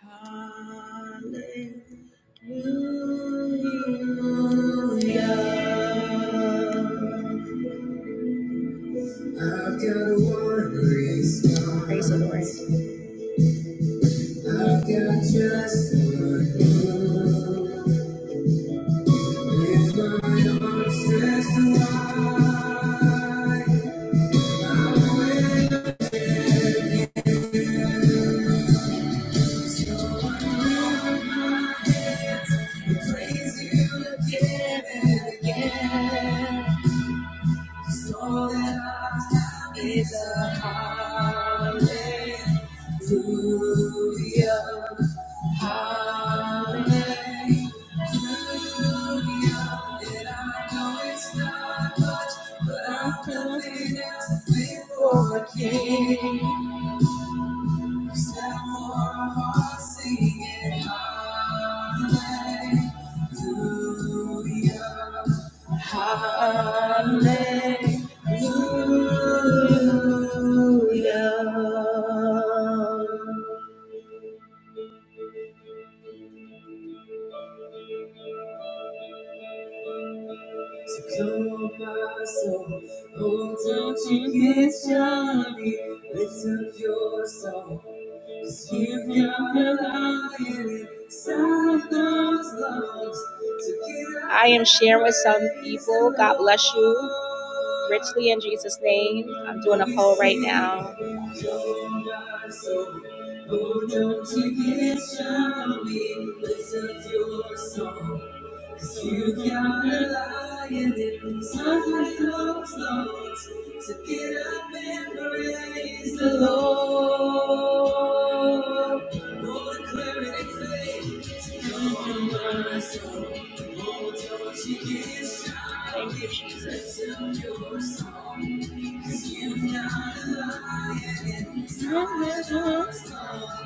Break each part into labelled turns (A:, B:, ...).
A: Hallelujah. I've got one grace. Praise the Lord. I've got just one hope. With my arms stretched wide, praise you again and again. 'Cause all that I've got is a hallelujah. Hallelujah. And I know it's not much, but I'm nothing else before a king. Stand for a singing hallelujah, hallelujah. So my soul, oh, don't you get shy? Lift up your soul. If you're alive inside those lungs, to get out. I am sharing with some people. God bless you richly in Jesus' name. I'm doing a poll right now. Oh, don't you get shy on me. Lift up your song. Cause you got a lion inside those lungs. So get up and praise the Lord. Oh, declare it faith. So come on, my soul. Oh, don't you get shy. Thank you, Jesus. your song. 'Cause you got a lion inside those lungs.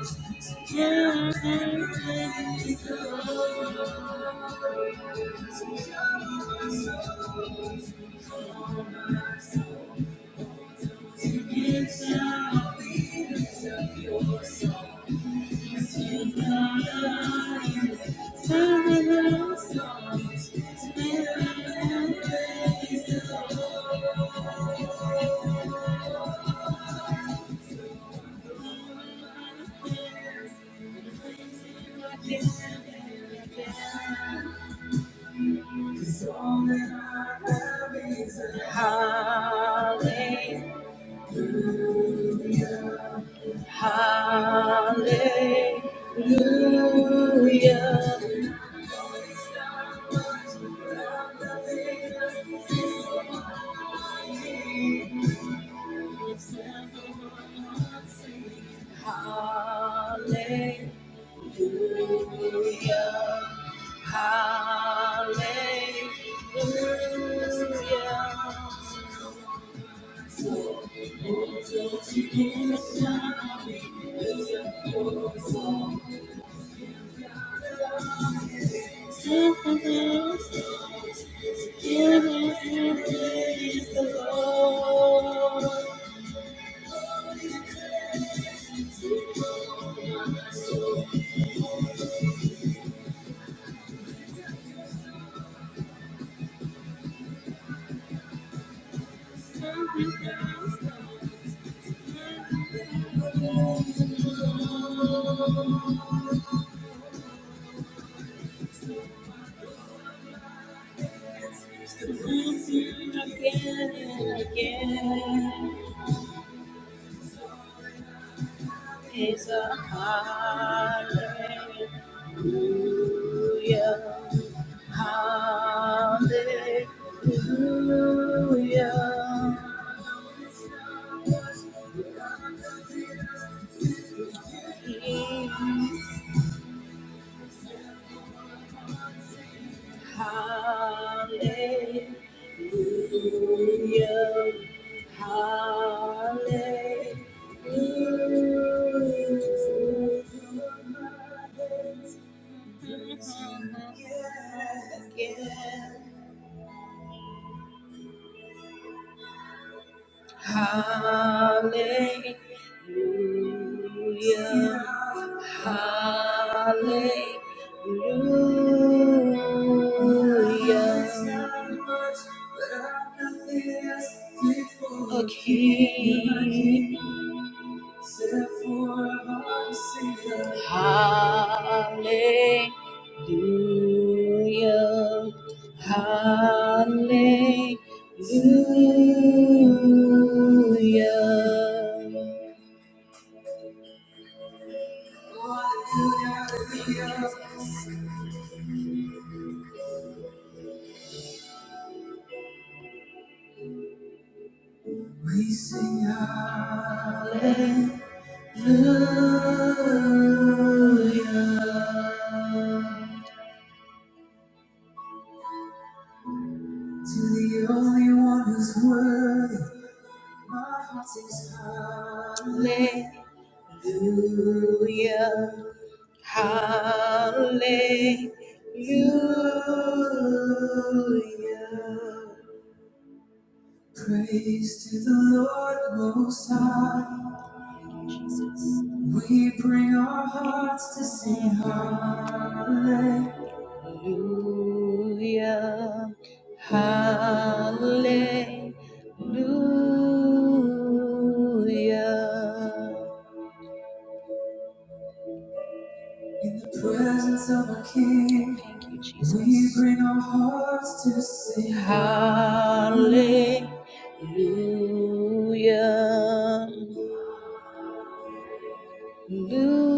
A: Hallelujah. Hallelujah. Hallelujah. Hallelujah. Giving You Again again and again Is a hallelujah, hallelujah. Hallelujah. Hallelujah. Hallelujah. Hallelujah. Okay. Hallelujah. We sing hallelujah to the only one who's worthy. My heart sings hallelujah. Hallelujah. Praise to the Lord Most High. We bring our hearts to sing hallelujah. Hallelujah. In the presence of a king. We bring our hearts to sing. Hallelujah. Hallelujah.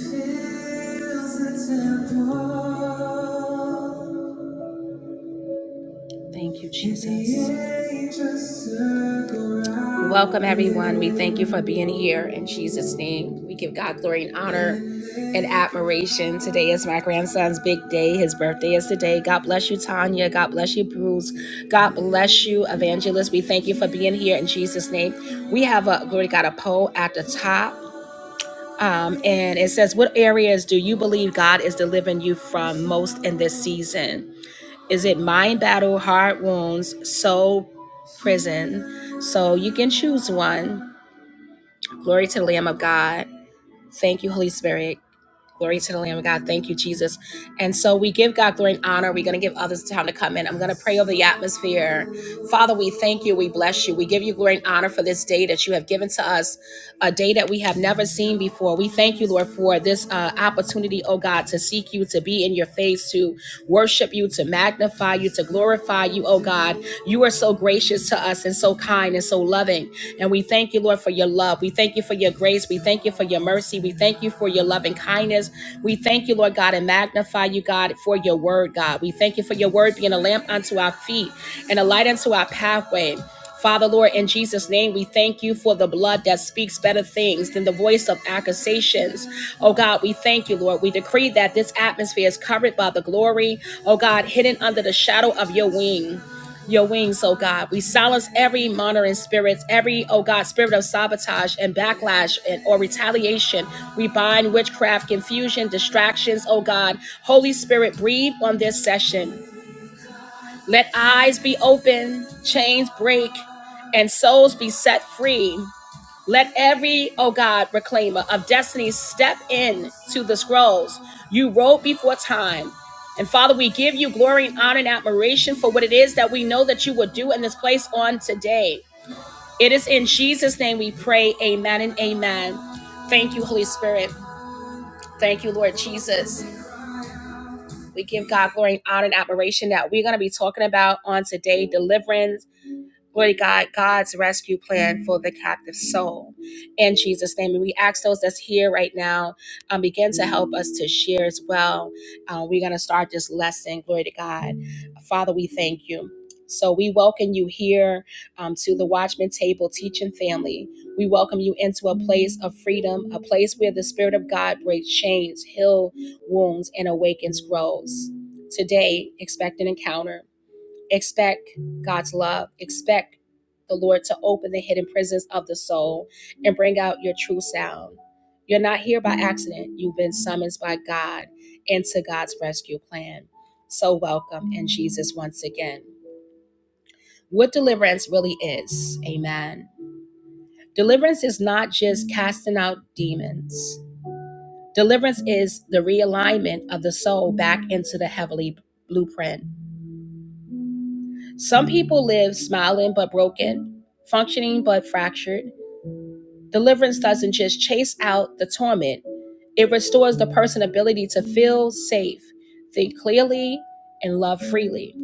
A: Thank you, Jesus. Welcome, everyone. We thank you for being here in Jesus' name. We give God glory and honor. and admiration. Today is my grandson's big day. His birthday is today. God bless you, Tanya. God bless you, Bruce. God bless you, Evangelist. We thank you for being here in Jesus' name. We have a glory to God a poll at the top. Um, and it says, What areas do you believe God is delivering you from most in this season? Is it mind battle, heart wounds, soul prison? So you can choose one. Glory to the Lamb of God. Thank you, Holy Spirit. Glory to the Lamb of God. Thank you, Jesus. And so we give God glory and honor. We're going to give others time to come in. I'm going to pray over the atmosphere. Father, we thank you. We bless you. We give you glory and honor for this day that you have given to us a day that we have never seen before. We thank you, Lord, for this uh, opportunity, oh God, to seek you, to be in your face, to worship you, to magnify you, to glorify you, oh God. You are so gracious to us and so kind and so loving. And we thank you, Lord, for your love. We thank you for your grace. We thank you for your mercy. We thank you for your loving kindness. We thank you, Lord God, and magnify you, God, for your word, God. We thank you for your word being a lamp unto our feet and a light unto our pathway. Father, Lord, in Jesus' name, we thank you for the blood that speaks better things than the voice of accusations. Oh God, we thank you, Lord. We decree that this atmosphere is covered by the glory, oh God, hidden under the shadow of your wing. Your wings, oh God. We silence every monitoring spirit, every, oh God, spirit of sabotage and backlash and or retaliation. We bind witchcraft, confusion, distractions, oh God. Holy Spirit, breathe on this session. Let eyes be open, chains break, and souls be set free. Let every, oh God, reclaimer of destiny step in to the scrolls you wrote before time. And Father, we give you glory and honor and admiration for what it is that we know that you will do in this place on today. It is in Jesus' name we pray. Amen and amen. Thank you, Holy Spirit. Thank you, Lord Jesus. We give God glory and honor and admiration that we're going to be talking about on today deliverance Lord God, God's rescue plan for the captive soul. In Jesus' name. And we ask those that's here right now, um, begin to help us to share as well. Uh, we're going to start this lesson. Glory to God. Father, we thank you. So we welcome you here um, to the Watchman Table Teaching Family. We welcome you into a place of freedom, a place where the Spirit of God breaks chains, heals wounds, and awakens grows. Today, expect an encounter expect God's love, expect the Lord to open the hidden prisons of the soul and bring out your true sound. You're not here by accident. You've been summoned by God into God's rescue plan. So welcome in Jesus once again. What deliverance really is, amen. Deliverance is not just casting out demons. Deliverance is the realignment of the soul back into the heavenly blueprint Some people live smiling but broken, functioning but fractured. Deliverance doesn't just chase out the torment, it restores the person's ability to feel safe, think clearly, and love freely.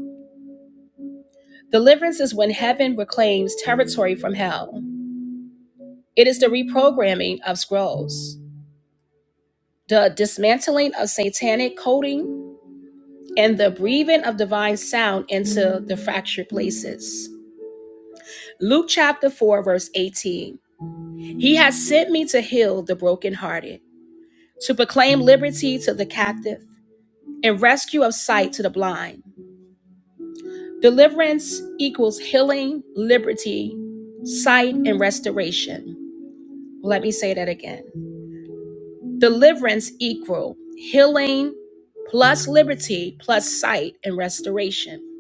A: Deliverance is when heaven reclaims territory from hell. It is the reprogramming of scrolls, the dismantling of satanic coding, and the breathing of divine sound into the fractured places. Luke chapter 4, verse 18. He has sent me to heal the brokenhearted, to proclaim liberty to the captive, and rescue of sight to the blind. Deliverance equals healing, liberty, sight, and restoration. Let me say that again. Deliverance equal healing plus liberty plus sight and restoration.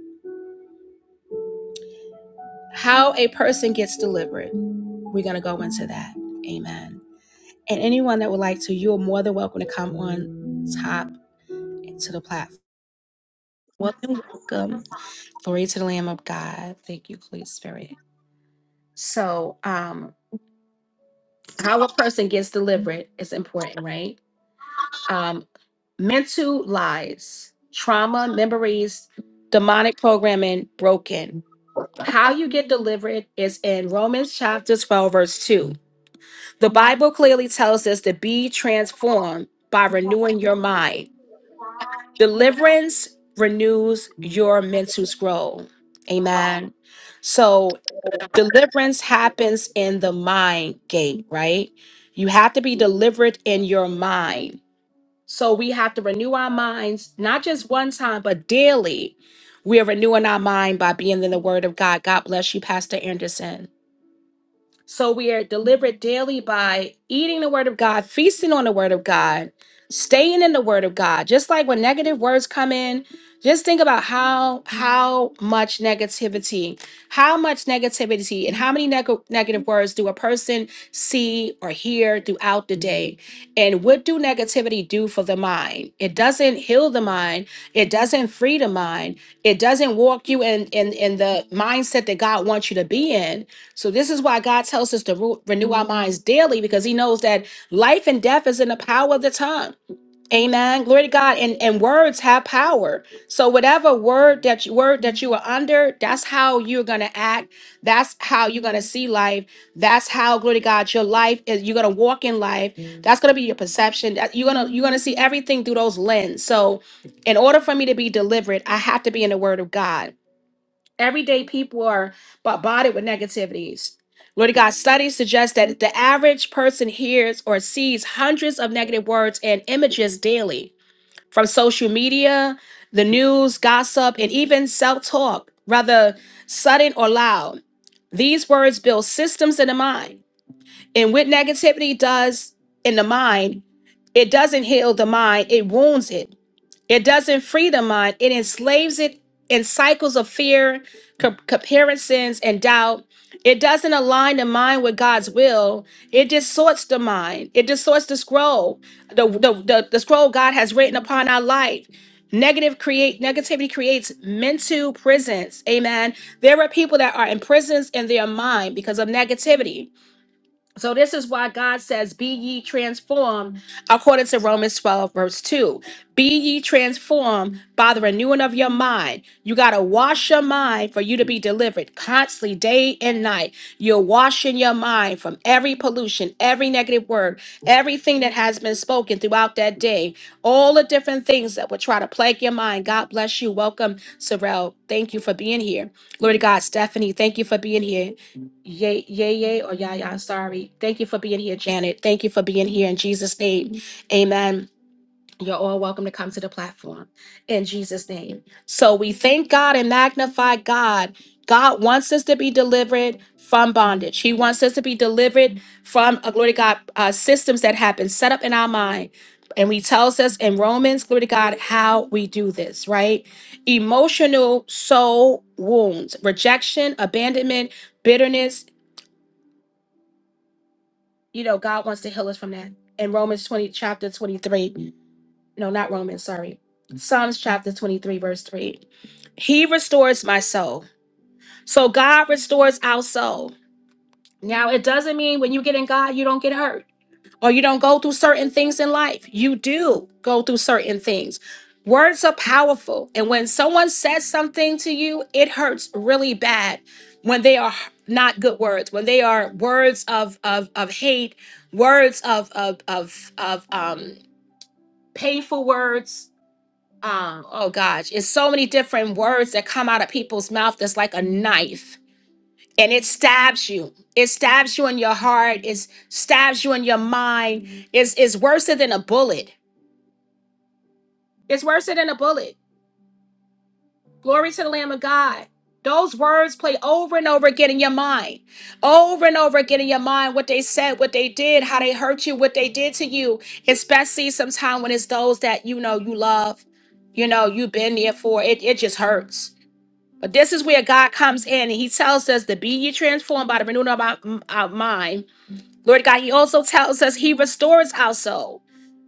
A: How a person gets delivered, we're going to go into that. Amen. And anyone that would like to, you're more than welcome to come on top to the platform. Welcome,
B: This
A: welcome.
B: is
A: Glory to the Lamb of God. Thank you, Holy Spirit. So, um, how a person gets delivered is important, right? Um, mental lies, trauma, memories, demonic programming broken. How you get delivered is in Romans chapter 12, verse 2. The Bible clearly tells us to be transformed by renewing your mind.
B: the
A: Deliverance renews your mental scroll. Amen. So.
B: Oh.
A: Deliverance happens in the mind gate, right? You have to be delivered in your mind. So we have to renew our minds, not just one time, but daily. We are renewing our mind by being in the Word of God. God bless you, Pastor Anderson. So we are delivered daily by eating the word of God, feasting on the word of God, staying in the word of God. Just like when negative words come in, just think about how how much negativity, how much negativity and how many neg- negative words do a person see or hear throughout the day? And what do negativity do for the mind? It doesn't heal the mind, it doesn't free the mind, it doesn't walk you in in, in the mindset that God wants you to be in so this is why God tells us to ru- renew our minds daily because he knows that life and death is in the power of the tongue. Amen. Glory to God. And, and words have power. So whatever word that you word that you are under, that's how you're gonna act. That's how you're gonna see life. That's how, glory to God, your life is you're gonna walk in life. That's gonna be your perception. That- You're gonna you're gonna see everything through those lens. So in order for me to be delivered, I have to be in the word of God. Everyday people are bombarded with negativities. Lord God, studies suggest that the average person hears or sees hundreds of negative words and images daily from social media, the news, gossip, and even self talk, whether sudden or loud. These words build systems in the mind. And what negativity does in the mind, it doesn't heal the mind, it wounds it. It doesn't free the mind, it enslaves it in cycles of fear, co- comparisons, and doubt. It doesn't align the mind with God's will. It distorts the mind. It distorts the scroll, the, the, the, the scroll God has written upon our life. Negative create negativity creates mental prisons. Amen. There are people that are in prisons in their mind because of negativity. So this is why God says, "Be ye transformed," according to Romans twelve verse two. Be ye transformed by the renewing of your mind. You gotta wash your mind for you to be delivered constantly, day and night. You're washing your mind from every pollution, every negative word, everything that has been spoken throughout that day. All the different things that would try to plague your mind. God bless you. Welcome, Sorrel. Thank you for being here. Glory to God, Stephanie. Thank you for being here. Yay, yay, yay, or yah, yah, sorry. Thank you for being here, Janet. Thank you for being here in Jesus' name. Amen. You're all welcome to come to the platform in Jesus' name. So we thank God and magnify God. God wants us to be delivered from bondage. He wants us to be delivered from, uh, glory to God, uh, systems that have been set up in our mind. And he tells us in Romans, glory to God, how we do this, right? Emotional soul wounds, rejection, abandonment, bitterness, you know, God wants to heal us from that. In Romans 20, chapter 23, no, not Romans, sorry. Psalms chapter 23, verse 3. He restores my soul. So God restores our soul. Now, it doesn't mean when you get in God, you don't get hurt or you don't go through certain things in life. You do go through certain things. Words are powerful. And when someone says something to you, it hurts really bad when they are not good words, when they are words of of, of hate, words of of of, of um painful words. Um, oh gosh, it's so many different words that come out of people's mouth that's like a knife and it stabs you. It stabs you in your heart. It stabs you in your mind. It's, it's worse than a bullet. It's worse than a bullet. Glory to the Lamb of God. Those words play over and over again in your mind. Over and over again in your mind, what they said, what they did, how they hurt you, what they did to you, especially sometimes when it's those that you know you love, you know, you've been there for. It, it just hurts. But this is where God comes in and He tells us to be ye transformed by the renewing of our, our mind Lord God, He also tells us He restores our soul.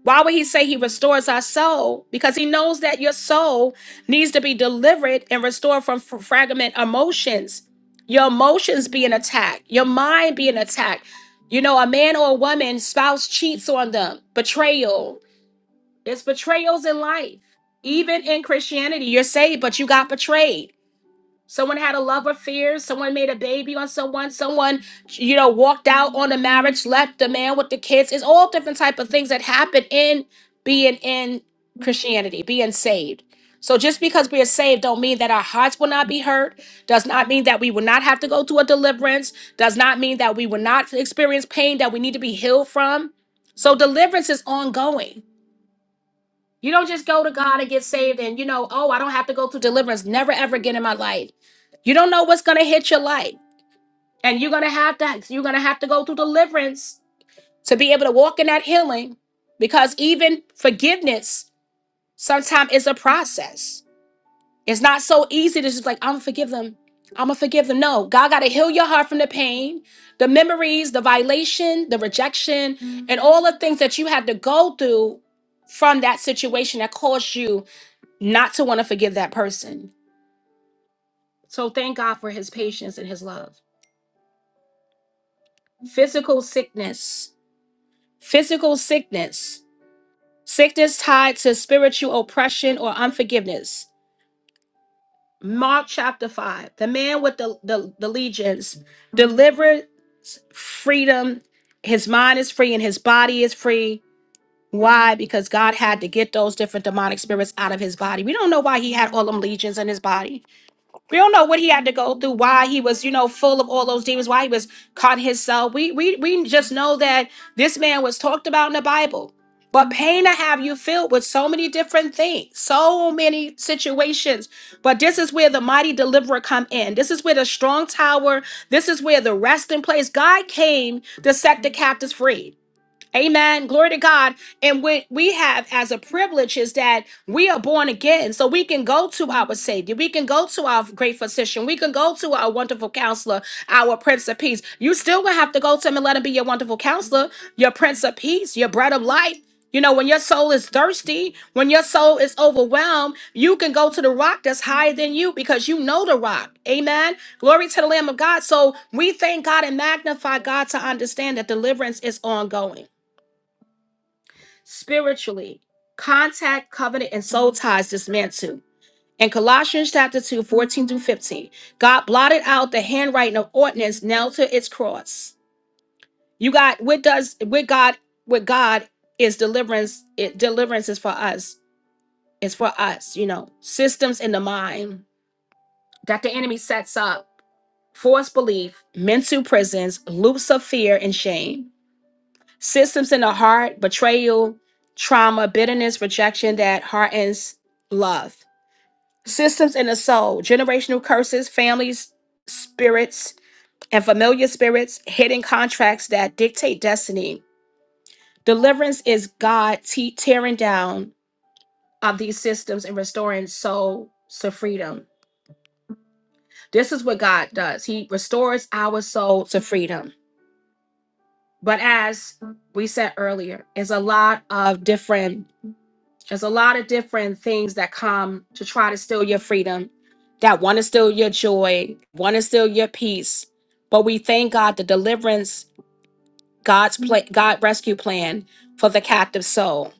A: Why would He say He restores our soul? Because He knows that your soul needs to be delivered and restored from f- fragment emotions. Your emotions being attacked, your mind being attacked. You know, a man or a woman, spouse cheats on them, betrayal. It's betrayals in life. Even in Christianity, you're saved, but you got betrayed. Someone had a love affair. Someone made a baby on someone. Someone, you know, walked out on a marriage, left the man with the kids. It's all different type of things that happen in being in Christianity, being saved. So just because we are saved don't mean that our hearts will not be hurt. Does not mean that we will not have to go through a deliverance. Does not mean that we will not experience pain that we need to be healed from. So deliverance is ongoing. You don't just go to God and get saved and you know, oh, I don't have to go through deliverance never ever again in my life. You don't know what's gonna hit your life. And you're gonna have to you're gonna have to go through deliverance to be able to walk in that healing because even forgiveness sometimes is a process. It's not so easy to just like, I'm gonna forgive them. I'm gonna forgive them. No, God gotta heal your heart from the pain, the memories, the violation, the rejection, and all the things that you had to go through from that situation that caused you not to want to forgive that person. So thank God for his patience and his love. Physical sickness, physical sickness, sickness tied to spiritual oppression or unforgiveness. Mark chapter 5, the man with the, the, the legions delivered freedom. His mind is free and his body is free. Why? Because God had to get those different demonic spirits out of his body. We don't know why he had all them legions in his body. We don't know what he had to go through, why he was, you know, full of all those demons, why he was caught himself. We we we just know that this man was talked about in the Bible. But pain to have you filled with so many different things, so many situations. But this is where the mighty deliverer come in. This is where the strong tower, this is where the resting place. God came to set the captives free. Amen. Glory to God. And what we have as a privilege is that we are born again. So we can go to our Savior. We can go to our great physician. We can go to our wonderful counselor, our Prince of Peace. You still gonna have to go to him and let him be your wonderful counselor, your Prince of Peace, your bread of life. You know, when your soul is thirsty, when your soul is overwhelmed, you can go to the rock that's higher than you because you know the rock. Amen. Glory to the Lamb of God. So we thank God and magnify God to understand that deliverance is ongoing spiritually. Contact, covenant, and soul ties this In Colossians chapter 2, 14 through 15, God blotted out the handwriting of ordinance nailed to its cross. You got what does with God with God is deliverance, it, deliverance is for us. It's for us, you know. Systems in the mind that the enemy sets up, false belief, mental prisons, loops of fear and shame. Systems in the heart, betrayal, trauma, bitterness, rejection that hardens love. Systems in the soul, generational curses, families, spirits, and familiar spirits, hidden contracts that dictate destiny. Deliverance is God te- tearing down of these systems and restoring soul to freedom. This is what God does. He restores our soul to freedom. But as we said earlier, it's a lot of different There's a lot of different things that come to try to steal your freedom, that want to steal your joy, want to steal your peace. But we thank God the deliverance, God's pla- God rescue plan for the captive soul.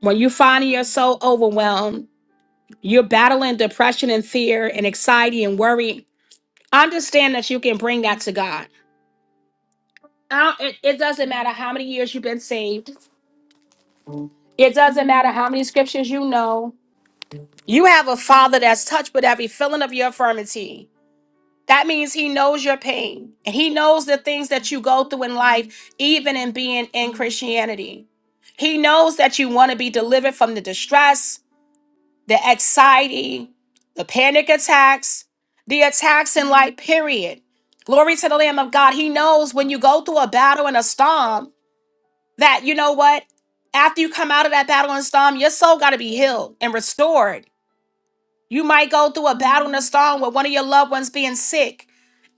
A: When you find your soul overwhelmed, you're battling depression and fear and anxiety and worry. Understand that you can bring that to God. I don't- it, it doesn't matter how many years you've been saved. It doesn't matter how many scriptures you know. You have a father that's touched with every feeling of your infirmity. That means he knows your pain and he knows the things that you go through in life, even in being in Christianity. He knows that you want to be delivered from the distress, the anxiety, the panic attacks, the attacks in life, period. Glory to the Lamb of God. He knows when you go through a battle and a storm that, you know what? After you come out of that battle and storm, your soul got to be healed and restored. You might go through a battle in a storm with one of your loved ones being sick,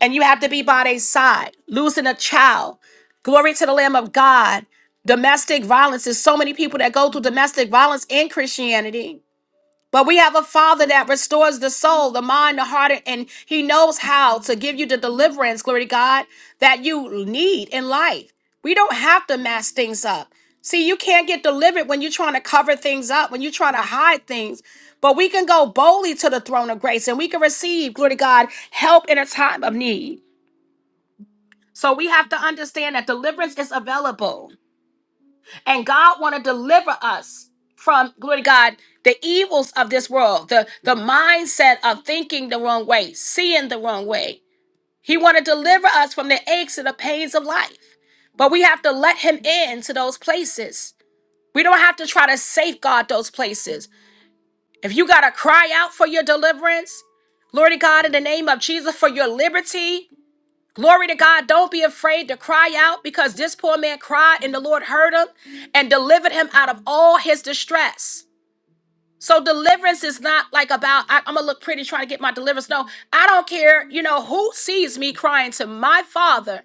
A: and you have to be by their side, losing a child. Glory to the Lamb of God. Domestic violence. There's so many people that go through domestic violence in Christianity but we have a Father that restores the soul, the mind, the heart, and He knows how to give you the deliverance, glory to God, that you need in life. We don't have to mask things up. See, you can't get delivered when you're trying to cover things up, when you're trying to hide things. But we can go boldly to the throne of grace and we can receive, glory to God, help in a time of need. So we have to understand that deliverance is available and God want to deliver us from glory to God the evils of this world, the the mindset of thinking the wrong way, seeing the wrong way. He want to deliver us from the aches and the pains of life, but we have to let Him in to those places. We don't have to try to safeguard those places. If you gotta cry out for your deliverance, glory to God in the name of Jesus for your liberty, Glory to God. Don't be afraid to cry out because this poor man cried and the Lord heard him and delivered him out of all his distress. So deliverance is not like about I, am gonna look pretty trying to get my deliverance. No, I don't care. You know who sees me crying to my Father.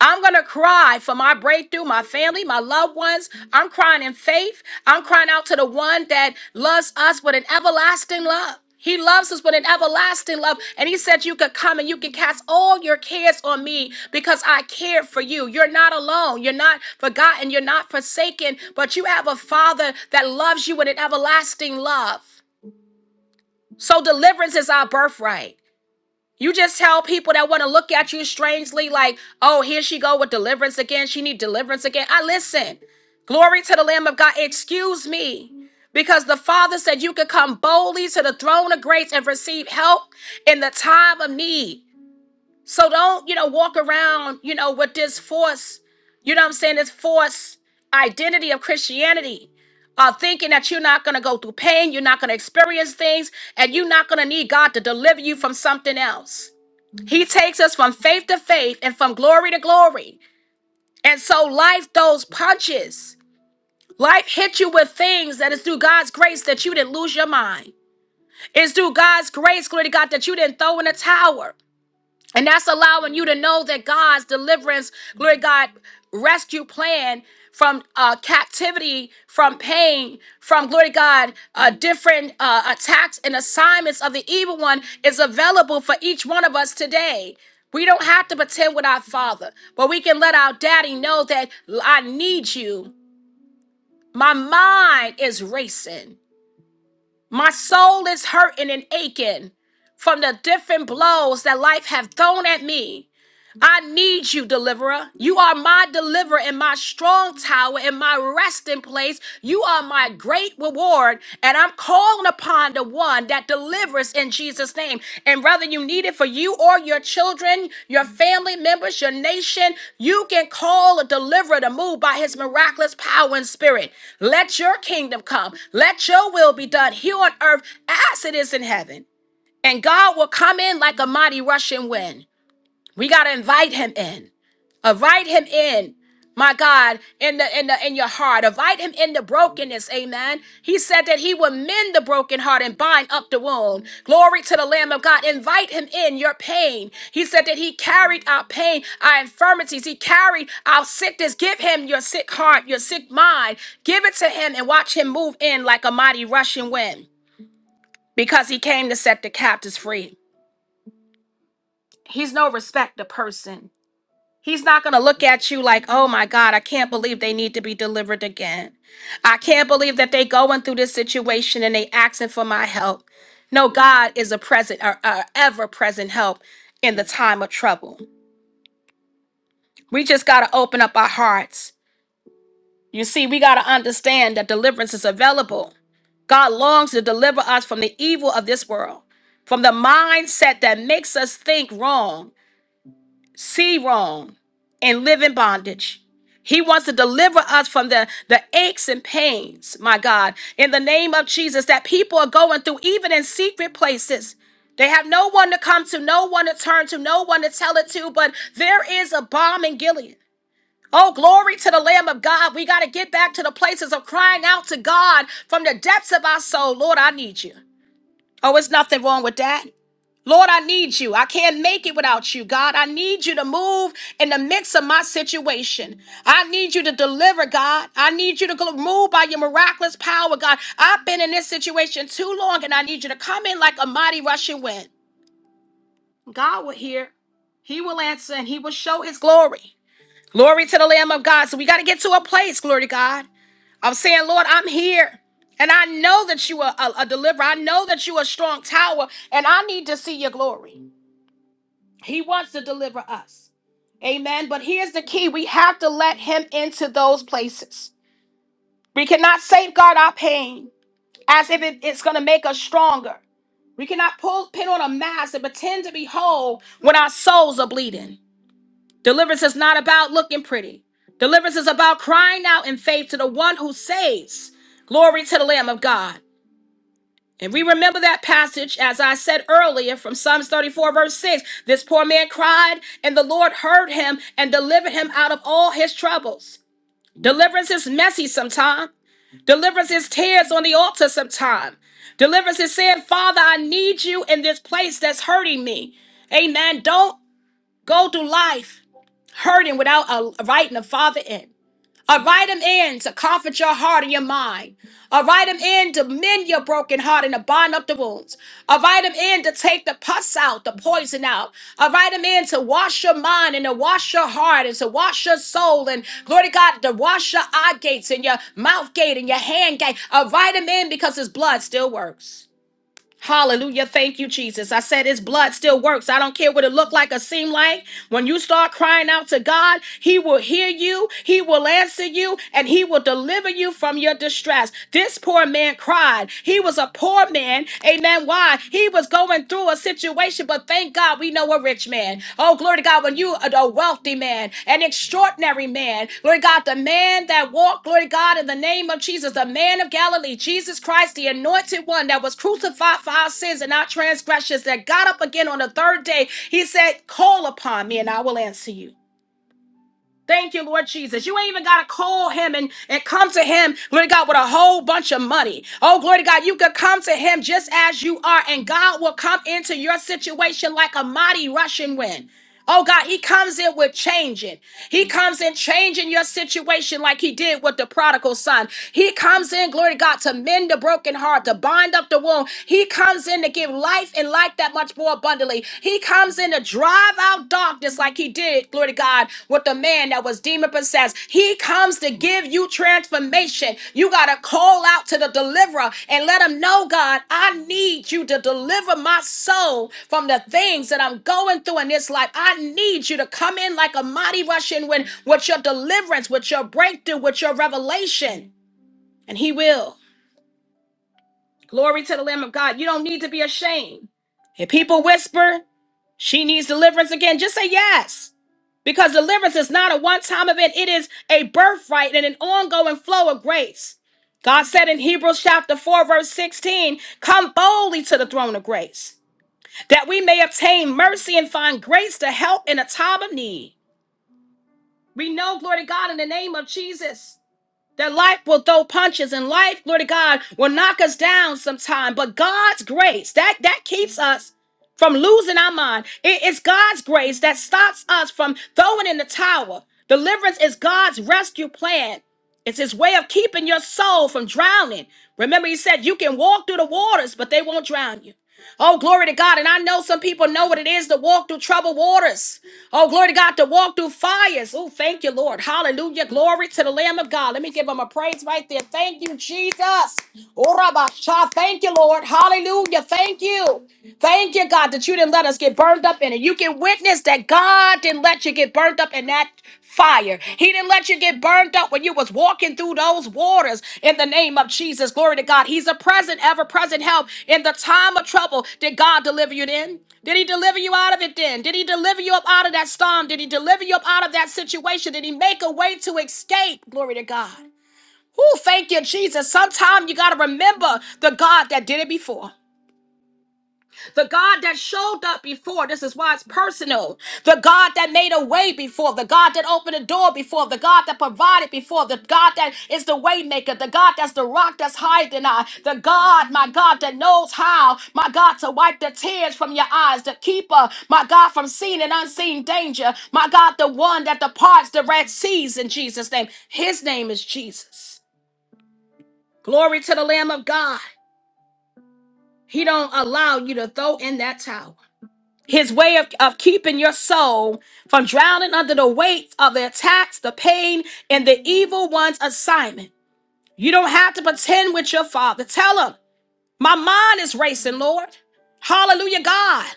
A: I'm gonna cry for my breakthrough, my family, my loved ones. I'm crying in faith. I'm crying out to the one that loves us with an everlasting love. He loves us with an everlasting love. And he said, You could come and you can cast all your cares on me because I cared for you. You're not alone. You're not forgotten. You're not forsaken. But you have a father that loves you with an everlasting love. So deliverance is our birthright. You just tell people that want to look at you strangely, like, oh, here she go with deliverance again. She need deliverance again. I listen. Glory to the Lamb of God. Excuse me. Because the Father said you could come boldly to the throne of grace and receive help in the time of need. So don't, you know, walk around, you know, with this force, you know what I'm saying, this force identity of Christianity uh, thinking that you're not going to go through pain, you're not going to experience things, and you're not going to need God to deliver you from something else. He takes us from faith to faith and from glory to glory. And so life throws punches. Life hits you with things that is through God's grace that you didn't lose your mind. It's through God's grace, glory to God, that you didn't throw in a towel. And that's allowing you to know that God's deliverance, glory to God, rescue plan from uh, captivity, from pain, from glory to God, uh, different uh, attacks and assignments of the evil one is available for each one of us today. We don't have to pretend with our father, but we can let our daddy know that I need you. My mind is racing. My soul is hurting and aching from the different blows that life have thrown at me. I need you, deliverer. You are my deliverer and my strong tower and my resting place. You are my great reward. And I'm calling upon the one that delivers in Jesus' name. And whether you need it for you or your children, your family members, your nation, you can call a deliverer to move by his miraculous power and spirit. Let your kingdom come. Let your will be done here on earth as it is in heaven. And God will come in like a mighty rushing wind. We gotta invite him in. Invite him in. My God, in the in the in your heart. Invite him in the brokenness. Amen. He said that he will mend the broken heart and bind up the wound. Glory to the Lamb of God. Invite him in your pain. He said that he carried our pain, our infirmities. He carried our sickness. Give him your sick heart, your sick mind. Give it to him and watch him move in like a mighty rushing wind. Because he came to set the captives free. He's no respecter person. He's not going to look at you like, oh my God, I can't believe they need to be delivered again. I can't believe that they going through this situation and they asking for my help. No, God is a present or ever present help in the time of trouble. We just got to open up our hearts. You see, we got to understand that deliverance is available. God longs to deliver us from the evil of this world, from the mindset that makes us think wrong see Rome and live in bondage. He wants to deliver us from the, the aches and pains, my God, in the name of Jesus, that people are going through, even in secret places. They have no one to come to, no one to turn to, no one to tell it to, but there is a bomb in Gilead. Oh, glory to the Lamb of God. We got to get back to the places of crying out to God from the depths of our soul. Lord, I need you. Oh, it's nothing wrong with that. Lord, I need you. I can't make it without you, God. I need you to move in the midst of my situation. I need you to deliver, God. I need you to gl- move by your miraculous power, God. I've been in this situation too long, and I need you to come in like a mighty rushing wind. God will hear, He will answer, and He will show His glory. Glory to the Lamb of God. So we got to get to a place, glory to God. I'm saying, Lord, I'm here. And I know that you are a, a deliverer. I know that you are a strong tower, and I need to see your glory. He wants to deliver us. Amen. But here's the key we have to let Him into those places. We cannot safeguard our pain as if it- it's going to make us stronger. We cannot pull pin on a mask and pretend to be whole when our souls are bleeding. Deliverance is not about looking pretty. Deliverance is about crying out in faith to the one who saves. Glory to the Lamb of God. And we remember that passage, as I said earlier, from Psalms 34, verse 6. This poor man cried, and the Lord heard him and delivered him out of all his troubles. Deliverance is messy sometimes. Deliverance is tears on the altar sometime. Deliverance is saying, Father, I need you in this place that's hurting me. Amen. Don't go through life hurting without a writing a father in. I write them in to comfort your heart and your mind. I write them in to mend your broken heart and to bind up the wounds. I write them in to take the pus out, the poison out. I write them in to wash your mind and to wash your heart and to wash your soul and glory to God to wash your eye gates and your mouth gate and your hand gate. I write them in because His blood still works. Hallelujah. Thank you, Jesus. I said his blood still works. I don't care what it looked like or seemed like. When you start crying out to God, he will hear you, he will answer you, and he will deliver you from your distress. This poor man cried. He was a poor man. Amen. Why? He was going through a situation, but thank God. God, we know a rich man. Oh, glory to God, when you are a wealthy man, an extraordinary man. Glory to God, the man that walked, glory to God, in the name of Jesus, the man of Galilee, Jesus Christ, the anointed one that was crucified for our sins and our transgressions, that got up again on the third day. He said, Call upon me and I will answer you. Thank you, Lord Jesus. You ain't even got to call him and, and come to him, glory to God, with a whole bunch of money. Oh, glory to God, you could come to him just as you are, and God will come into your situation like a mighty rushing wind. Oh God, he comes in with changing. He comes in changing your situation like he did with the prodigal son. He comes in, glory to God, to mend the broken heart, to bind up the wound. He comes in to give life and life life that much more abundantly. He comes in to drive out darkness like he did, glory to God, with the man that was demon possessed. He comes to give you transformation. You got to call out to the deliverer and let him know, God, I need you to deliver my soul from the things that I'm going through in this life. I need you to come in like a mighty rushing wind with your deliverance, with your breakthrough, with your revelation. And he will. Glory to the Lamb of God. You don't need to be ashamed. If people whisper, she needs deliverance again. Just say yes. Because deliverance is not a one time event, it is a birthright and an ongoing flow of grace. God said in Hebrews chapter 4, verse 16, Come boldly to the throne of grace, that we may obtain mercy and find grace to help in a time of need. We know, glory to God, in the name of Jesus. That life will throw punches and life, glory to God, will knock us down sometime. But God's grace, that, that keeps us from losing our mind. It is God's grace that stops us from throwing in the towel. Deliverance is God's rescue plan. It's his way of keeping your soul from drowning. Remember, he said you can walk through the waters, but they won't drown you. Oh, glory to God. And I know some people know what it is to walk through troubled waters. Oh, glory to God, to walk through fires. Oh, thank you, Lord. Hallelujah. Glory to the Lamb of God. Let me give him a praise right there. Thank you, Jesus. Oh, Rabba Thank you, Lord. Hallelujah. Thank you. Thank you, God, that you didn't let us get burned up in it. You can witness that God didn't let you get burned up in that fire. He didn't let you get burned up when you was walking through those waters in the name of Jesus. Glory to God. He's a present, ever-present help in the time of trouble. Did God deliver you then? Did he deliver you out of it then? Did he deliver you up out of that storm? Did he deliver you up out of that situation? Did he make a way to escape? Glory to God. Oh, thank you, Jesus. Sometime you got to remember the God that did it before. The God that showed up before, this is why it's personal. The God that made a way before, the God that opened a door before, the God that provided before, the God that is the way maker, the God that's the rock that's higher than I, the God, my God, that knows how, my God, to wipe the tears from your eyes, the keeper, my God, from seen and unseen danger, my God, the one that departs the red seas in Jesus' name. His name is Jesus. Glory to the Lamb of God. He don't allow you to throw in that towel. His way of, of keeping your soul from drowning under the weight of the attacks, the pain, and the evil one's assignment. You don't have to pretend with your father. Tell him, my mind is racing, Lord. Hallelujah, God.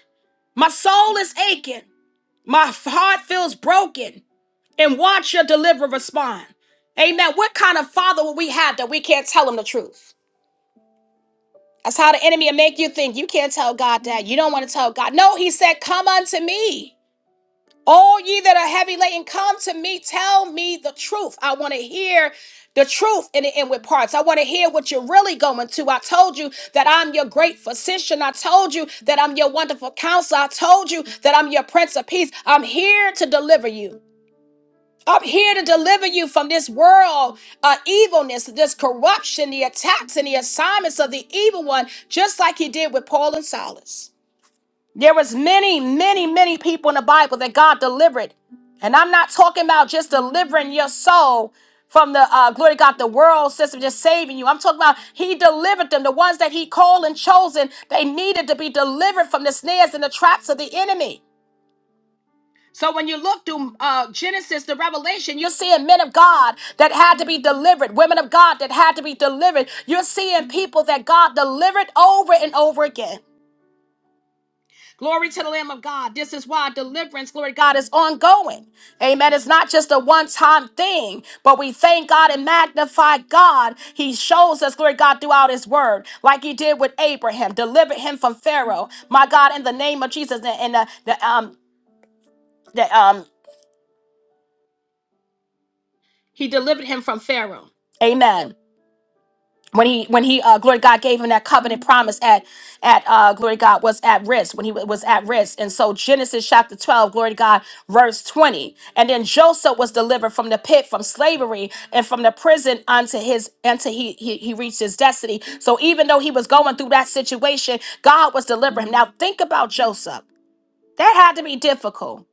A: My soul is aching. My heart feels broken. And watch your deliverer respond. Amen. What kind of father will we have that we can't tell him the truth? That's how the enemy will make you think you can't tell God that. You don't want to tell God. No, he said, Come unto me. All ye that are heavy laden, come to me. Tell me the truth. I want to hear the truth in the inward parts. I want to hear what you're really going to. I told you that I'm your great physician. I told you that I'm your wonderful counselor. I told you that I'm your prince of peace. I'm here to deliver you. I'm here to deliver you from this world, uh, evilness, this corruption, the attacks, and the assignments of the evil one, just like he did with Paul and Silas. There was many, many, many people in the Bible that God delivered. And I'm not talking about just delivering your soul from the uh, glory to God, the world system, just saving you. I'm talking about He delivered them, the ones that He called and chosen. They needed to be delivered from the snares and the traps of the enemy. So when you look through uh, Genesis to Revelation, you're seeing men of God that had to be delivered, women of God that had to be delivered. You're seeing people that God delivered over and over again. Glory to the Lamb of God. This is why deliverance, glory to God, is ongoing. Amen. It's not just a one time thing, but we thank God and magnify God. He shows us, glory to God, throughout His word, like He did with Abraham, delivered him from Pharaoh. My God, in the name of Jesus, and, and the, the, um, the, um, He delivered him from Pharaoh. Amen. when he when he uh glory to god gave him that covenant promise at at uh glory to god was at risk when he wa- was at risk and so genesis chapter 12 glory to god verse 20 and then joseph was delivered from the pit from slavery and from the prison unto his until he, he he reached his destiny so even though he was going through that situation god was delivering him now think about joseph that had to be difficult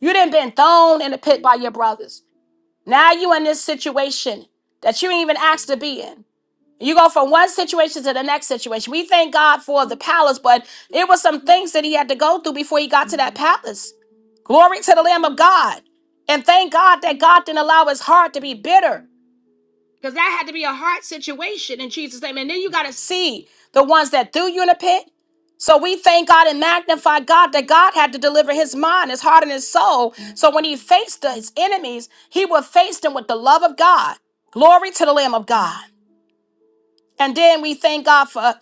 A: you didn't been thrown in the pit by your brothers now you in this situation that you ain't even asked to be in you go from one situation to the next situation. We thank God for the palace, but it was some things that he had to go through before he got to that palace. Glory to the Lamb of God. And thank God that God didn't allow his heart to be bitter because that had to be a hard situation in Jesus' name. And then you got to see the ones that threw you in a pit. So we thank God and magnify God that God had to deliver his mind, his heart, and his soul. So when he faced his enemies, he would face them with the love of God. Glory to the Lamb of God. And then we thank God for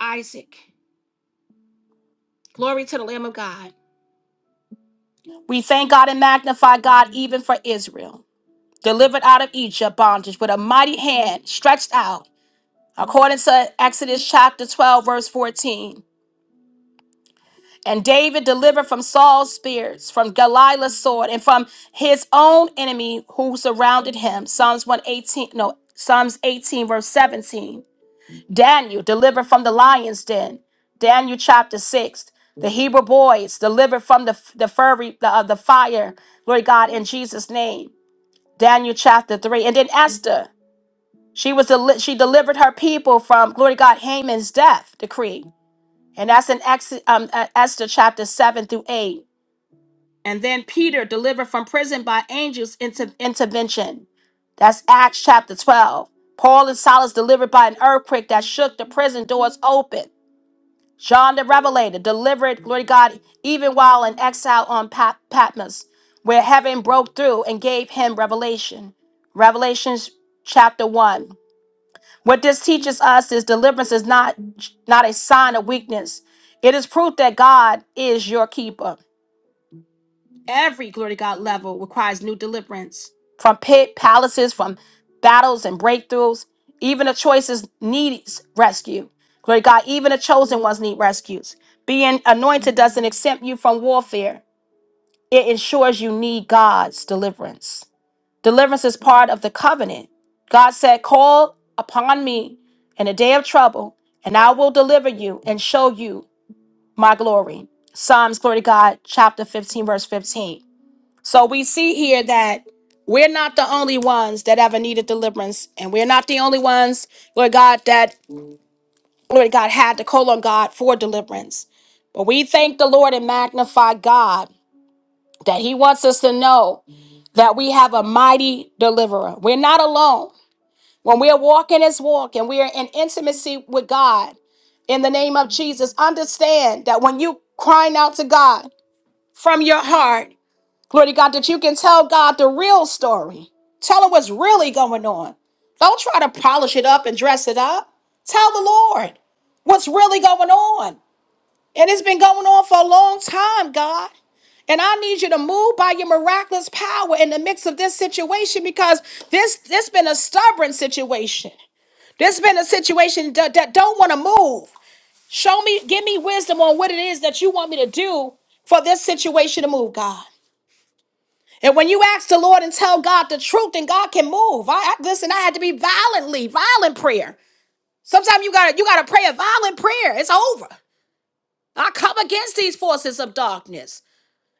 A: Isaac. Glory to the Lamb of God. We thank God and magnify God even for Israel, delivered out of Egypt bondage with a mighty hand stretched out, according to Exodus chapter 12, verse 14. And David delivered from Saul's spears, from Goliath's sword, and from his own enemy who surrounded him. Psalms 118, no, Psalms 18, verse 17. Daniel delivered from the lion's den. Daniel chapter 6. The Hebrew boys delivered from the, the furry the, uh, the fire. Glory to God in Jesus name. Daniel chapter 3. And then Esther. She was deli- she delivered her people from glory to God Haman's death decree. And that's in Ex- um, uh, Esther chapter 7 through 8. And then Peter delivered from prison by angels inter- intervention. That's Acts chapter 12. Paul and Silas delivered by an earthquake that shook the prison doors open. John the Revelator delivered, glory to God, even while in exile on Pat- Patmos, where heaven broke through and gave him revelation. Revelations chapter 1. What this teaches us is deliverance is not, not a sign of weakness, it is proof that God is your keeper. Every glory to God level requires new deliverance from pit, palaces, from battles and breakthroughs. Even the choices needs rescue. Glory to God, even the chosen ones need rescues. Being anointed doesn't exempt you from warfare, it ensures you need God's deliverance. Deliverance is part of the covenant. God said, Call upon me in a day of trouble, and I will deliver you and show you my glory. Psalms, glory to God, chapter 15, verse 15. So we see here that we're not the only ones that ever needed deliverance, and we're not the only ones, Lord God, that Lord God had to call on God for deliverance. But we thank the Lord and magnify God that He wants us to know that we have a mighty deliverer. We're not alone. When we're walking His walk and we are in intimacy with God, in the name of Jesus, understand that when you crying out to God from your heart, Glory to God that you can tell God the real story. Tell him what's really going on. Don't try to polish it up and dress it up. Tell the Lord what's really going on. And it's been going on for a long time, God. And I need you to move by your miraculous power in the mix of this situation because this this been a stubborn situation. This been a situation that, that don't want to move. Show me, give me wisdom on what it is that you want me to do for this situation to move, God. And when you ask the Lord and tell God the truth, then God can move. I, I- listen, I had to be violently, violent prayer. Sometimes you gotta you gotta pray a violent prayer. It's over. I come against these forces of darkness.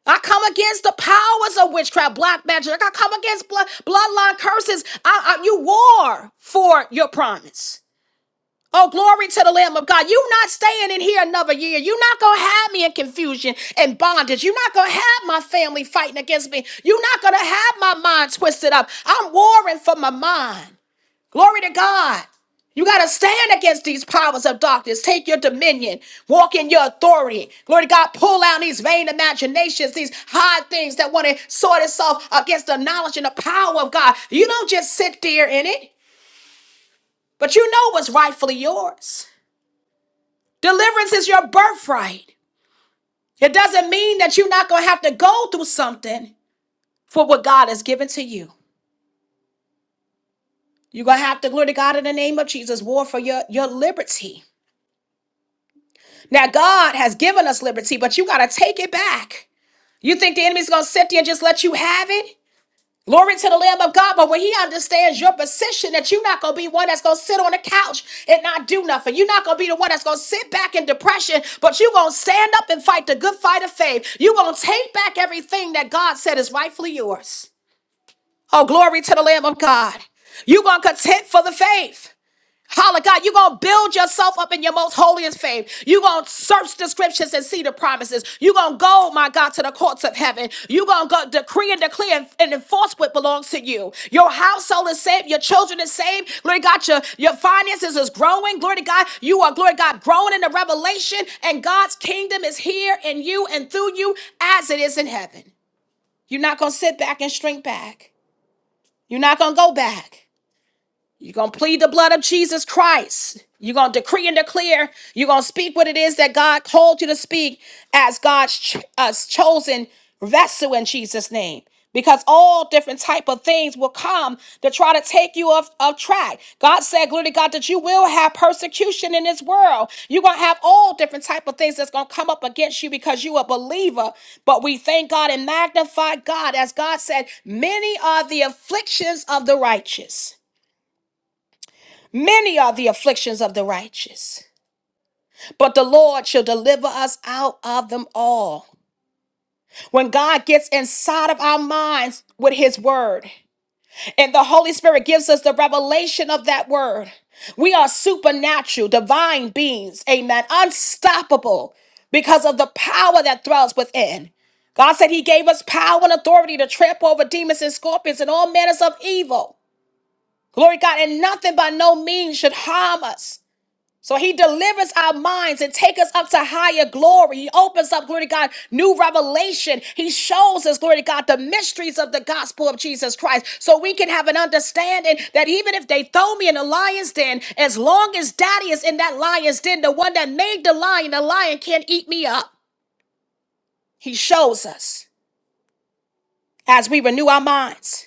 A: I come against the powers of witchcraft, black magic. I come against blood, bloodline curses. I, I, you war for your promise. Oh, glory to the Lamb of God. You're not staying in here another year. You're not going to have me in confusion and bondage. You're not going to have my family fighting against me. You're not going to have my mind twisted up. I'm warring for my mind. Glory to God. You got to stand against these powers of darkness. Take your dominion. Walk in your authority. Glory to God. Pull out these vain imaginations, these high things that want to sort itself against the knowledge and the power of God. You don't just sit there in it, but you know what's rightfully yours. Deliverance is your birthright. It doesn't mean that you're not going to have to go through something for what God has given to you. You're going to have to, glory to God, in the name of Jesus, war for your, your liberty. Now, God has given us liberty, but you got to take it back. You think the enemy's going to sit there and just let you have it? Glory to the Lamb of God. But when he understands your position, that you're not going to be one that's going to sit on the couch and not do nothing. You're not going to be the one that's going to sit back in depression, but you're going to stand up and fight the good fight of faith. You're going to take back everything that God said is rightfully yours. Oh, glory to the Lamb of God. You're going to contend for the faith. Holla, God, you're going to build yourself up in your most holiest faith. You're going to search the scriptures and see the promises. You're going to go, my God, to the courts of heaven. You're going to go decree and declare and, and enforce what belongs to you. Your household is saved. Your children is saved. Glory to God, your, your finances is growing. Glory to God, you are, glory to God, growing in the revelation. And God's kingdom is here in you and through you as it is in heaven. You're not going to sit back and shrink back. You're not going to go back. You're going to plead the blood of Jesus Christ. You're going to decree and declare. You're going to speak what it is that God called you to speak as God's ch- us chosen vessel in Jesus' name. Because all different type of things will come to try to take you off, off track. God said, glory to God, that you will have persecution in this world. You're going to have all different type of things that's going to come up against you because you a believer. But we thank God and magnify God. As God said, many are the afflictions of the righteous Many are the afflictions of the righteous, but the Lord shall deliver us out of them all. When God gets inside of our minds with his word, and the Holy Spirit gives us the revelation of that word, we are supernatural, divine beings, amen, unstoppable because of the power that dwells within. God said he gave us power and authority to trample over demons and scorpions and all manners of evil. Glory to God, and nothing by no means should harm us. So he delivers our minds and take us up to higher glory. He opens up, glory to God, new revelation. He shows us, glory to God, the mysteries of the gospel of Jesus Christ. So we can have an understanding that even if they throw me in a lion's den, as long as daddy is in that lion's den, the one that made the lion, the lion can't eat me up. He shows us as we renew our minds.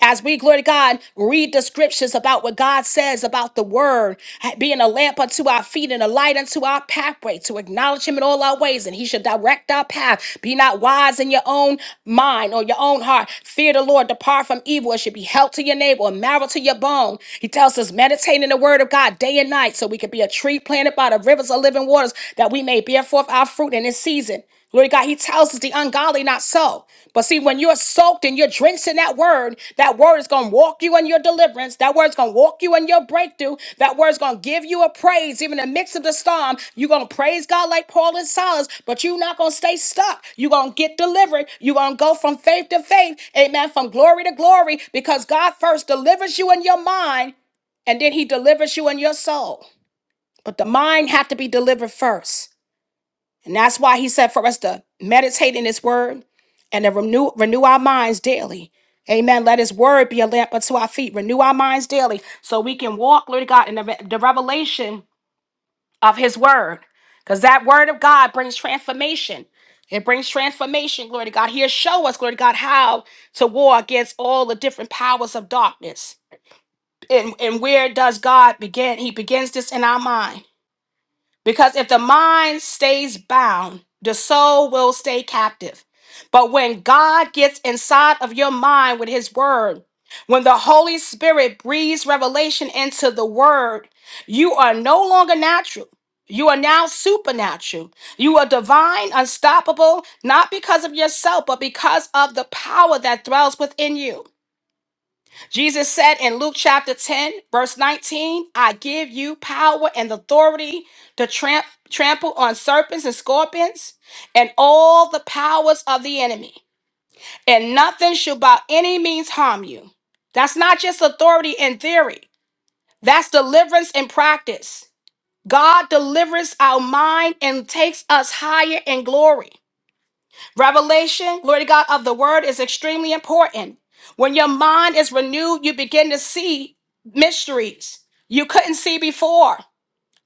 A: as we, glory to God, read the scriptures about what God says about the word being a lamp unto our feet and a light unto our pathway, to acknowledge Him in all our ways, and He should direct our path. Be not wise in your own mind or your own heart. Fear the Lord, depart from evil. and should be help to your neighbor, and marrow to your bone. He tells us, meditate in the word of God day and night, so we can be a tree planted by the rivers of living waters, that we may bear forth our fruit in its season. Glory to God, he tells us the ungodly not so. But see, when you're soaked and you're drenched in that word, that word is going to walk you in your deliverance. That word is going to walk you in your breakthrough. That word is going to give you a praise. Even in the midst of the storm, you're going to praise God like Paul and Silas, but you're not going to stay stuck. You're going to get delivered. You're going to go from faith to faith. Amen. From glory to glory because God first delivers you in your mind and then he delivers you in your soul. But the mind had to be delivered first. And that's why he said for us to meditate in his word and to renew renew our minds daily. Amen. Let his word be a lamp unto our feet. Renew our minds daily so we can walk, Lord God, in the, re- the revelation of his word. Because that word of God brings transformation. It brings transformation, glory to God. He'll show us, glory to God, how to war against all the different powers of darkness. And, and where does God begin? He begins this in our mind. Because if the mind stays bound, the soul will stay captive. But when God gets inside of your mind with his word, when the Holy Spirit breathes revelation into the word, you are no longer natural. You are now supernatural. You are divine, unstoppable, not because of yourself, but because of the power that dwells within you. Jesus said in Luke chapter 10, verse 19, I give you power and authority to tramp, trample on serpents and scorpions and all the powers of the enemy, and nothing shall by any means harm you. That's not just authority in theory, that's deliverance in practice. God delivers our mind and takes us higher in glory. Revelation, glory to God, of the word is extremely important. When your mind is renewed, you begin to see mysteries you couldn't see before.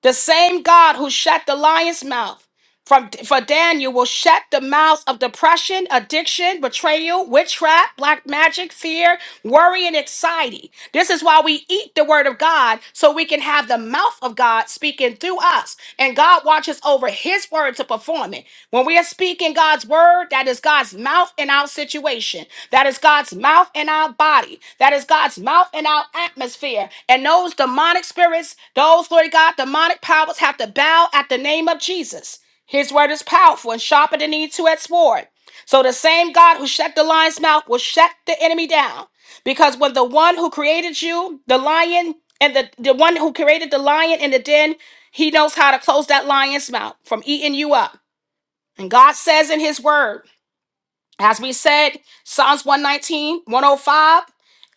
A: The same God who shut the lion's mouth from for Daniel will shut the mouths of depression, addiction, betrayal, witchcraft, black magic, fear, worry, and anxiety. This is why we eat the word of God so we can have the mouth of God speaking through us. And God watches over his word to perform it. When we are speaking God's word, that is God's mouth in our situation. That is God's mouth in our body. That is God's mouth in our atmosphere. And those demonic spirits, those, Lord God, demonic powers have to bow at the name of Jesus. His word is powerful and sharper than any two-edged sword. So the same God who shut the lion's mouth will shut the enemy down. Because when the one who created you, the lion, and the, the one who created the lion in the den, he knows how to close that lion's mouth from eating you up. And God says in his word, as we said, Psalms 119, 105,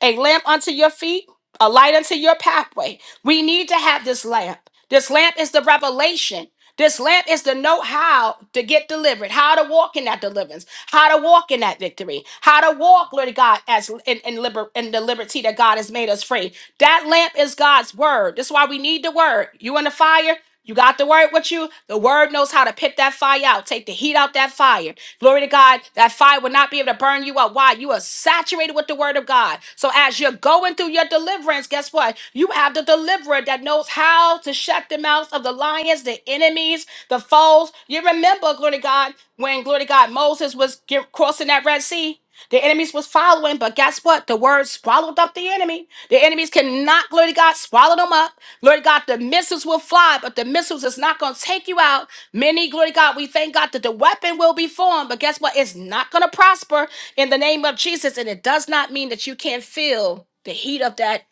A: a lamp unto your feet, a light unto your pathway. We need to have this lamp. This lamp is the revelation. This lamp is to know how to get delivered, how to walk in that deliverance, how to walk in that victory, how to walk, Lord God, as in, in, liber- in the liberty that God has made us free. That lamp is God's word. That's why we need the word. You in the fire, you got the word with you. The word knows how to pick that fire out, take the heat out that fire. Glory to God. That fire will not be able to burn you up. Why? You are saturated with the word of God. So as you're going through your deliverance, guess what? You have the deliverer that knows how to shut the mouths of the lions, the enemies, the foes. You remember, glory to God, when glory to God, Moses was get- crossing that Red Sea. The enemies was following, but guess what? The word swallowed up the enemy. The enemies cannot, glory to God, swallow them up. Glory to God, the missiles will fly, but the missiles is not going to take you out. Many, glory to God, we thank God that the weapon will be formed, but guess what? It's not going to prosper in the name of Jesus. And it does not mean that you can't feel the heat of that,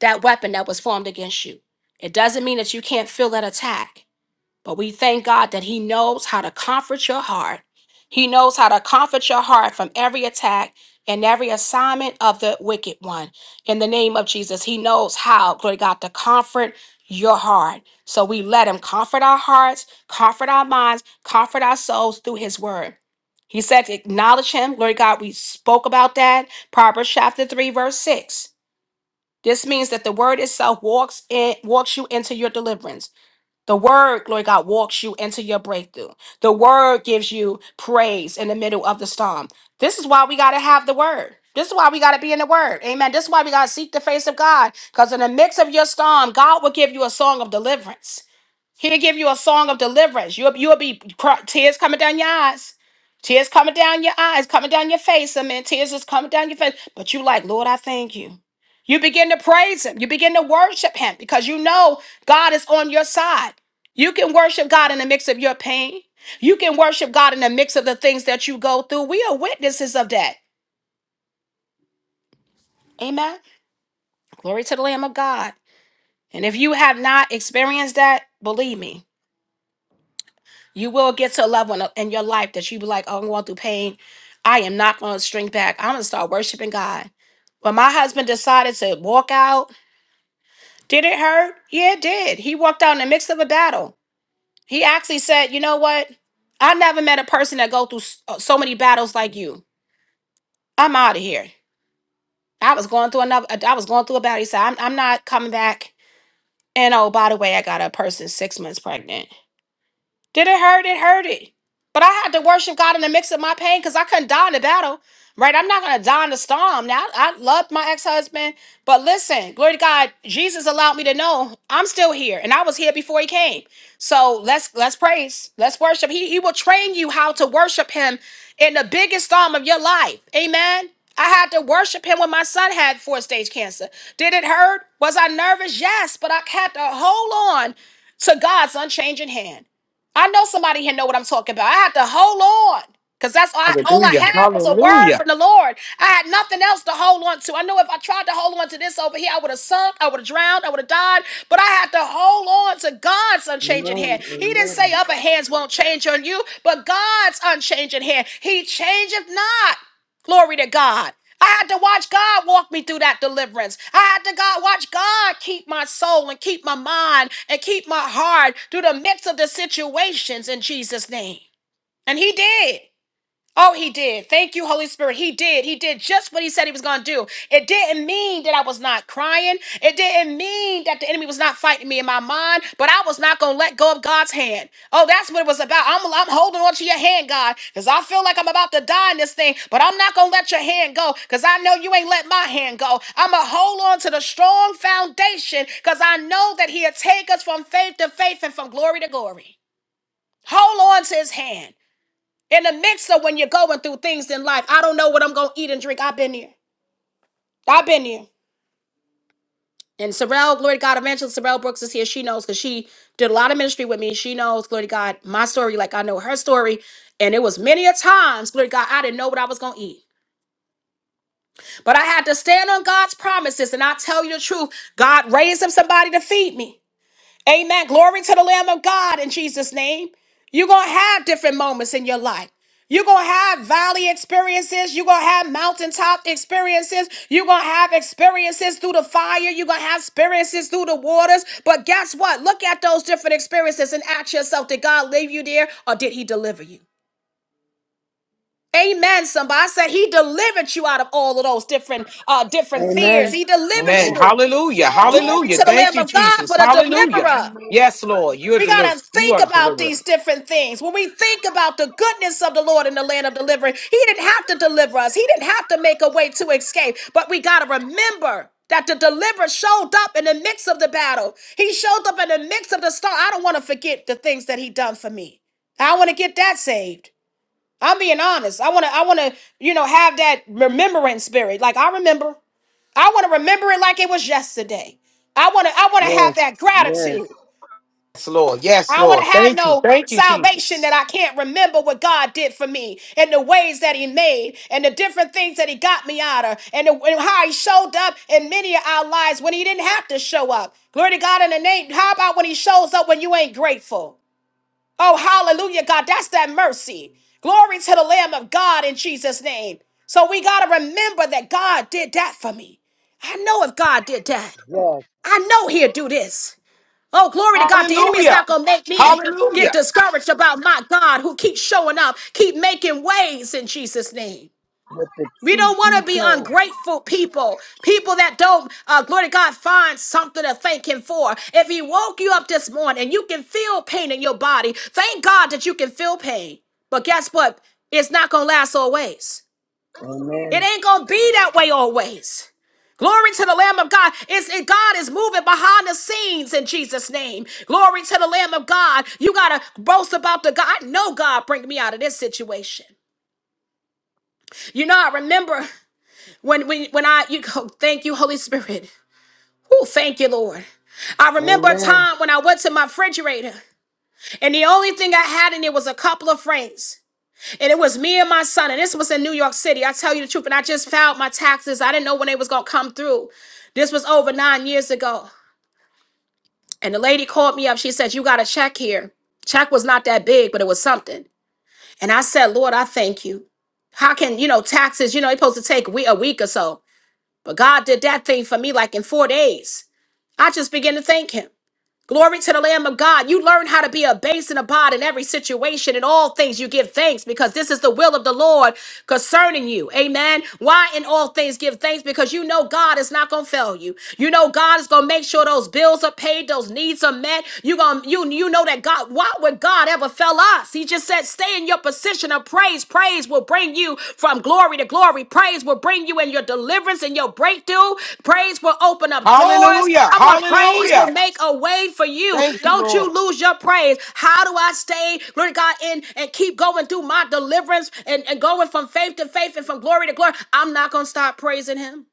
A: that weapon that was formed against you. It doesn't mean that you can't feel that attack. But we thank God that He knows how to comfort your heart. He knows how to comfort your heart from every attack and every assignment of the wicked one. In the name of Jesus, He knows how, glory to God, to comfort your heart. So we let Him comfort our hearts, comfort our minds, comfort our souls through His word. He said, to acknowledge Him. Glory to God, we spoke about that. Proverbs chapter 3, verse 6. This means that the word itself walks in, walks you into your deliverance. The word, glory God, walks you into your breakthrough. The word gives you praise in the middle of the storm. This is why we got to have the word. This is why we got to be in the word. Amen. This is why we got to seek the face of God. Because in the midst of your storm, God will give you a song of deliverance. He'll give you a song of deliverance. You'll, you'll be cry, tears coming down your eyes. Tears coming down your eyes, coming down your face. I mean, tears is coming down your face. But you like, Lord, I thank you. You begin to praise him. You begin to worship him because you know God is on your side. You can worship God in the mix of your pain. You can worship God in the mix of the things that you go through. We are witnesses of that. Amen. Glory to the Lamb of God. And if you have not experienced that, believe me, You will get to a level in, in your life that you be like, oh, I'm going through pain. I am not going to shrink back. I'm going to start worshiping God. When my husband decided to walk out, did it hurt? Yeah, it did. He walked out in the midst of a battle. He actually said, you know what? I never met a person that go through s- uh, so many battles like you. I'm out of here. I was going through another, I was going through a battle. He said, I'm, I'm not coming back. And oh, by the way, I got a person six months pregnant. Did it hurt? It hurt it, But I had to worship God in the mix of my pain because I couldn't die in the battle. Right? I'm not gonna die in the storm. Now I loved my ex-husband, but listen, glory to God, Jesus allowed me to know I'm still here and I was here before he came. So let's let's praise, let's worship. He he will train you how to worship him in the biggest storm of your life. Amen. I had to worship him when my son had four stage cancer. Did it hurt? Was I nervous? Yes, but I had to hold on to God's unchanging hand. I know somebody here know what I'm talking about. I had to hold on because that's all I, all I
C: Hallelujah.
A: had was a word
C: Hallelujah.
A: from the Lord. I had nothing else to hold on to. I know if I tried to hold on to this over here, I would have sunk, I would have drowned, I would have died. But I had to hold on to God's unchanging
D: Amen.
A: hand. He didn't
D: Amen.
A: say other hands won't change on you, but God's unchanging hand. He changeth not. Glory to God. I had to watch God walk me through that deliverance. I had to God watch God keep my soul and keep my mind and keep my heart through the midst of the situations in Jesus' name. And he did. Oh, he did. Thank you, Holy Spirit. He did. He did just what he said he was going to do. It didn't mean that I was not crying. It didn't mean that the enemy was not fighting me in my mind, but I was not going to let go of God's hand. Oh, that's what it was about. I'm, I'm holding on to your hand, God, because I feel like I'm about to die in this thing, but I'm not going to let your hand go because I know you ain't let my hand go. I'm going to hold on to the strong foundation because I know that he'll take us from faith to faith and from glory to glory. Hold on to his hand in the midst of when you're going through things in life. I don't know what I'm gonna eat and drink. I've been here. I've been here. And Sorrell, glory to God, evangelist Sorrell Brooks is here. She knows because she did a lot of ministry with me. She knows, glory to God, my story, like I know her story. And it was many a times, glory to God, I didn't know what I was gonna eat. But I had to stand on God's promises. And I tell you the truth, God raised up somebody to feed me. Amen. Glory to the Lamb of God in Jesus' name. You're going to have different moments in your life. You're going to have valley experiences. You're going to have mountaintop experiences. You're going to have experiences through the fire. You're going to have experiences through the waters. But guess what? Look at those different experiences and ask yourself did God leave you there or did He deliver you? Amen. Somebody I said He delivered you out of all of those different uh different fears.
D: Amen.
A: He delivered
C: Man,
D: Amen.
A: you.
C: hallelujah.
D: You
A: Oh,
D: know that's
A: glory
C: Hallelujah.
A: to the
D: right.
C: Thank
A: Lamb
C: you,
A: of God
C: Jesus.
A: for the
C: Hallelujah.
A: deliverer.
D: You know that's
C: Yes,
D: right.
C: Lord. You're
A: We got
C: deliver.
A: to
C: You
A: think
C: are the
A: about
C: deliverer.
A: these different things. When we think about the goodness of the Lord in the land of delivery, He didn't have to deliver us, He didn't have to make a way to escape. But we got to remember. That the deliverer showed up in the midst of the battle. He showed up in the midst of the storm. I don't want to forget the things that he done for me. I want to get that saved. I'm being honest. I want to. I want to. You know, have that remembrance spirit. Like I remember. I want to remember it like it was yesterday. I want to. I want to have
D: Yes.
A: that
D: Yes.
A: gratitude.
C: Yes, Lord. Yes,
A: I don't want
C: Lord.
A: to have
C: Thank you.
A: no
C: Thank you,
A: salvation
C: Jesus.
A: that I can't remember what God did for me and the ways that He made and the different things that He got me out of and, the, and how He showed up in many of our lives when He didn't have to show up. Glory to God in the name. How about when He shows up when you ain't grateful? Oh, hallelujah, God. That's that mercy. Glory to the Lamb of God in Jesus' name. So we got to remember that God did that for me. I know if God did that,
D: Yes.
A: I know He'll do this. Oh, glory to God. The enemy is
C: Hallelujah.
A: not going to make me get
C: Hallelujah.
A: discouraged about my God who keeps showing up, keep making ways in Jesus' name.
D: Let the
A: We
D: truth
A: don't want
D: be
A: to be
D: told.
A: ungrateful people, people that don't, uh, glory to God, find something to thank Him for. If He woke you up this morning and you can feel pain in your body, thank God that you can feel pain. But guess what? It's not going to last always.
D: Amen.
A: It ain't gonna be that way always. Glory to the Lamb of God. It's, it, God is moving behind the scenes in Jesus' name. Glory to the Lamb of God. You gotta boast about the God. I know God bring me out of this situation. You know, I remember when when, when I you go, thank you, Holy Spirit. Oh, thank you, Lord. I remember a
D: Amen.
A: time when I went to my refrigerator and the only thing I had in it was a couple of francs. And it was me and my son, and this was in New York City. I tell you the truth, and I just filed my taxes. I didn't know when they was gonna come through. This was over nine years ago. And the lady called me up. She said, You got a check here. Check was not that big, but it was something. And I said, Lord, I thank you. How can, you know, taxes, you know, it's supposed to take a week, a week or so. But God did that thing for me like in four days. I just began to thank him. Glory to the Lamb of God. You learn how to be a base and a bod in every situation. In all things, you give thanks because this is the will of the Lord concerning you. Amen. Why in all things give thanks? Because you know God is not going to fail you. You know God is going to make sure those bills are paid, those needs are met. You going to you you know that God. Why would God ever fail us? He just said, "Stay in your ascension of praise. Praise will bring you from glory to glory. Praise will bring you in your deliverance and your breakthrough. Praise will open up doors.
C: Hallelujah.
A: Come on, praise
C: Hallelujah.
A: will make a way for you.
C: Thank you,
A: Don't
C: Lord.
A: you lose your praise. How do I stay, glory to God, in and keep going through my deliverance and, and going from faith to faith and from glory to glory? I'm not going to stop praising Him.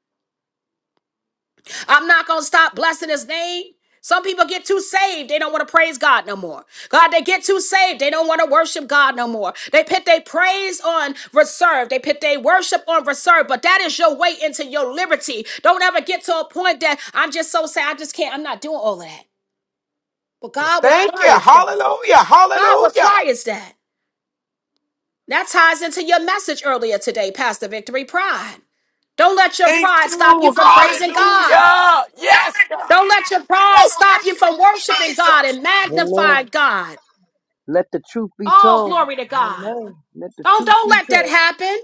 A: I'm not going to stop blessing his name. Some people get too saved. They don't want to praise God no more. God, they get too saved. They don't want to worship God no more. They put their praise on reserve. They put their worship on reserve. But that is your way into your liberty. Don't ever get to a point that I'm just so sad. I just can't. I'm not doing all of that. But
C: Just
A: God
C: Thank you.
A: requires that.
C: Hallelujah.
A: God
C: Hallelujah.
A: requires that. That ties into your message earlier today, Pastor Victory Pride. Don't let your
C: Thank
A: pride stop you
C: you.
A: from praising God.
C: Hallelujah. Yes, God.
A: Don't let your pride
C: Oh,
A: stop you from worshiping
C: Jesus.
A: God and
D: Amen.
A: magnifying God.
D: Let the truth be
A: Oh,
D: told.
A: glory to God.
D: Amen. Let the
A: Don't
D: truth
A: don't
D: be
A: let that
D: told.
A: happen.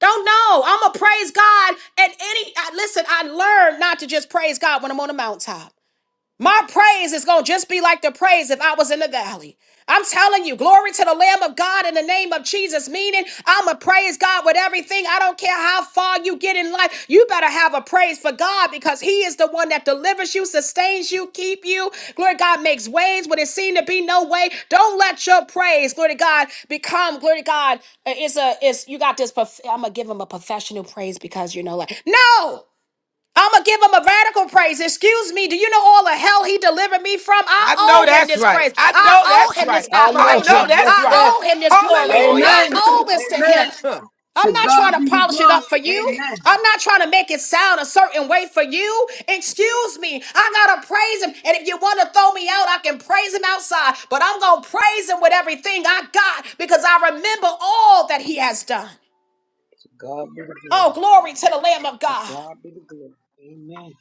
A: Don't know. I'm gonna praise God at any. I, listen, I learned not to just praise God when I'm on a mountaintop. My praise is going to just be like the praise if I was in the valley. I'm telling you, glory to the Lamb of God in the name of Jesus, meaning I'm going to praise God with everything. I don't care how far you get in life. You better have a praise for God because He is the one that delivers you, sustains you, keep you. Glory to God makes ways when it seemed to be no way. Don't let your praise, glory to God, become, glory to God, uh, it's a, it's, you got this, prof- I'm going to give Him a professional praise because, you know, like, no! I'm gonna give him a radical praise. Excuse me. Do you know all the hell he delivered me from? I
C: I know
A: owe him
C: that's
A: this
C: right.
A: praise.
C: I
A: I
C: know
A: owe
C: that's
A: him this
C: right.
D: I
C: I
D: know.
A: admiration.
C: know
D: Yes.
C: that's
A: I
C: right.
D: Yes.
A: owe him this glory.
C: Hallelujah.
A: I
D: Amen.
A: owe this to him.
D: Amen.
C: Huh.
A: I'm
D: To
A: not
D: God
A: trying to
D: be the
A: polish it
D: glory.
A: up for you.
D: Amen.
A: I'm not trying to make it sound a certain way for you. Excuse me. I gotta praise him. And if you want to throw me out, I can praise him outside. But I'm gonna praise him with everything I got because I remember all that he has done.
D: To God be the
A: Oh,
D: glory.
A: glory to the Lamb of
D: To
A: God.
D: God be the glory. Amen.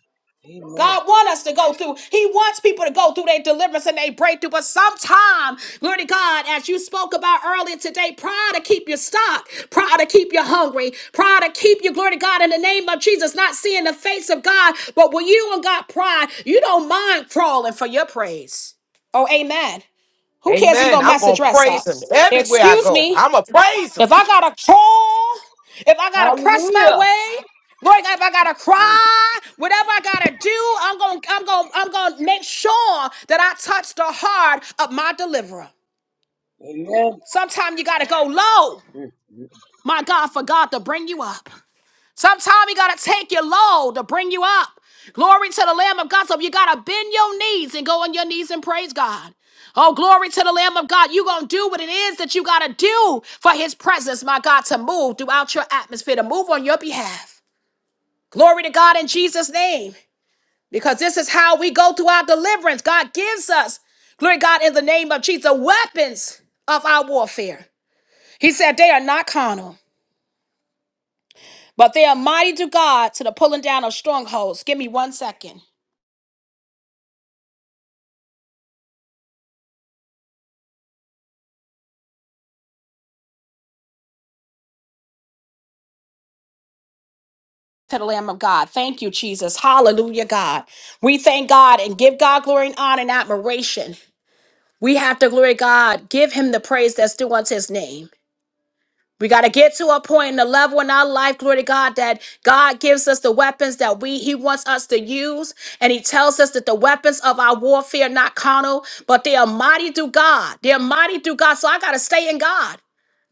D: Amen.
A: God wants us to go through. He wants people to go through their deliverance and their breakthrough. But sometime, glory to God, as you spoke about earlier today, pride to keep you stuck, pride to keep you hungry, pride to keep you, glory to God, in the name of Jesus, not seeing the face of God. But when you and God pride, you don't mind crawling for your praise. Oh, amen. Who cares if you're going
C: Amen.
A: to
C: I'm
A: mess the
C: going to
A: dress up?
C: praise him everywhere I
A: Excuse
C: go.
A: me.
C: I'm going to praise him.
A: If I gotta crawl, if I gotta press my
D: Hallelujah.
A: way, Lord God, if I gotta
D: Mm.
A: cry, whatever I gotta do, I'm gonna, I'm gonna, I'm gonna make sure that I touch the heart of my deliverer.
D: Amen.
A: Sometimes you gotta go low,
D: Mm.
A: my God, for God to bring you up. Sometimes he gotta take you low to bring you up. Glory to the Lamb of God. So you gotta bend your knees and go on your knees and praise God. Oh, glory to the Lamb of God. you going to do what it is that you got to do for his presence, my God, to move throughout your atmosphere, to move on your behalf. Glory to God in Jesus' name, because this is how we go through our deliverance. God gives us, glory to God, in the name of Jesus, the weapons of our warfare. He said, They are not carnal. But they are mighty to God to the pulling down of strongholds. Give me one second. To the Lamb of God. Thank you, Jesus. Hallelujah, God. We thank God and give God glory and honor and admiration. We have to glory God, give him the praise that's due unto his name. We got to get to a point in the level in our life, glory to God, that God gives us the weapons that we He wants us to use. And He tells us that the weapons of our warfare are not carnal, but they are mighty through God. They're mighty through God. So I got to stay in God.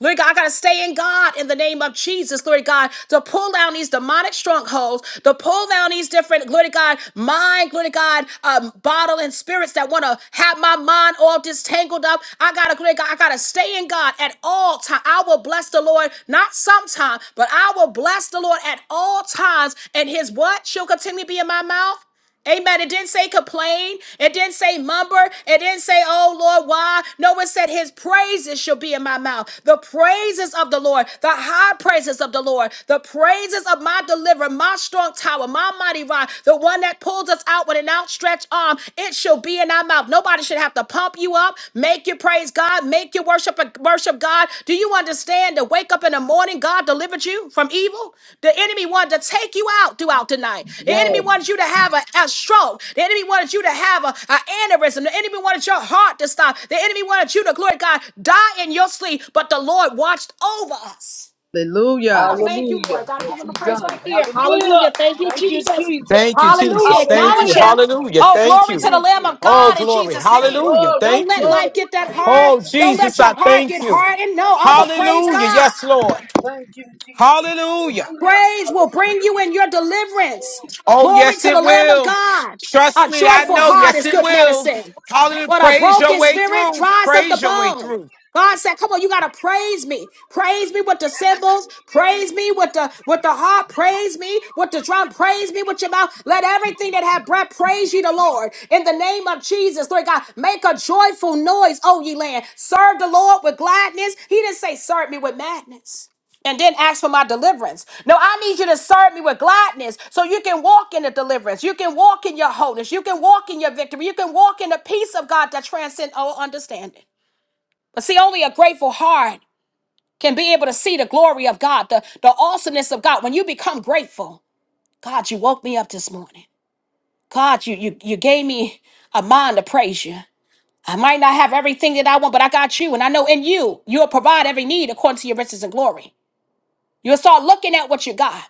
A: Glory to God, I gotta stay in God in the name of Jesus, glory to God, to pull down these demonic strongholds, to pull down these different, glory to God, mind, glory to God, um, bottle and spirits that wanna have my mind all distangled up. I gotta, glory to God, I gotta stay in God at all times. I will bless the Lord, not sometime, but I will bless the Lord at all times, and his what shall continue be in my mouth? Amen. It didn't say complain. It didn't say mumble. It didn't say, oh Lord, why? No, it said his praises shall be in my mouth. The praises of the Lord, the high praises of the Lord, the praises of my deliverer, my strong tower, my mighty rock, the one that pulls us out with an outstretched arm. It shall be in our mouth. Nobody should have to pump you up. Make you praise God. Make you worship worship God. Do you understand To wake up in the morning, God delivered you from evil? The enemy wanted to take you out throughout the night. The enemy
D: Yes.
A: wanted you to have a, a stroke. The enemy wanted you to have a, a aneurysm. The enemy wanted your heart to stop. The enemy wanted you to, glory to God, die in your sleep. But the Lord watched over us.
E: Hallelujah.
A: Oh,
E: Je-
A: thank you,
D: Hallelujah.
A: Lord. Gotta
D: Yes,
A: give him a
D: he
A: praise
D: done.
A: right here.
D: Hallelujah.
A: Hallelujah. Thank you,
D: Thank you,
A: Jesus.
D: Jesus.
C: Thank you,
A: Hallelujah.
C: Jesus. Thank
A: Acknowledge
C: you.
D: Hallelujah.
A: him.
C: Hallelujah.
A: Oh,
C: Thank
A: glory to
C: you.
A: the
D: Thank
A: Lamb
D: you.
A: of
C: Oh,
A: God in
C: glory.
A: Jesus' name.
C: Hallelujah.
D: Glory,
A: Don't
C: Thank
A: let
C: you.
A: life
D: glory,
A: get that hard.
D: hallelujah.
C: Oh,
A: Don't
C: Jesus,
A: let your
C: I
A: heart
C: thank
A: get
C: you.
A: hardened. No,
D: Thank
A: I'm
D: you,
A: a praise
C: Hallelujah.
D: Jesus.
A: God.
C: Yes, Lord.
D: Thank you, Jesus.
C: Hallelujah.
D: Hallelujah.
A: Praise will bring
D: Hallelujah.
A: you in your deliverance.
C: Oh,
A: Glory
C: yes,
A: to
C: it
A: the Lamb of
C: will.
A: God.
C: Trust
A: A
C: me. I
A: joyful
C: know.
A: heart
C: Yes,
A: is
C: it
A: good
C: will.
A: medicine.
C: Hallelujah.
A: What a
C: Praise your
A: broken
C: way
A: spirit
C: through.
A: dries up the
C: Praise your way
A: bone.
C: through.
A: God said, "Come on, you gotta praise me. Praise me with the
D: Yes.
A: cymbals. Praise me with the with the harp. Praise me with the drum. Praise me with your mouth. Let everything that have breath praise you, the Lord. In the name of Jesus, Lord God, make a joyful noise, O ye land. Serve the Lord with gladness. He didn't say serve me with madness and then ask for my deliverance. No, I need you to serve me with gladness so you can walk in the deliverance. You can walk in your wholeness. You can walk in your victory. You can walk in the peace of God that transcends all understanding. But see, only a grateful heart can be able to see the glory of God, the, the awesomeness of God. When you become grateful, God, you woke me up this morning. God, you, you, you gave me a mind to praise you. I might not have everything that I want, but I got you. And I know in you, you'll provide every need according to your riches and glory. You'll start looking at what you got.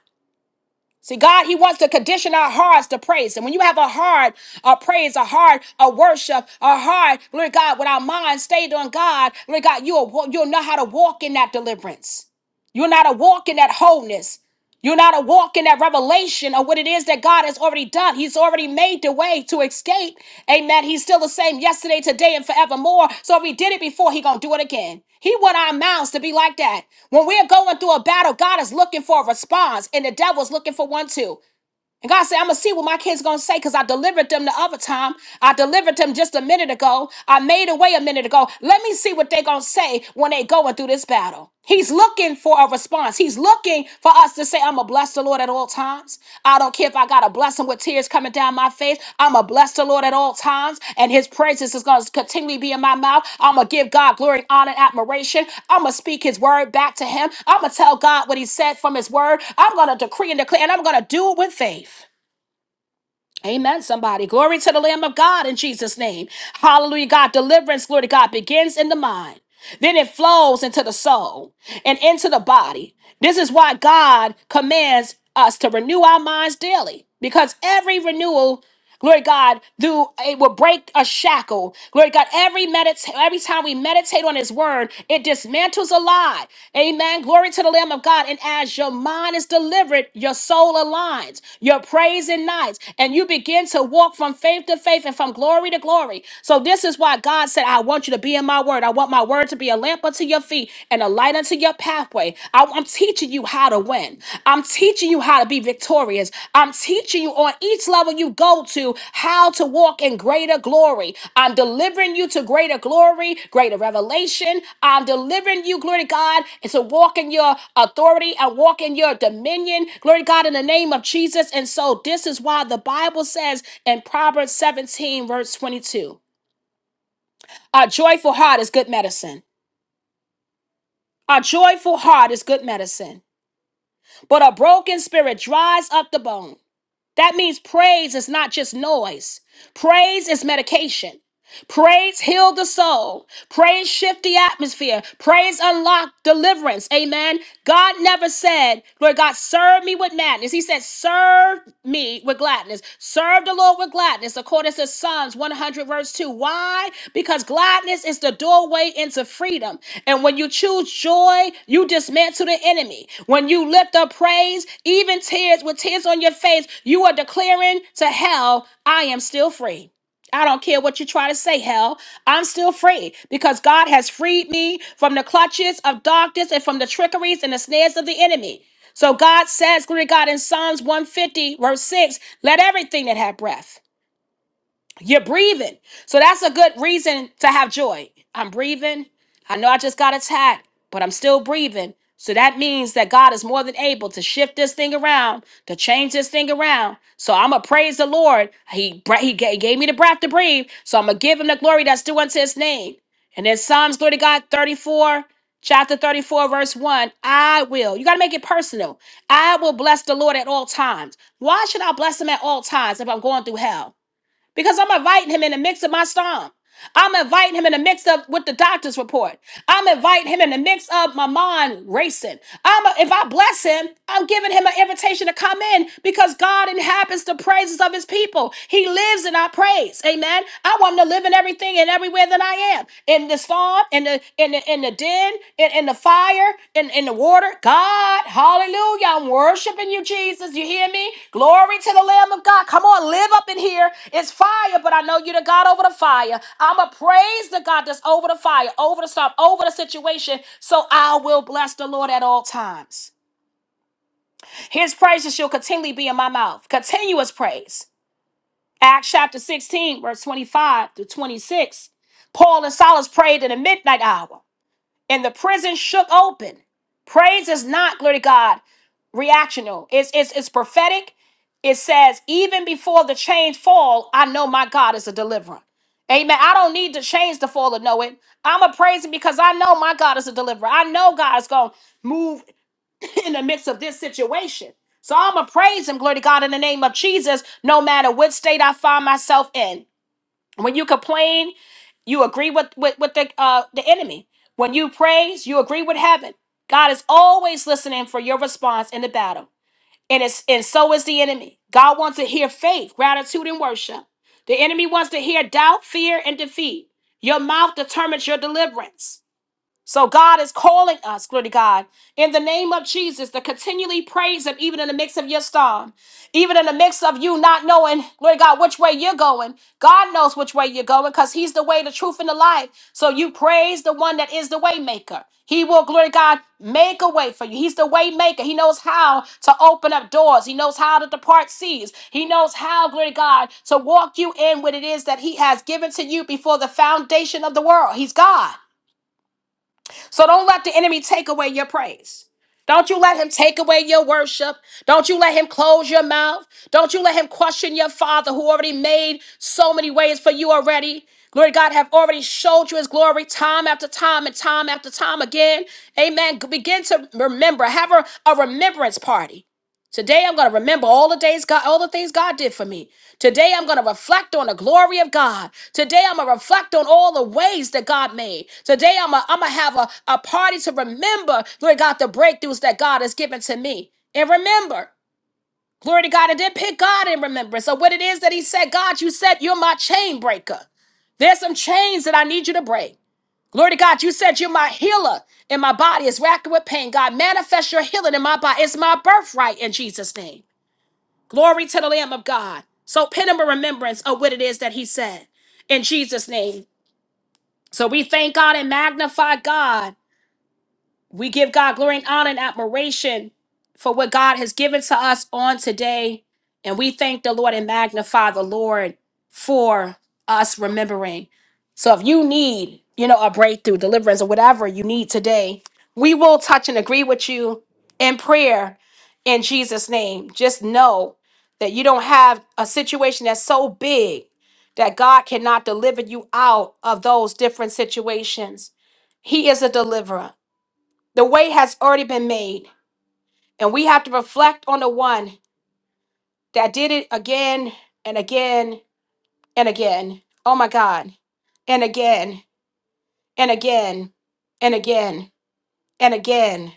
A: See, God, He wants to condition our hearts to praise Him. When you have a heart of praise, a heart of worship, a heart, Lord God, with our mind stayed on God, Lord God, you'll, you'll know how to walk in that deliverance. You'll know how to walk in that wholeness. You're not a walk in that revelation of what it is that God has already done. He's already made the way to escape. Amen. He's still the same yesterday, today, and forevermore. So if he did it before, he gonna do it again. He want our mouths to be like that. When we're going through a battle, God is looking for a response, and the devil's looking for one too. And God said, I'm gonna see what my kids gonna say because I delivered them the other time. I delivered them just a minute ago. I made a way a minute ago. Let me see what they're gonna say when they going through this battle. He's looking for a response. He's looking for us to say, I'm gonna bless the Lord at all times. I don't care if I I got to bless him with tears coming down my face. I'm going to bless the Lord at all times, and his praises is going to continually be in my mouth. I'm going to give God glory, honor, and admiration. I'm going to speak his word back to him. I'm going to tell God what he said from his word. I'm going to decree and declare, and I'm going to do it with faith. Amen, somebody. Glory to the Lamb of God in Jesus' name. Hallelujah, God. Deliverance, glory to God, begins in the mind. Then it flows into the soul and into the body. This is why God commands us to renew our minds daily because every renewal Glory to God, through it will break a shackle. Glory to God, every medit- every time we meditate on His Word, it dismantles a lie. Amen. Glory to the Lamb of God. And as your mind is delivered, your soul aligns, your praise ignites, and you begin to walk from faith to faith and from glory to glory. So this is why God said, "I want you to be in My Word. I want My Word to be a lamp unto your feet and a light unto your pathway. I- I'm teaching you how to win. I'm teaching you how to be victorious. I'm teaching you on each level you go to how to walk in greater glory. I'm delivering you to greater glory, greater revelation. I'm delivering you, glory to God, and to walk in your authority and walk in your dominion, glory to God, in the name of Jesus. And so this is why the Bible says in Proverbs 17, verse 22, a joyful heart is good medicine. A joyful heart is good medicine. But a broken spirit dries up the bone. That means praise is not just noise, praise is medication. Praise healed the soul. Praise shift the atmosphere. Praise unlock deliverance. Amen. God never said, Lord God, serve me with madness. He said, serve me with gladness. Serve the Lord with gladness, according to Psalms 100, verse 2. Why? Because gladness is the doorway into freedom. And when you choose joy, you dismantle the enemy. When you lift up praise, even tears with tears on your face, you are declaring to hell, I am still free. I don't care what you try to say, hell. I'm still free because God has freed me from the clutches of darkness and from the trickeries and the snares of the enemy. So God says, glory to God, in Psalms 150, verse 6, let everything that have breath. You're breathing. So that's a good reason to have joy. I'm breathing. I know I just got attacked, but I'm still breathing. So that means that God is more than able to shift this thing around, to change this thing around. So I'm going to praise the Lord. He, br- he ga- gave me the breath to breathe. So I'm going to give him the glory that's due unto his name. And then Psalms, glory to God, 34, chapter 34, verse 1. I will. You got to make it personal. I will bless the Lord at all times. Why should I bless him at all times if I'm going through hell? because I'm inviting him in the mix of my storm. I'm inviting him in the mix of with the doctor's report. I'm inviting him in the mix of my mind racing. I'm a- if I bless him, I'm giving him an invitation to come in because God inhabits the praises of his people. He lives in our praise. Amen. I want him to live in everything and everywhere that I am. In the storm, in the in the in the din, in, in the fire, in, in the water. God, hallelujah. I'm worshiping you, Jesus. You hear me? Glory to the Lamb of God. Come on, live up in here. It's fire, but I know you're the God over the fire. I'm a praise the God that's over the fire, over the storm, over the situation. So I will bless the Lord at all times. His praises shall continually be in my mouth. Continuous praise. Acts chapter 16, verse 25 through 26. Paul and Silas prayed in the midnight hour and the prison shook open. Praise is not, glory to God, reactional. It's, it's, it's prophetic. It says, even before the chains fall, I know my God is a deliverer. Amen. I don't need the chains to fall to know it. I'm a praising because I know my God is a deliverer. I know God is going to move in the midst of this situation. So I'm going to praise him, glory to God, in the name of Jesus, no matter what state I find myself in. When you complain, you agree with with, with the uh, the enemy. When you praise, you agree with heaven. God is always listening for your response in the battle, and it's and so is the enemy. God wants to hear faith, gratitude, and worship. The enemy wants to hear doubt, fear, and defeat. Your mouth determines your deliverance. So God is calling us, glory to God, in the name of Jesus, to continually praise Him, even in the midst of your storm, even in the midst of you not knowing, glory to God, which way you're going. God knows which way you're going because He's the way, the truth, and the life. So you praise the one that is the way maker. He will, glory to God, make a way for you. He's the way maker. He knows how to open up doors. He knows how to depart seas. He knows how, glory to God, to walk you in what it is that He has given to you before the foundation of the world. He's God. So don't let the enemy take away your praise. Don't you let him take away your worship. Don't you let him close your mouth. Don't you let him question your father who already made so many ways for you already. Glory to God have already showed you his glory time after time and time after time again. Amen. Begin to remember. Have a, a remembrance party. Today I'm going to remember all the days God, all the things God did for me. Today I'm going to reflect on the glory of God. Today I'm going to reflect on all the ways that God made. Today I'm going to have a, a party to remember, glory to God, the breakthroughs that God has given to me. And remember, glory to God, I did pick God in remembrance. So what it is that he said, God, you said you're my chain breaker. There's some chains that I need you to break. Glory to God, you said you're my healer and my body is racked with pain. God, manifest your healing in my body. It's my birthright in Jesus' name. Glory to the Lamb of God. So pin him a remembrance of what it is that he said in Jesus' name. So we thank God and magnify God we give God glory and honor and admiration for what God has given to us on today. And we thank the Lord and magnify the Lord for us remembering. So if you need, you know, a breakthrough, deliverance, or whatever you need today, we will touch and agree with you in prayer in Jesus' name. Just know that you don't have a situation that's so big that God cannot deliver you out of those different situations. He is a deliverer. The way has already been made, and we have to reflect on the one that did it again and again and again. Oh my God. And again and again and again and again.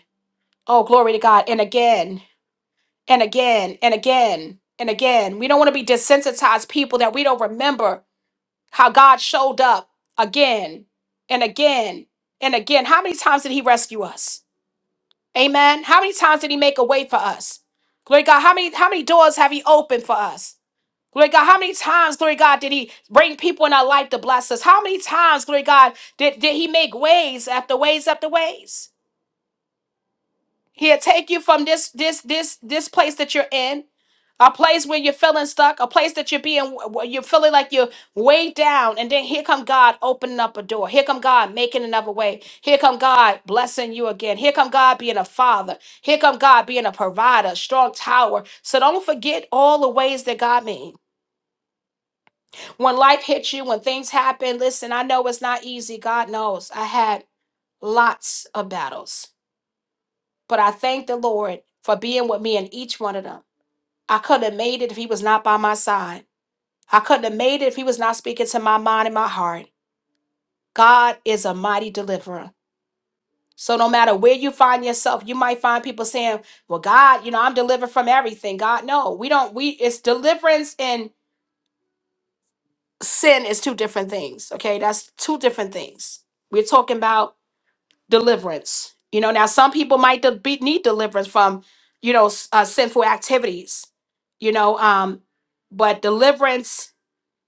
A: Oh, glory to God. And again and again and again and again. We don't want to be desensitized people that we don't remember how God showed up again and again and again. How many times did He rescue us? Amen. How many times did he make a way for us? Glory to God, how many how many doors have he opened for us? Glory to God, how many times, glory to God, did he bring people in our life to bless us? How many times, glory to God, did, did he make ways after ways after ways? He'll take you from this this this this place that you're in, a place where you're feeling stuck, a place that you're being where you're feeling like you're way down, and then here come God opening up a door. Here come God making another way. Here come God blessing you again. Here come God being a father. Here come God being a provider, strong tower. So don't forget all the ways that God means. When life hits you, when things happen, listen, I know it's not easy. God knows. I had lots of battles. But I thank the Lord for being with me in each one of them. I couldn't have made it if He was not by my side. I couldn't have made it if He was not speaking to my mind and my heart. God is a mighty deliverer. So no matter where you find yourself, you might find people saying, "Well, God, you know, I'm delivered from everything." God, no, we don't. We it's deliverance and sin is two different things. Okay, that's two different things. We're talking about deliverance. You know, now some people might de- be, need deliverance from, you know, s- uh, sinful activities. You know, um, but deliverance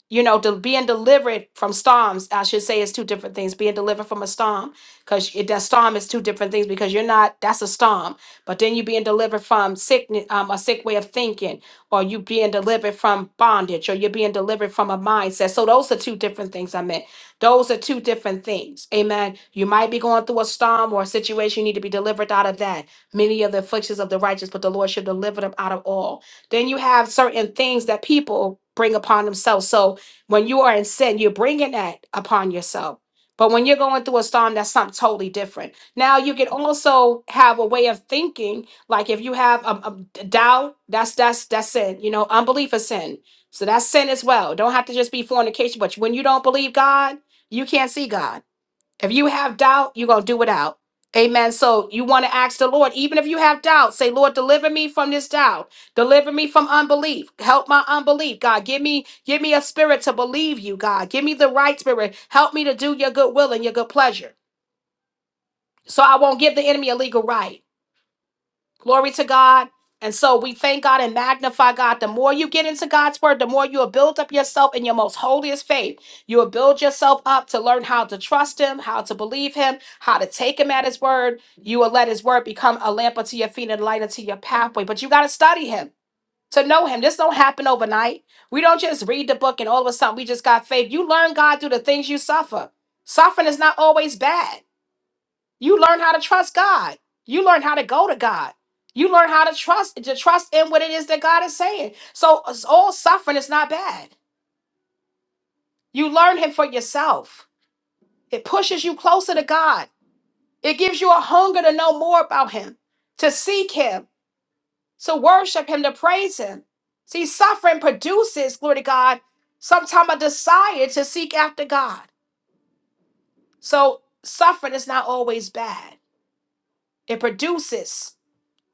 A: you know, del- being delivered from storms, I should say, is two different things. Being delivered from a storm, because that storm is two different things. Because you're not, that's a storm. But then you being delivered from sickness, um, a sick way of thinking, or you being delivered from bondage, or you're being delivered from a mindset. So those are two different things. I meant those are two different things. Amen. You might be going through a storm or a situation. You need to be delivered out of that. Many of the afflictions of the righteous, but the Lord should deliver them out of all. Then you have certain things that people bring upon themselves. So when you are in sin, you're bringing that upon yourself. But when you're going through a storm, that's something totally different. Now, you can also have a way of thinking, like if you have a doubt, that's that's that's sin. You know, unbelief is sin. So that's sin as well. Don't have to just be fornication, but when you don't believe God, you can't see God if you have doubt, you're going to do without. Amen. So you want to ask the Lord, even if you have doubt, say, Lord, deliver me from this doubt. Deliver me from unbelief. Help my unbelief. God, give me, give me a spirit to believe you, God. Give me the right spirit. Help me to do your good will and your good pleasure. So I won't give the enemy a legal right. Glory to God. And so we thank God and magnify God. The more you get into God's word, the more you will build up yourself in your most holiest faith. You will build yourself up to learn how to trust Him, how to believe Him, how to take Him at His word. You will let His word become a lamp unto your feet and a light unto your pathway. But you got to study Him to know Him. This don't happen overnight. We don't just read the book and all of a sudden we just got faith. You learn God through the things you suffer. Suffering is not always bad. You learn how to trust God. You learn how to go to God. You learn how to trust to trust in what it is that God is saying. So it's all suffering is not bad. You learn him for yourself. It pushes you closer to God. It gives you a hunger to know more about him, to seek him, to worship him, to praise him. See, suffering produces, glory to God, sometime a desire to seek after God. So suffering is not always bad. It produces.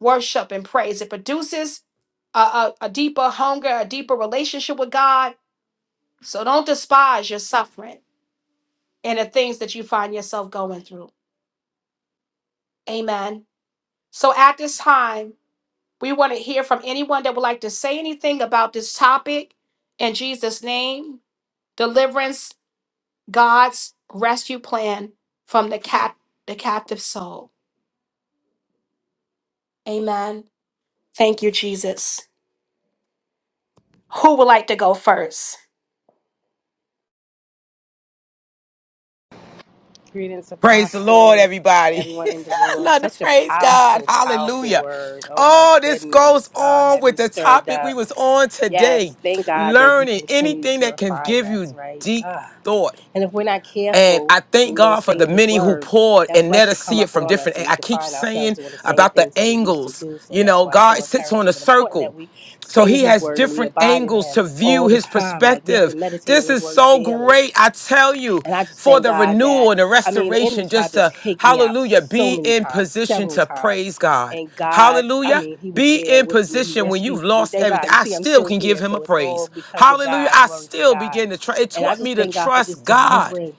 A: worship and praise. It produces a, a, a deeper hunger, a deeper relationship with God. So don't despise your suffering and the things that you find yourself going through. Amen. So at this time, we want to hear from anyone that would like to say anything about this topic in Jesus' name deliverance, God's rescue plan from the, cap- the captive soul. Amen. Thank you, Jesus. Who would like to go first?
F: Greetings,
C: Praise the Lord,
F: Apostle, and
C: everybody.
F: everyone in the
C: I
F: room.
C: love to
F: Such a
C: praise God.
F: powerful, powerful
C: Hallelujah.
F: word. Oh my
C: Oh, this goes
F: goodness. Uh,
C: on
F: had me
C: with the
F: stirred
C: topic we
F: up.
C: was on today.
F: Yes, thank God that He
C: Learning
F: continues
C: anything
F: to
C: that can
F: refine
C: give
F: us,
C: you
F: right?
C: deep
F: Uh,
C: thought.
F: and if we're not
C: And
F: careful
C: I
F: and
C: thank
F: we don't
C: God for
F: stay
C: the
F: in His
C: many who
F: Word,
C: poured
F: that
C: and let
F: flesh
C: us
F: should come
C: see it
F: up
C: from
F: on
C: different.
F: us and we
C: I
F: can
C: keep
F: find ourselves
C: saying
F: doing the same
C: about the
F: things that we used to
C: angles.
F: do. So
C: You
F: that's
C: know,
F: why it's
C: God
F: so
C: sits on a
F: imperative and important
C: circle
F: that we
C: so
F: stay
C: he
F: in His
C: has
F: Word and we
C: different
F: abide in
C: angles to
F: Him
C: view
F: all the
C: his
F: time. Like we have to
C: perspective.
F: meditate
C: This
F: on His
C: is
F: Word
C: so
F: daily
C: great. I tell you,
F: and I just
C: for
F: thank
C: the
F: God that,
C: renewal and the
F: I mean, the enemy
C: restoration,
F: tried
C: just
F: to
C: to,
F: take me out
C: hallelujah,
F: so
C: be
F: many
C: in
F: times,
C: position
F: several
C: to
F: times.
C: praise God.
F: And God, I
C: Hallelujah.
F: mean, He was
C: Be
F: there
C: in
F: with me. He
C: position when
F: rescued
C: you've
F: me.
C: lost
F: Thank God.
C: everything.
F: You
C: I
F: see, I'm
C: still
F: still
C: can give
F: here.
C: him a
F: So it's all
C: praise.
F: because of
C: Hallelujah.
F: God.
C: I
F: Glory to
C: still
F: God.
C: begin to trust. It
F: And I
C: taught me
F: just
C: to
F: thank God for
C: trust
F: just
C: God
F: delivering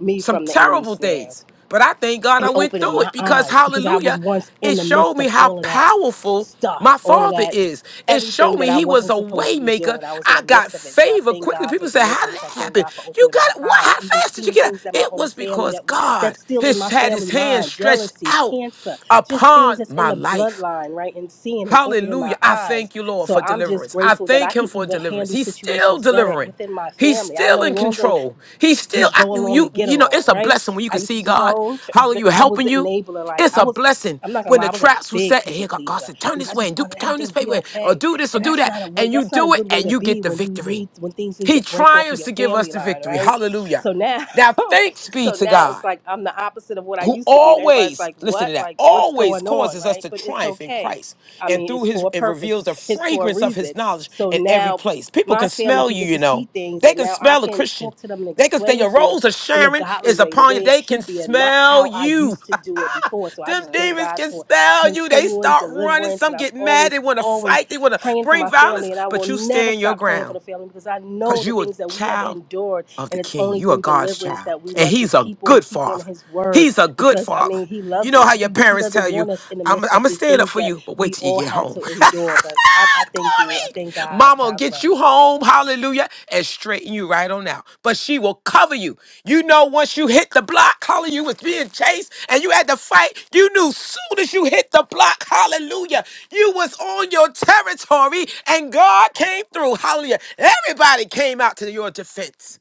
F: me
C: some
F: from the enemy's
C: terrible
F: snares
C: things. But I thank God I
F: and
C: went
F: opening
C: through it
F: my
C: because,
F: eyes because I was
C: hallelujah,
F: once
C: it
F: in the
C: showed
F: midst
C: me
F: of
C: how
F: all of that
C: powerful my
F: stuff, all of
C: father
F: that,
C: is. It showed
F: everything that
C: me
F: I
C: he was
F: wasn't
C: a
F: supposed to be
C: waymaker.
F: doing. I was in the
C: I got
F: midst of it. So I
C: favor
F: thank
C: quickly.
F: God for
C: People say, How did
F: deliverance. I
C: that
F: thank
C: happen?
F: God for
C: You
F: opening my
C: got what?
F: eyes,
C: How
F: even
C: fast did you
F: seeing
C: get out?
F: things that my
C: It
F: own
C: was
F: family
C: because
F: that
C: God
F: that's still in
C: has
F: my
C: had his
F: family
C: hand
F: line,
C: stretched
F: jealousy,
C: out
F: cancer, just things
C: upon
F: that's in
C: my
F: the
C: life.
F: bloodline, right? And seeing and opening
C: Hallelujah.
F: my
C: I thank
F: eyes.
C: you, Lord,
F: So
C: for
F: I'm just
C: deliverance. I
F: grateful that I
C: thank him
F: can
C: for
F: even
C: deliverance.
F: handle
C: He's still
F: situations better
C: delivering.
F: within my
C: He's
F: family. I
C: still
F: no
C: in
F: longer
C: control. He's still
F: just
C: I,
F: go along to
C: you
F: get
C: you know, it's
F: along,
C: a
F: right?
C: blessing when you
F: I
C: can
F: used
C: see
F: to just
C: God.
F: oh, tr- th-
C: Hallelujah
F: I was
C: helping
F: the
C: you.
F: enabler. Like
C: It's
F: I
C: a
F: was,
C: blessing
F: I'm not gonna
C: when
F: lie,
C: the
F: I was a
C: traps were
F: big
C: set and
F: people
C: here God, God
F: pleaser
C: said, turn
F: because
C: this
F: I
C: way
F: just
C: and do
F: wanted
C: turn
F: everything
C: this
F: to be
C: paper or
F: okay,
C: do this or
F: and
C: do
F: that's
C: that.
F: not a way.
C: And you
F: That's not a
C: do it
F: good way
C: and
F: to
C: you get
F: be
C: the
F: when you
C: victory.
F: need when things need to
C: He
F: break off of
C: triumphs
F: your
C: to give us
F: family
C: the
F: line,
C: victory.
F: right?
C: Hallelujah.
F: So now,
C: Now thanks be
F: so
C: to
F: now
C: God
F: it's like I'm the opposite of what I
C: who
F: used to be, and everybody's
C: always
F: like,
C: listen to
F: what?
C: that
F: Like what's
C: always
F: going on,
C: causes us
F: right?
C: to
F: But it's
C: triumph in
F: okay.
C: christ
F: I
C: and
F: mean,
C: through
F: it's
C: his
F: for a
C: it reveals
F: purpose.
C: the
F: It's for a
C: fragrance of his
F: reason.
C: knowledge
F: So
C: in every
F: now
C: place people
F: my
C: can
F: family
C: smell
F: can
C: you
F: get
C: you
F: to see
C: know
F: things
C: they
F: and
C: can
F: now I
C: smell a
F: can
C: christian
F: talk to them and
C: they can say
F: explain
C: your
F: things
C: rose of
F: in a
C: sharon
F: godly
C: is
F: way, the
C: upon you
F: way it
C: they can
F: should be, and not
C: smell
F: how I
C: you
F: used to do it before. So I
C: them
F: just thank
C: demons
F: God
C: can
F: for
C: smell you they
F: continuing
C: start running
F: deliverance. And
C: some
F: I'm
C: get mad they
F: always,
C: want to
F: always
C: fight they want to
F: praying for
C: bring
F: my
C: violence
F: family. And I will
C: but you
F: never
C: stand your
F: stop praying for
C: ground
F: the family because I
C: because
F: know the
C: you a
F: things that we have
C: child
F: endured.
C: of the
F: And it's
C: king.
F: only
C: You are
F: through
C: God's
F: deliverance
C: child.
F: that we
C: And
F: must
C: he's
F: just
C: a
F: keep on,
C: good
F: keep on
C: father.
F: His word
C: He's a good
F: because, I
C: father.
F: mean, He
C: You
F: loves
C: know
F: us
C: how
F: and
C: your
F: He, he
C: parents
F: doesn't
C: tell you,
F: want us in the
C: I'm, I'm
F: midst of
C: going to
F: the
C: stand up
F: things
C: for
F: that
C: you, but wait
F: we
C: till you
F: all
C: get
F: had
C: home.
F: to endure. But I, I thank you. I thank
C: Mommy,
F: God.
C: Mama will
F: God
C: get you
F: bless.
C: home, hallelujah, and straighten you right on out. But she will cover you. You know, once you hit the block, hallelujah, you was being chased and you had to fight, you knew soon as you hit the block, hallelujah, you was on your territory and God came through, hallelujah. Everybody came out to your defense.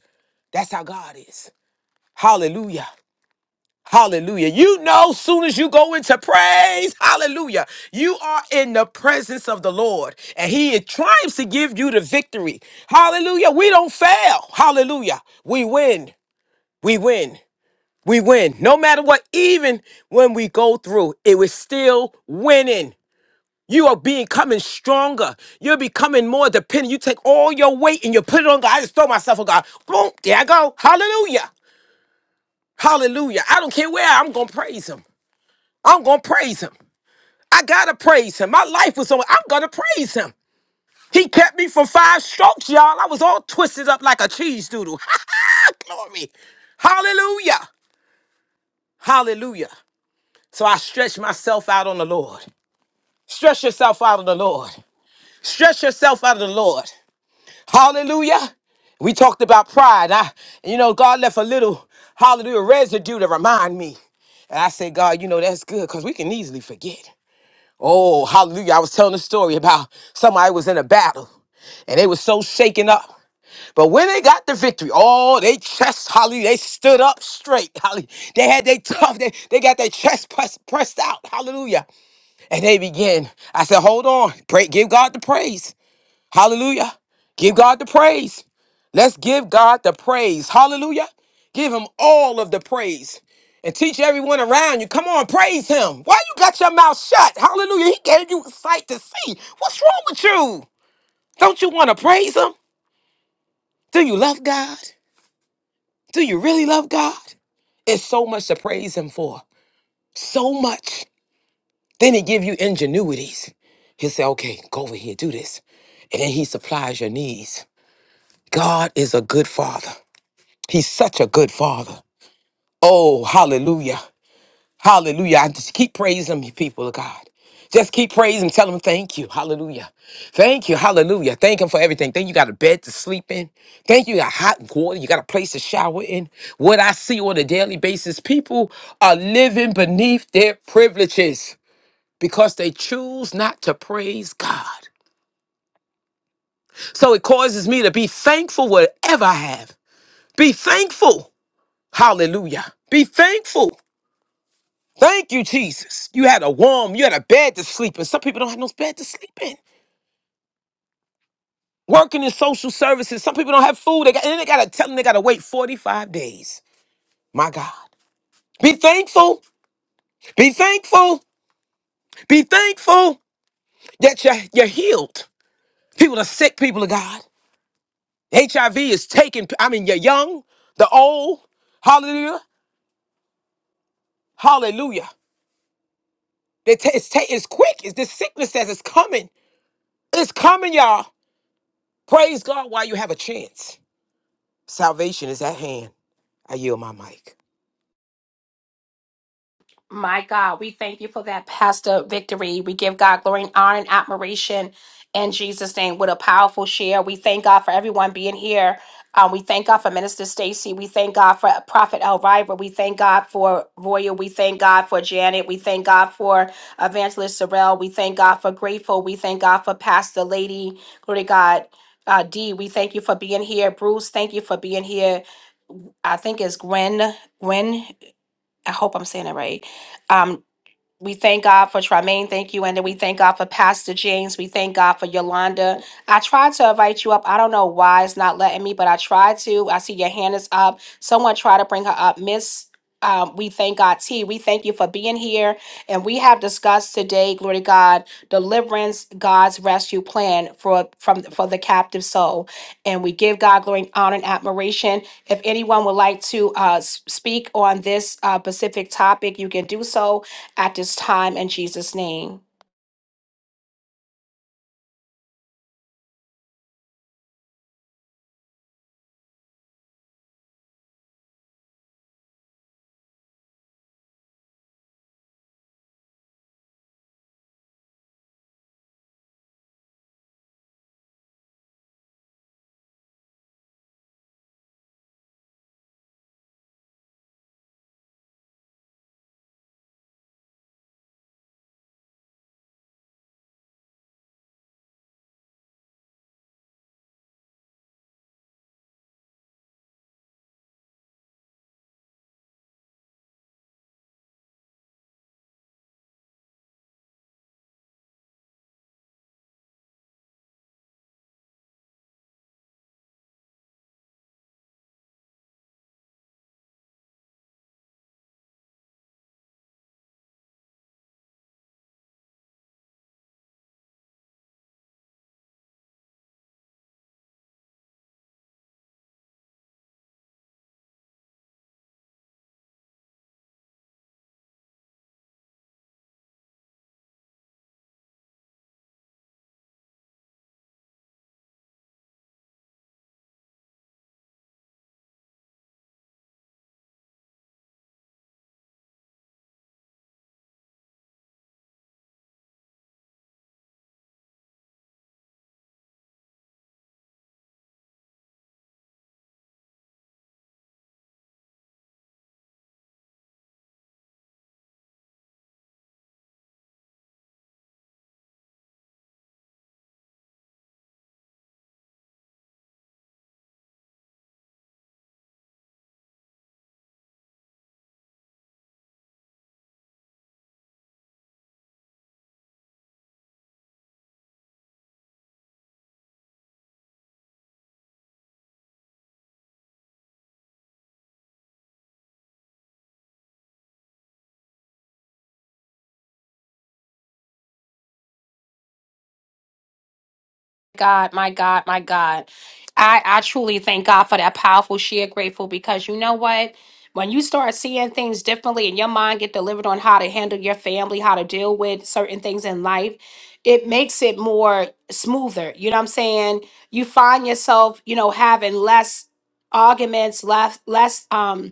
C: That's how God is. Hallelujah. Hallelujah. You know, soon as you go into praise, hallelujah, you are in the presence of the Lord and He is trying to give you the victory. Hallelujah. We don't fail. Hallelujah. We win. We win. We win. No matter what, even when we go through, it was still winning. You are becoming stronger. You're becoming more dependent. You take all your weight and you put it on God. I just throw myself on God. Boom, there I go. Hallelujah. Hallelujah. I don't care where I- am going to praise him. I'm going to praise him. I got to praise him. My life was on. I'm going to praise him. He kept me from five strokes, y'all. I was all twisted up like a cheese doodle. Glory. Hallelujah. Hallelujah. So I stretch myself out on the Lord. Stretch yourself out of the Lord. Stretch yourself out of the Lord. Hallelujah. We talked about pride. I, you know, God left a little hallelujah residue to remind me. And I said, God, you know, that's good because we can easily forget. Oh, hallelujah. I was telling a story about somebody was in a battle and they were so shaken up. But when they got the victory, oh, they chest, hallelujah, they stood up straight. Hallelujah. They had their tough, they, they got their chest pressed, pressed out. Hallelujah. And they began. I said, hold on. Pray, give God the praise. Hallelujah. Give God the praise. Let's give God the praise. Hallelujah. Give him all of the praise. And teach everyone around you. Come on, praise him. Why you got your mouth shut? Hallelujah. He gave you sight to see. What's wrong with you? Don't you want to praise him? Do you love God? Do you really love God? It's so much to praise him for. So much. Then he give you ingenuities. He'll say, okay, go over here, do this. And then he supplies your needs. God is a good father. He's such a good father. Oh, hallelujah. Hallelujah. I just keep praising him, people of God. Just keep praising him. Tell him thank you. Hallelujah. Thank you. Hallelujah. Thank him for everything. Thank you got a bed to sleep in. Thank you got hot water. You got a place to shower in. What I see on a daily basis, people are living beneath their privileges because they choose not to praise God. So it causes me to be thankful whatever I have. Be thankful. Hallelujah. Be thankful. Thank you, Jesus. You had a warm, you had a bed to sleep in. Some people don't have no bed to sleep in. Working in social services, some people don't have food. They got, and then they got to tell them they got to wait 45 days. My God. Be thankful. Be thankful. Be thankful that you're, you're healed. People are sick, people of God. HIV is taking, I mean, you're young, the old. Hallelujah. Hallelujah. They ta- It's, ta- it's quick. It's this sickness that is coming. It's coming, y'all. Praise God while you have a chance. Salvation is at hand. I yield my mic.
A: My God, we thank you for that, Pastor Victory. We give God glory and honor and admiration in Jesus' name. What a powerful share. We thank God for everyone being here. Um, we thank God for Minister Stacy. We thank God for Prophet Elvira. We thank God for Royal. We thank God for Janet. We thank God for Evangelist Sorrell. We thank God for Grateful. We thank God for Pastor Lady. Glory to God. Uh, D, we thank you for being here. Bruce, thank you for being here. I think it's Gwen. Gwen, I hope I'm saying it right Um, we thank God for Tremaine. Thank you. And then we thank God for Pastor James. We thank God for Yolanda. I tried to invite you up. I don't know why it's not letting me, but I tried to. I see your hand is up. Someone try to bring her up. Miss, um, we thank God, T. We thank you for being here. And we have discussed today, glory to God, deliverance, God's rescue plan for from for the captive soul. And we give God glory, and honor, and admiration. If anyone would like to uh, s- speak on this uh, specific topic, you can do so at this time in Jesus' name. God, my God, my God. I, I truly thank God for that powerful share, grateful, because you know what? When you start seeing things differently and your mind get delivered on how to handle your family, how to deal with certain things in life, it makes it more smoother. You know what I'm saying? You find yourself, you know, having less arguments, less less um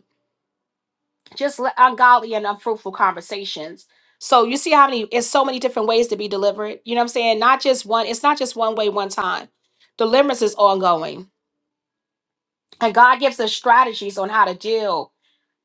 A: just le- ungodly and unfruitful conversations. So you see how many it's so many different ways to be delivered. You know what I'm saying? Not just one, it's not just one way, one time. Deliverance is ongoing. And God gives us strategies on how to deal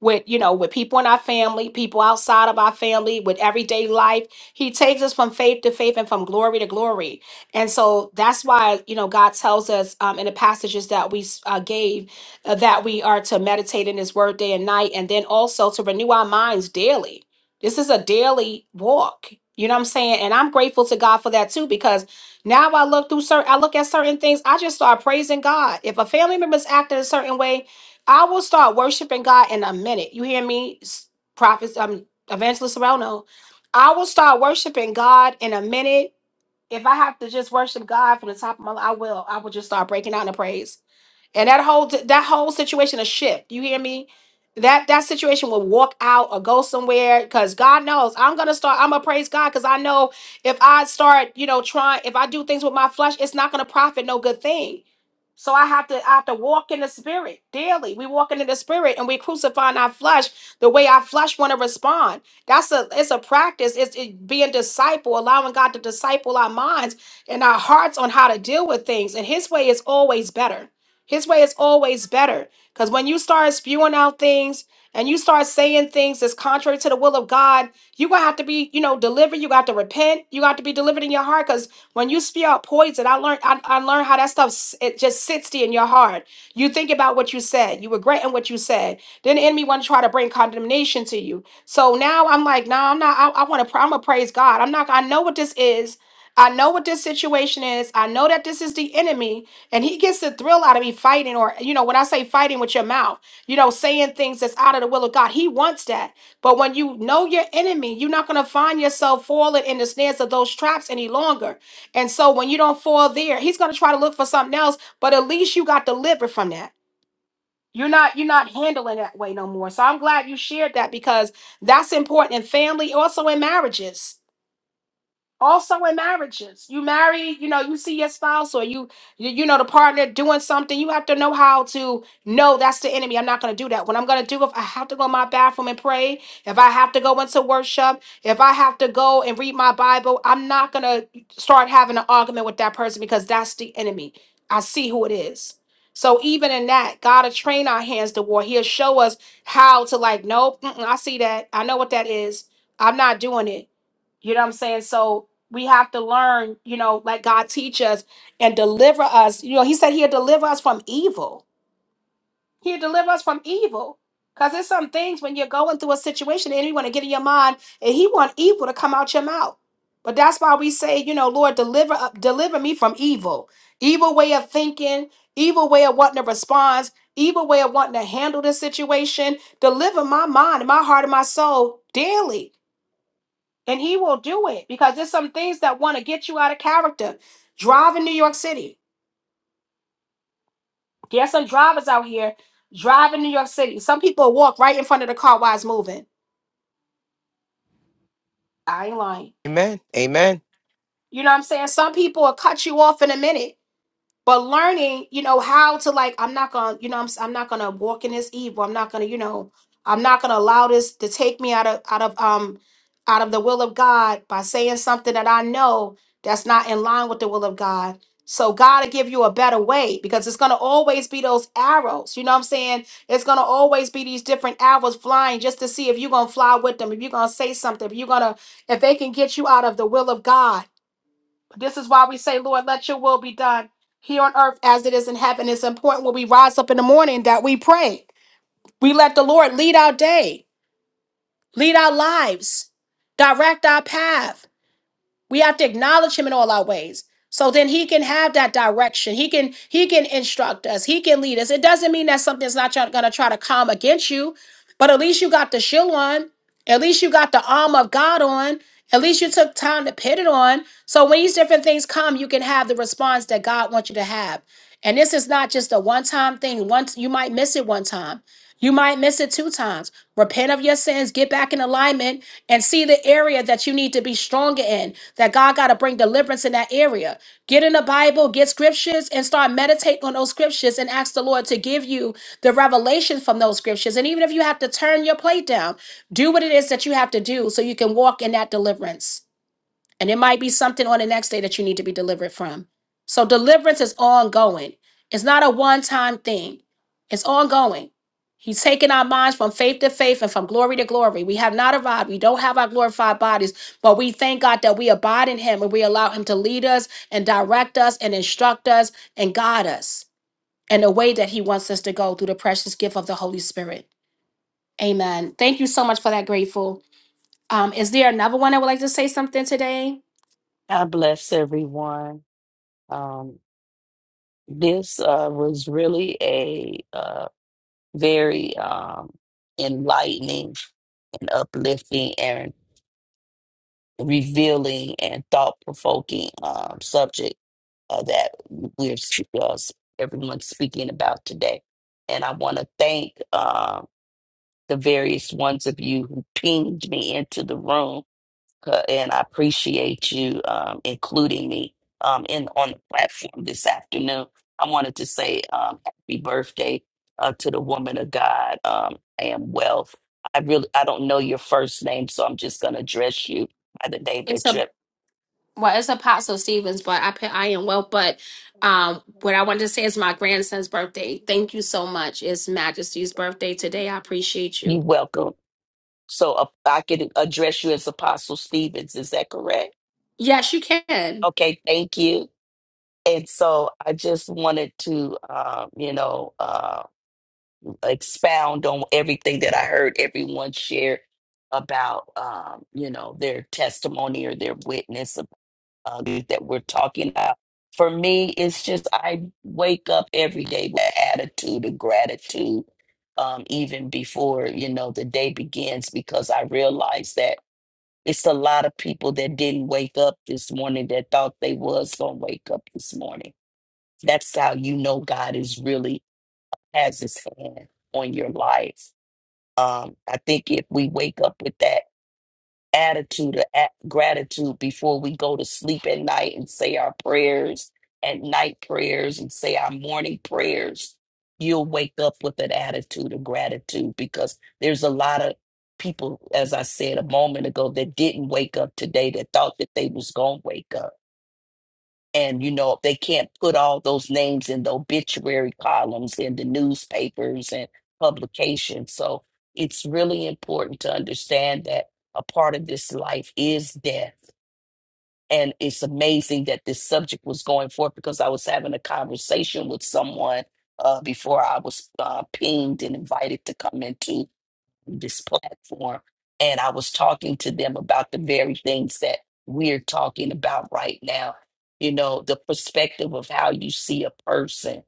A: with you know with people in our family people outside of our family with everyday life he takes us from faith to faith and from glory to glory and so that's why you know god tells us um, in the passages that we s- uh, gave uh, that we are to meditate in his word day and night and then also to renew our minds daily this is a daily walk you know what i'm saying and i'm grateful to god for that too because now i look through certain i look at certain things i just start praising god if a family member's acting a certain way I will start worshiping God in a minute. You hear me, s- prophets, um, evangelist Serrano? I will start worshiping God in a minute. If I have to just worship God from the top of my, I will. I will just start breaking out in praise, and that whole that whole situation will shift. You hear me? That that situation will walk out or go somewhere because God knows I'm gonna start. I'm gonna praise God because I know if I start, you know, trying, if I do things with my flesh, it's not gonna profit no good thing. So I have to I have to walk in the spirit daily. We walk into the spirit and we crucifying our flesh the way our flesh want to respond. That's a it's a practice. It's it being disciple, allowing God to disciple our minds and our hearts on how to deal with things. And His way is always better. His way is always better because when you start spewing out things and you start saying things that's contrary to the will of God, you are gonna have to be you know delivered. You got to repent. You got to be delivered in your heart cause. When you spew out poison, I learned I, I learned how that stuff s- it just sits there in your heart. You think about what you said, you regret in what you said. Then the enemy want to try to bring condemnation to you. So now I'm like, no, nah, I'm not. I, I want to. I'm gonna praise God. I'm not. I know what this is. I know what this situation is. I know that this is the enemy, and he gets the thrill out of me fighting, or you know, when I say fighting with your mouth, you know, saying things that's out of the will of God. He wants that. But when you know your enemy, you're not going to find yourself falling in the snares of those traps any longer. And so when you don't fall there, he's going to try to look for something else, but at least you got delivered from that. You're not you're not handling that way no more. So I'm glad you shared that because that's important in family, also in marriages also in marriages you marry you know you see your spouse or you you, you know the partner doing something you have to know how to know that's the enemy i'm not going to do that what i'm going to do if i have to go in my bathroom and pray if i have to go into worship if i have to go and read my bible i'm not going to start having an argument with that person because that's the enemy i see who it is so even in that god will train our hands to war he'll show us how to like nope mm-mm, i see that i know what that is i'm not doing it you know what I'm saying? So we have to learn, you know, let God teach us and deliver us. You know, He said He'll deliver us from evil. He'll deliver us from evil. Because there's some things when you're going through a situation, and you want to get in your mind, and He want evil to come out your mouth. But that's why we say, you know, Lord, deliver up, deliver me from evil, evil way of thinking, evil way of wanting to respond, evil way of wanting to handle this situation. Deliver my mind, and my heart, and my soul daily and he will do it because there's some things that want to get you out of character. Drive in New York City. There's some drivers out here driving New York City. Some people walk right in front of the car while it's moving. I ain't lying.
C: Amen. Amen.
A: You know what I'm saying? Some people will cut you off in a minute but learning you know how to like i'm not gonna you know I'm, s- I'm not gonna walk in this evil i'm not gonna you know i'm not gonna allow this to take me out of out of um out of the will of god by saying something that i know that's not in line with the will of god so god will give you a better way because it's gonna always be those arrows you know what i'm saying it's gonna always be these different arrows flying just to see if you're gonna fly with them if you're gonna say something if you're gonna if they can get you out of the will of god this is why we say, Lord, let your will be done here on earth as it is in heaven. It's important when we rise up in the morning that we pray. We let the Lord lead our day, lead our lives, direct our path. We have to acknowledge him in all our ways. So then he can have that direction. He can he can instruct us. He can lead us. It doesn't mean that something's not gonna try to come against you, but at least you got the shield on. At least you got the arm of God on. At least you took time to put it on. So when these different things come, you can have the response that God wants you to have. And this is not just a one-time thing. Once you might miss it one time. You might miss it two times. Repent of your sins, get back in alignment, and see the area that you need to be stronger in, that God got to bring deliverance in that area. Get in the Bible, get scriptures, and start meditating on those scriptures and ask the Lord to give you the revelation from those scriptures. And even if you have to turn your plate down, do what it is that you have to do so you can walk in that deliverance. And it might be something on the next day that you need to be delivered from. So deliverance is ongoing. It's not a one-time thing. It's ongoing. He's taking our minds from faith to faith and from glory to glory. We have not arrived. We don't have our glorified bodies, but we thank God that we abide in him and we allow him to lead us and direct us and instruct us and guide us in the way that he wants us to go through the precious gift of the Holy Spirit. Amen. Thank you so much for that, grateful. Um, is there another one that would like to say something today?
G: God bless everyone. Um, this uh, was really a uh, very um, enlightening and uplifting and revealing and thought-provoking um, subject uh, that we're uh, everyone's speaking about today. And I want to thank uh, the various ones of you who pinged me into the room Erica, and I appreciate you um, including me um, in on the platform this afternoon. I wanted to say um, happy birthday uh, to the woman of God. Um, I am wealth. I really I don't know your first name, so I'm just going to address you by the name that you.
A: well, it's Apostle Stevens, but I put I am well. But um, what I wanted to say is my grandson's birthday. Thank you so much. It's Majesty's birthday today. I appreciate
G: You
A: you.
G: are welcome. So uh, I can address you as Apostle Stevens. Is that correct?
A: Yes, you can.
G: Okay, thank you. And so I just wanted to, um, you know, uh, expound on everything that I heard everyone share about, um, you know, their testimony or their witness uh, that we're talking about. For me, it's just I wake up every day with an attitude of gratitude, um, even before, you know, the day begins, because I realize that it's a lot of people that didn't wake up this morning that thought they was going to wake up this morning that's how you know God is really has his hand on your life. Um, I think if we wake up with that attitude of at- gratitude before we go to sleep at night and say our prayers at night prayers and say our morning prayers, you'll wake up with an attitude of gratitude because there's a lot of people, as I said a moment ago, that didn't wake up today that thought that they was gonna wake up and, you know, they can't put all those names in the obituary columns in the newspapers and publications. So it's really important to understand that a part of this life is death. And it's amazing that this subject was going forth because I was having a conversation with someone uh, before I was uh, pinged and invited to come into this platform and I was talking to them about the very things that we're talking about right now. You know, the perspective of how you see a person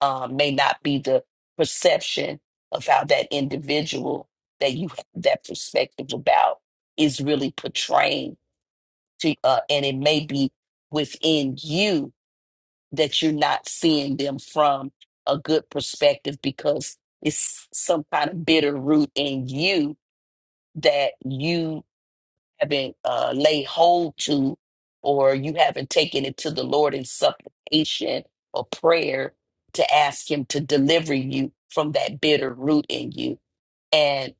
G: um, may not be the perception of how that individual that you have that perspective about is really portraying to, uh, and it may be within you that you're not seeing them from a good perspective because it's some kind of bitter root in you that you haven't uh, laid hold to or you haven't taken it to the Lord in supplication or prayer to ask Him to deliver you from that bitter root in you. And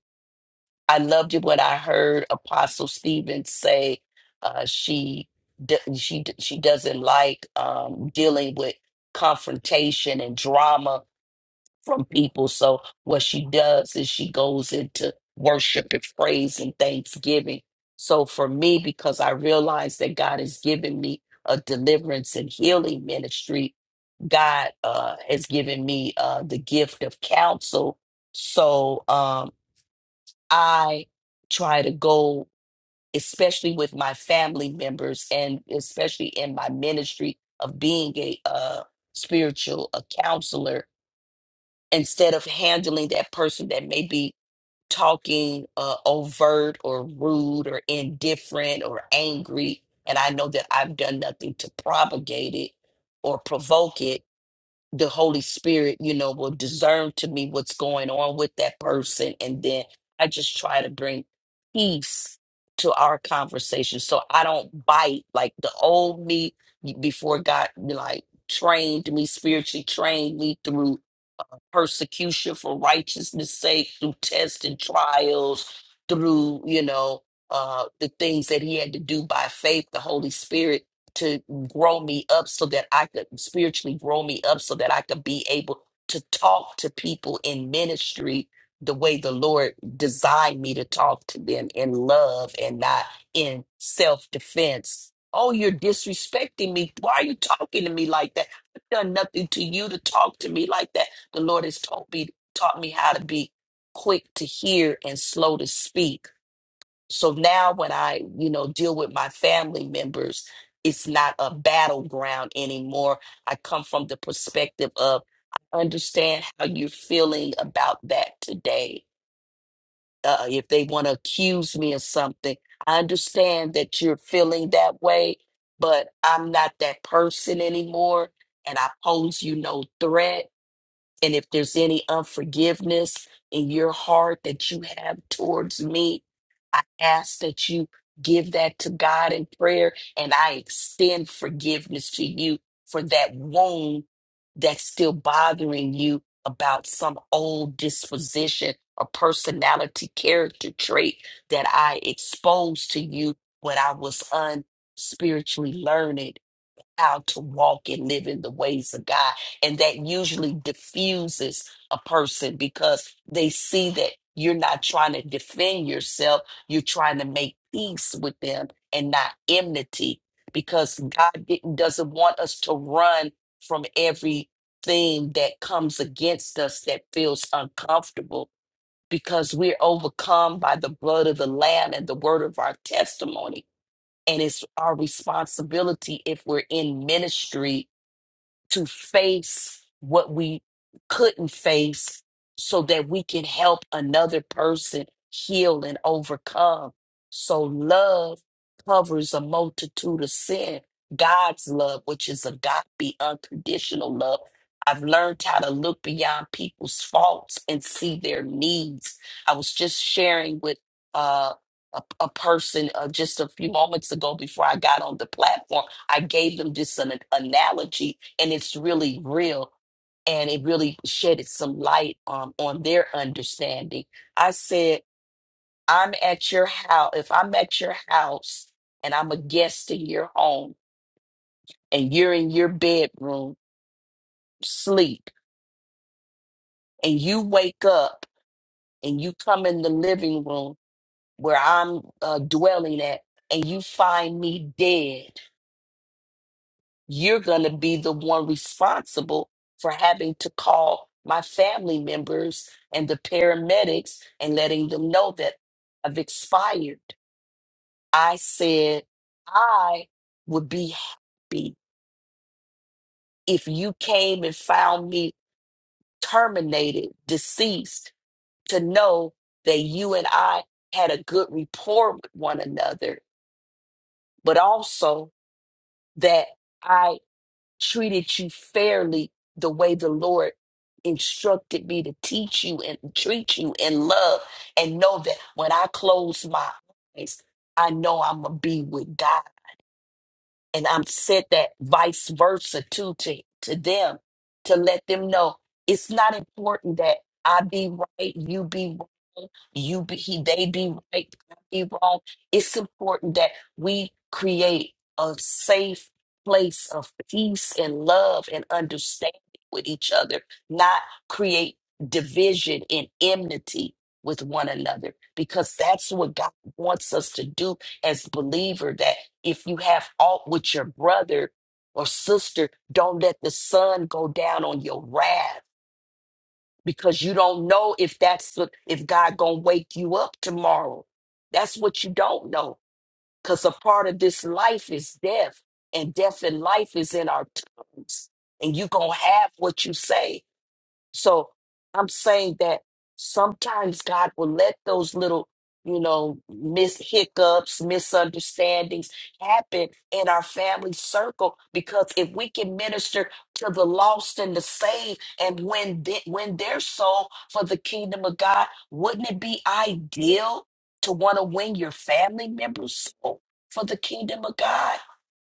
G: I loved it what I heard Apostle Stephen say. Uh, she d- she d- she doesn't like um, dealing with confrontation and drama from people. So what she does is she goes into worship and praise and thanksgiving. So for me, because I realize that God has given me a deliverance and healing ministry, God uh, has given me uh, the gift of counsel. So um, I try to go, especially with my family members and especially in my ministry of being a uh, spiritual a counselor instead of handling that person that may be talking uh, overt or rude or indifferent or angry, and I know that I've done nothing to propagate it or provoke it, the Holy Spirit, you know, will discern to me what's going on with that person. And then I just try to bring peace to our conversation so I don't bite like the old me before God, like, trained me spiritually trained me through persecution for righteousness sake through tests and trials through you know uh the things that he had to do by faith the holy spirit to grow me up so that i could spiritually grow me up so that i could be able to talk to people in ministry the way the lord designed me to talk to them in love and not in self-defense oh you're disrespecting me why are you talking to me like that I've done nothing to you to talk to me like that. The Lord has taught me taught me how to be quick to hear and slow to speak. So now when I, you know, deal with my family members, it's not a battleground anymore. I come from the perspective of I understand how you're feeling about that today. Uh, if they want to accuse me of something, I understand that you're feeling that way, but I'm not that person anymore, and I pose you no threat and if there's any unforgiveness in your heart that you have towards me, I ask that you give that to God in prayer. And I extend forgiveness to you for that wound that's still bothering you about some old disposition or personality character trait that I exposed to you when I was unspiritually learned how to walk and live in the ways of God. And that usually diffuses a person because they see that you're not trying to defend yourself, you're trying to make peace with them and not enmity because God didn't, doesn't want us to run from everything that comes against us that feels uncomfortable because we're overcome by the blood of the Lamb and the word of our testimony. And it's our responsibility if we're in ministry to face what we couldn't face so that we can help another person heal and overcome. So, love covers a multitude of sin. God's love, which is agape, unconditional love. I've learned how to look beyond people's faults and see their needs. I was just sharing with uh, a, a person uh, just a few moments ago before I got on the platform I gave them just an analogy, and it's really real. And it really shedded some light um, on their understanding. I said, I'm at your house. If I'm at your house and I'm a guest in your home and you're in your bedroom, sleep, and you wake up and you come in the living room where I'm uh, dwelling at and you find me dead, You're going to be the one responsible for having to call my family members and the paramedics and letting them know that I've expired. I said I would be happy if you came and found me terminated, deceased, to know that you and I had a good rapport with one another, but also that. I. treated you fairly the way the Lord instructed me to teach you and treat you in love and know that when I close my eyes, I know I'm gonna be with God and I'm said that vice versa too to to them to let them know it's not important that I be right, you be wrong, you be he, they be right, I be wrong. It's important that we create a safe place of peace and love and understanding with each other, not create division and enmity with one another because that's what God wants us to do as believer that. If you have aught with your brother or sister, don't let the sun go down on your wrath because you don't know if that's what, if God gonna wake you up tomorrow. That's what you don't know because a part of this life is death, and death and life is in our tongues, and you gonna have what you say so I'm saying that sometimes God will let those little, you know, mis hiccups, misunderstandings happen in our family circle because if we can minister to the lost and the saved and win the, win their soul for the kingdom of God, wouldn't it be ideal to want to win your family members' soul for the kingdom of God?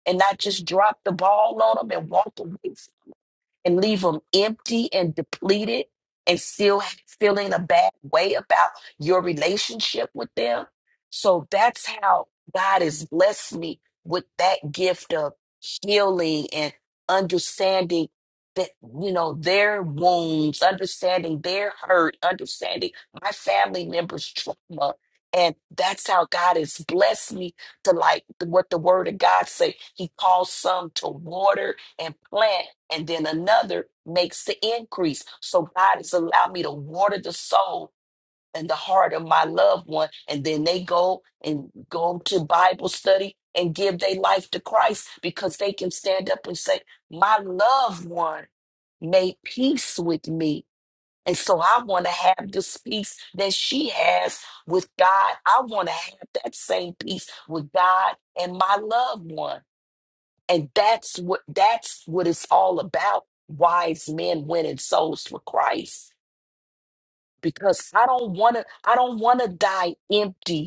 G: And not just drop the ball on them and walk away and leave them empty and depleted and still feeling a bad way about your relationship with them. So that's how God has blessed me with that gift of healing and understanding that, you know, their wounds, understanding their hurt, understanding my family members' trauma. And that's how God has blessed me to like what the word of God say. He calls some to water and plant, and then another makes the increase. So God has allowed me to water the soul and the heart of my loved one, and then they go and go to Bible study and give their life to Christ because they can stand up and say, My loved one made peace with me. And so I want to have this peace that she has with God. I want to have that same peace with God and my loved one and that's what that's what it's all about wise men winning souls for christ because i don't want to i don't want to die empty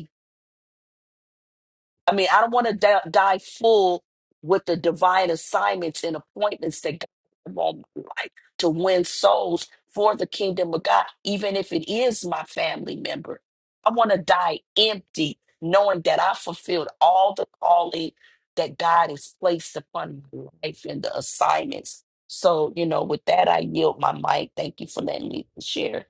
G: I mean, I don't want to di- die full with the divine assignments and appointments that God have on my life to win souls for the kingdom of God, even if it is my family member. I want to die empty, knowing that I fulfilled all the calling that God has placed upon my life and the assignments. So, you know, with that, I yield my mic. Thank you for letting me share.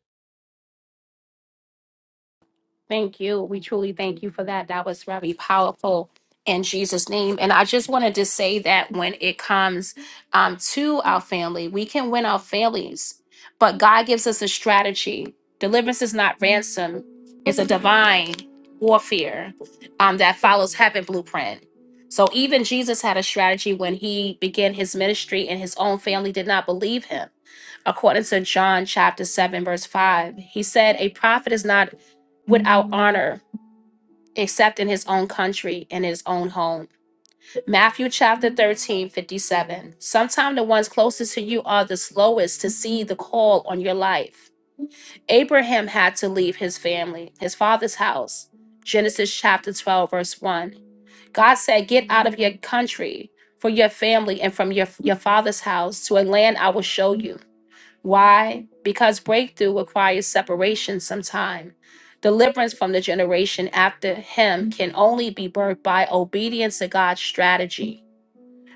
A: Thank you. We truly thank you for that. That was very powerful in Jesus' name. And I just wanted to say that when it comes um, to our family, we can win our families, but God gives us a strategy. Deliverance is not ransom, it's a divine warfare um, that follows heaven blueprint. So even Jesus had a strategy when he began his ministry, and his own family did not believe him. According to John chapter 7, verse 5, he said, A prophet is not without honor except in his own country and his own home. Matthew chapter 13 57. Sometimes the ones closest to you are the slowest to see the call on your life. Abraham had to leave his family, his father's house. Genesis chapter 12, verse 1. God said, Get out of your country, for your family, and from your, your father's house to a land I will show you. Why? Because breakthrough requires separation sometime. Deliverance from the generation after him can only be birthed by obedience to God's strategy.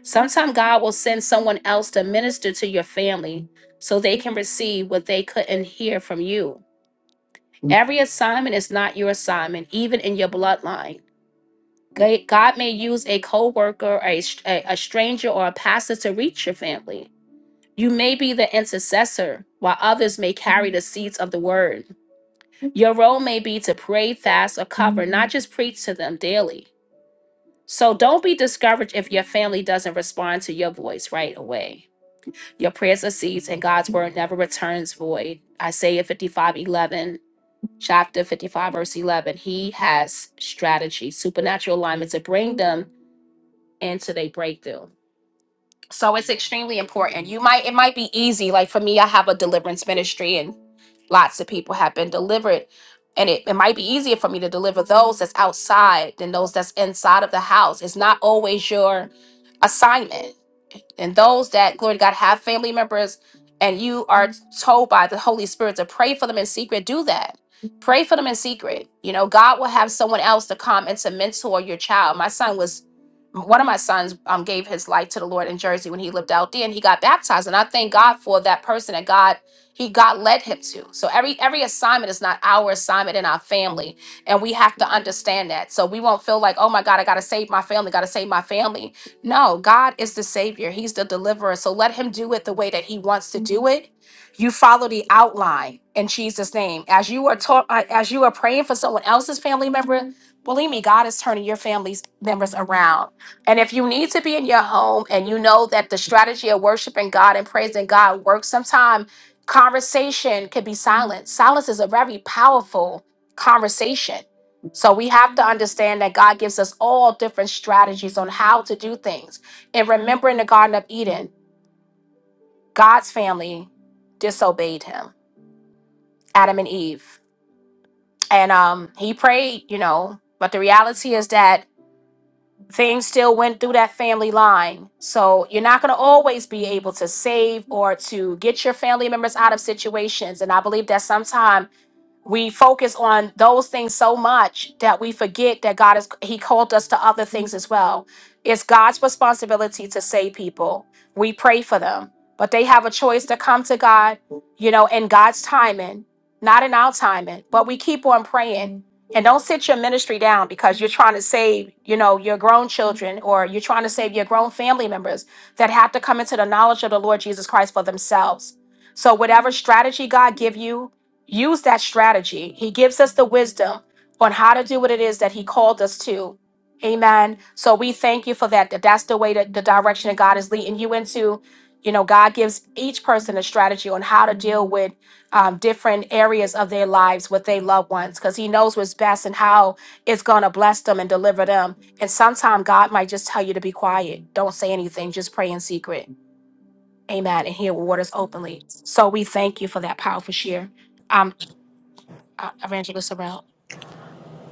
A: Sometimes God will send someone else to minister to your family so they can receive what they couldn't hear from you. Every assignment is not your assignment, even in your bloodline. Ga- God may use a co worker, a, str- a a stranger, or a pastor to reach your family. You may be the intercessor, while others may carry the seeds of the word. Your role may be to pray, fast, or cover, not just preach to them daily. So don't be discouraged if your family doesn't respond to your voice right away. Your prayers are seeds, and God's word never returns void. Isaiah 55:11, chapter 55, verse 11. He has strategy, supernatural alignment to bring them into their breakthrough. So it's extremely important. You might, it might be easy. Like for me, I have a deliverance ministry, and Lots of people have been delivered. And it, it might be easier for me to deliver those that's outside than those that's inside of the house. It's not always your assignment and those that glory to god have family members and you are told by the holy spirit to pray for them in secret do that pray for them in secret you know god will have someone else to come and to mentor your child my son was one of my sons um, gave his life to the lord in jersey when he lived out there and he got baptized and i thank god for that person that god he god led him to so every every assignment is not our assignment in our family and we have to understand that so we won't feel like oh my god i gotta save my family gotta save my family no, God is the Savior. He's the deliverer. So let Him do it the way that He wants to do it. You follow the outline in Jesus' name. As you are taught, uh, as you are praying for someone else's family member, believe me, God is turning your family's members around. And if you need to be in your home and you know that the strategy of worshiping God and praising God works, sometime conversation can be silence. Silence is a very powerful conversation so we have to understand that God gives us all different strategies on how to do things. And remember in the Garden of Eden, God's family disobeyed him, Adam and Eve. And um, he prayed, you know, but the reality is that things still went through that family line. So you're not going to always be able to save or to get your family members out of situations. And I believe that sometimes we focus on those things so much that we forget that God is he called us to other things as well. It's God's responsibility to save people. We pray for them, but they have a choice to come to God, you know, in God's timing, not in our timing. But we keep on praying. And don't sit your ministry down because you're trying to save, you know, your grown children or you're trying to save your grown family members that have to come into the knowledge of the Lord Jesus Christ for themselves. So whatever strategy God give you, use that strategy. He gives us the wisdom on how to do what it is that He called us to. Amen. So we thank you for that. That that's the way that the direction that God is leading you into. You know, God gives each person a strategy on how to deal with um, different areas of their lives with their loved ones because He knows what's best and how it's going to bless them and deliver them. And sometimes God might just tell you to be quiet, don't say anything, just pray in secret. Amen. And hear waters openly. So we thank you for that powerful share. Um, uh, Evangelist about?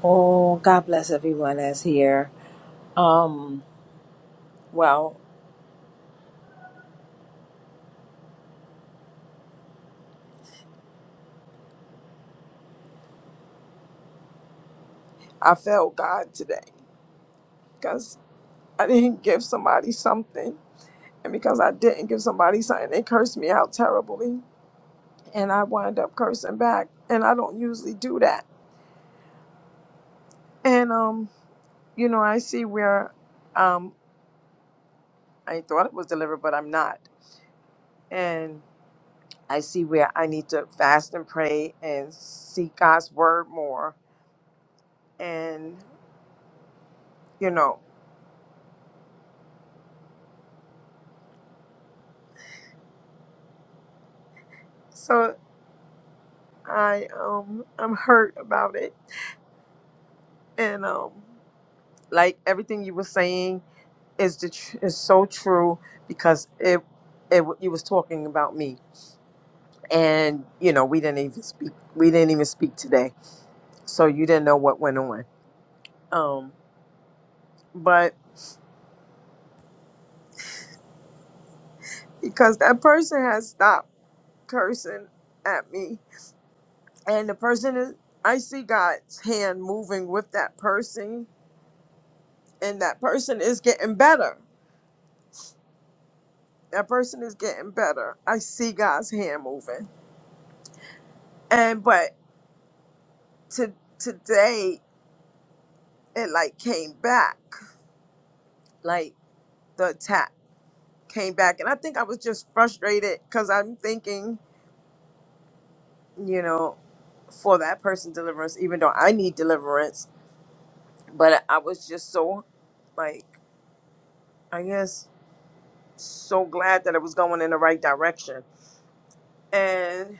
H: Oh, God bless everyone that's here. Um, well, I felt God today because I didn't give somebody something. And because I didn't give somebody something, they cursed me out terribly. And I wind up cursing back. And I don't usually do that. And, um, you know, I see where um, I thought it was delivered, but I'm not. And I see where I need to fast and pray and seek God's word more. And, you know, so. I um I'm hurt about it, and um like everything you were saying is the tr- is so true because it it w- you was talking about me, and you know we didn't even speak we didn't even speak today, so you didn't know what went on. Um, but because that person has stopped cursing at me, and the person is I see God's hand moving with that person, and that person is getting better that person is getting better. I see God's hand moving. And but to today it like came back. Like the attack came back. And I think I was just frustrated because I'm thinking, you know, for that person deliverance, even though I need deliverance. But I was just so like, I guess so glad that it was going in the right direction. And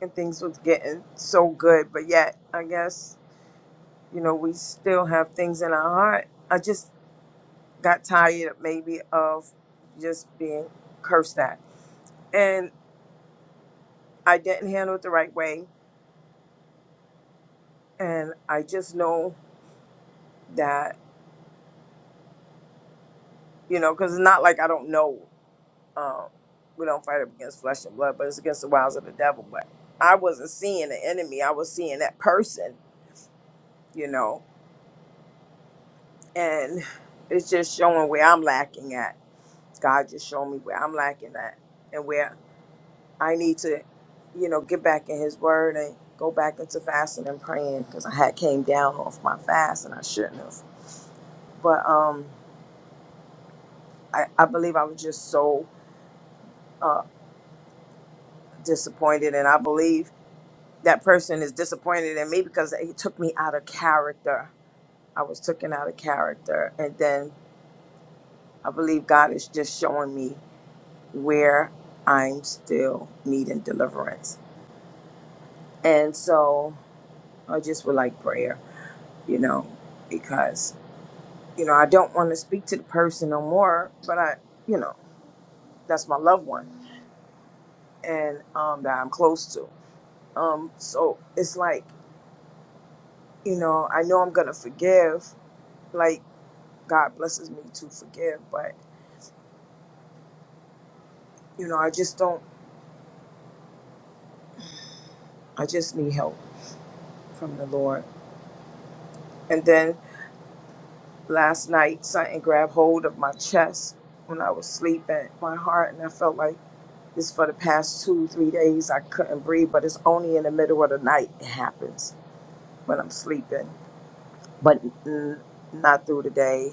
H: and things was getting so good. But yet, I guess you know, we still have things in our heart. I just got tired maybe of just being cursed at. And I didn't handle it the right way. And I just know that, you know, because it's not like I don't know um, we don't fight up against flesh and blood, but it's against the wiles of the devil. But I wasn't seeing the enemy, I was seeing that person, you know, and it's just showing where I'm lacking at. God just showed me where I'm lacking at and where I need to, you know, get back in His Word and go back into fasting and praying because I had came down off my fast and I shouldn't have. But um, I, I believe I was just so uh, disappointed, and I believe that person is disappointed in me because he took me out of character. I was taken out of character, and then I believe God is just showing me where I'm still needing deliverance, and so I just would like prayer, you know, because. you know, I don't want to speak to the person no more, but I, you know, that's my loved one and um, that I'm close to. Um, so it's like, you know, I know I'm going to forgive, like God blesses me to forgive, but, you know, I just don't, I just need help from the Lord. And then last night, something grabbed hold of my chest when I was sleeping, my heart, and I felt like this for the past two, three days, I couldn't breathe, but it's only in the middle of the night it happens when I'm sleeping but n- not through the day.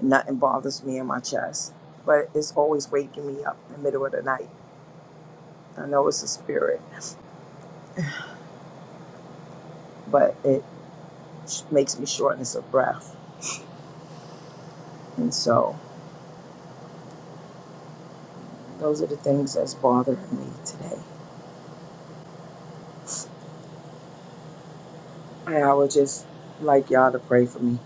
H: Nothing bothers me in my chest, but it's always waking me up in the middle of the night. I know it's a spirit, but it sh- makes me shortness of breath. And so those are the things that's bothering me today. And I would just like y'all to pray for me.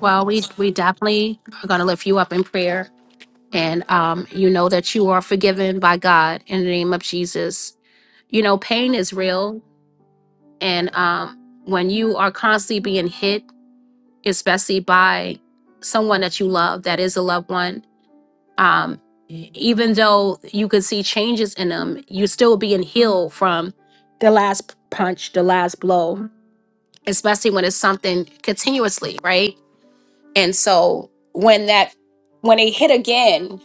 A: Well, we we definitely are going to lift you up in prayer, and um, you know that you are forgiven by God in the name of Jesus. You know, pain is real, and um, when you are constantly being hit, especially by someone that you love, that is a loved one. Um, even though you could see changes in them, you're still being healed from the last punch, the last blow, especially when it's something continuously, right? And so when that when they hit again,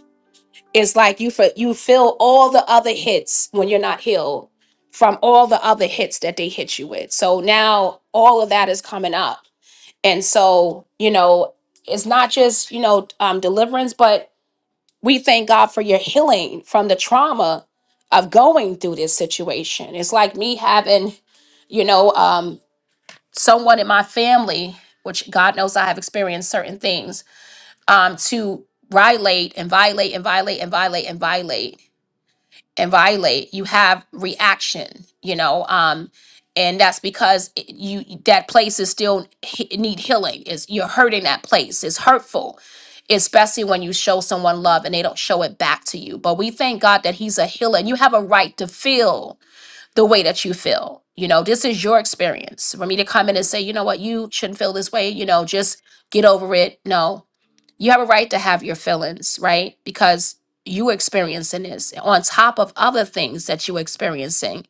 A: it's like you for, you feel all the other hits when you're not healed from all the other hits that they hit you with. So now all of that is coming up. And so, you know, it's not just, you know, um, deliverance, but we thank God for your healing from the trauma of going through this situation. It's like me having, you know, um, someone in my family, which God knows I have experienced certain things um, to violate and violate and violate and violate and violate and violate, you have reaction, you know, um, and that's because it- you that place is still he- need healing. Is you're hurting that place. It's hurtful, especially when you show someone love and they don't show it back to you. But we thank God that He's a healer, and you have a right to feel the way that you feel. You know, this is your experience. For me to come in and say, you know what, you shouldn't feel this way. You know, just get over it. No, you have a right to have your feelings, right? Because you experiencing this on top of other things that you experiencing.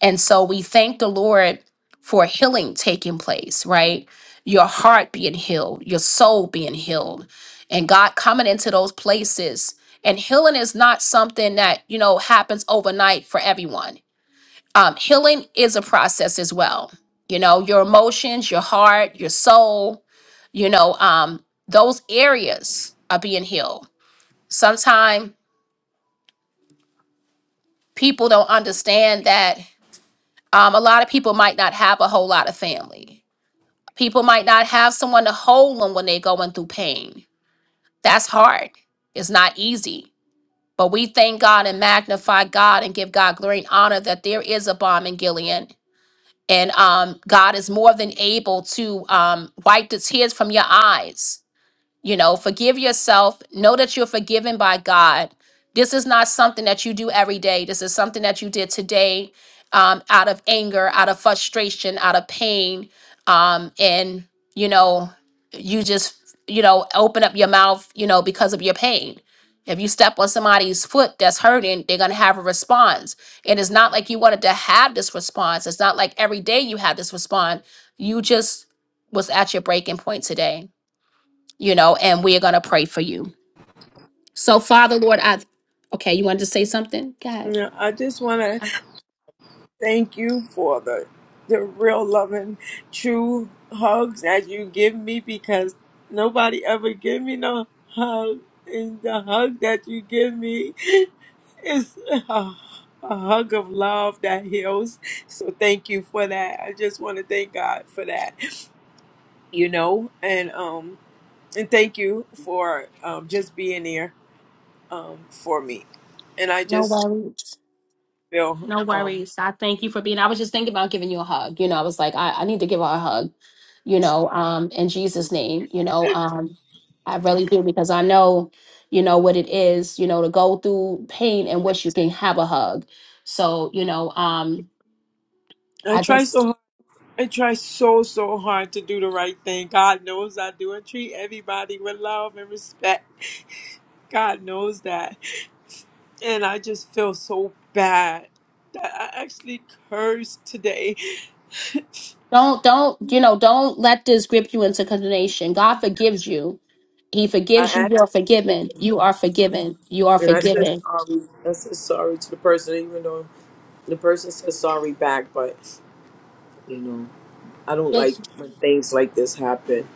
A: And so we thank the Lord for healing taking place, right? Your heart being healed, your soul being healed, and God coming into those places. And healing is not something that, you know, happens overnight for everyone um, healing is a process as well. You know, your emotions, your heart, your soul, you know, um, those areas are being healed. Sometimes people don't understand that um, a lot of people might not have a whole lot of family. People might not have someone to hold them when they're going through pain. That's hard. It's not easy. But we thank God and magnify God and give God glory and honor that there is a bomb in Gilead And um, God is more than able to um, wipe the tears from your eyes you know, forgive yourself. Know that you're forgiven by God. This is not something that you do every day. This is something that you did today um, out of anger, out of frustration, out of pain. Um, and, you know, you just, you know, open up your mouth, you know, because of your pain. If you step on somebody's foot that's hurting, they're going to have a response. And it's not like you wanted to have this response. It's not like every day you have this response. You just was at your breaking point today you know, and we are going to pray for you. So, Father, Lord, I, okay, you wanted to say something? God,
H: Yeah, I just want to Thank you for the the real loving, true hugs that you give me because nobody ever give me no hug, and the hug that you give me is a, a hug of love that heals. So thank you for that. I just want to thank God for that, you know, and um and thank you for um just being there um for me, and I
A: no
H: just
A: worries.
H: feel
A: No
H: um
A: worries. I thank you for being, I was just thinking about giving you a hug. You know, I was like, I, I need to give her a hug, you know, um, in Jesus' name, you know, um, I really do because I know, you know, what it is, you know, to go through pain and wish you can have a hug. So, you know, um, I just,
H: that God I just feel so bad I actually cursed today.
A: Don't don't you know? Don't let this grip you into condemnation. God forgives you. He
H: I
A: forgives you. You
H: asked
A: are
H: him to
A: forgiven.
H: forgive me,
A: You are forgiven. You are
H: and I said
A: forgiven.
H: sorry. I said sorry to the person, even though the person said sorry back. But you know, I don't like when things like this happen.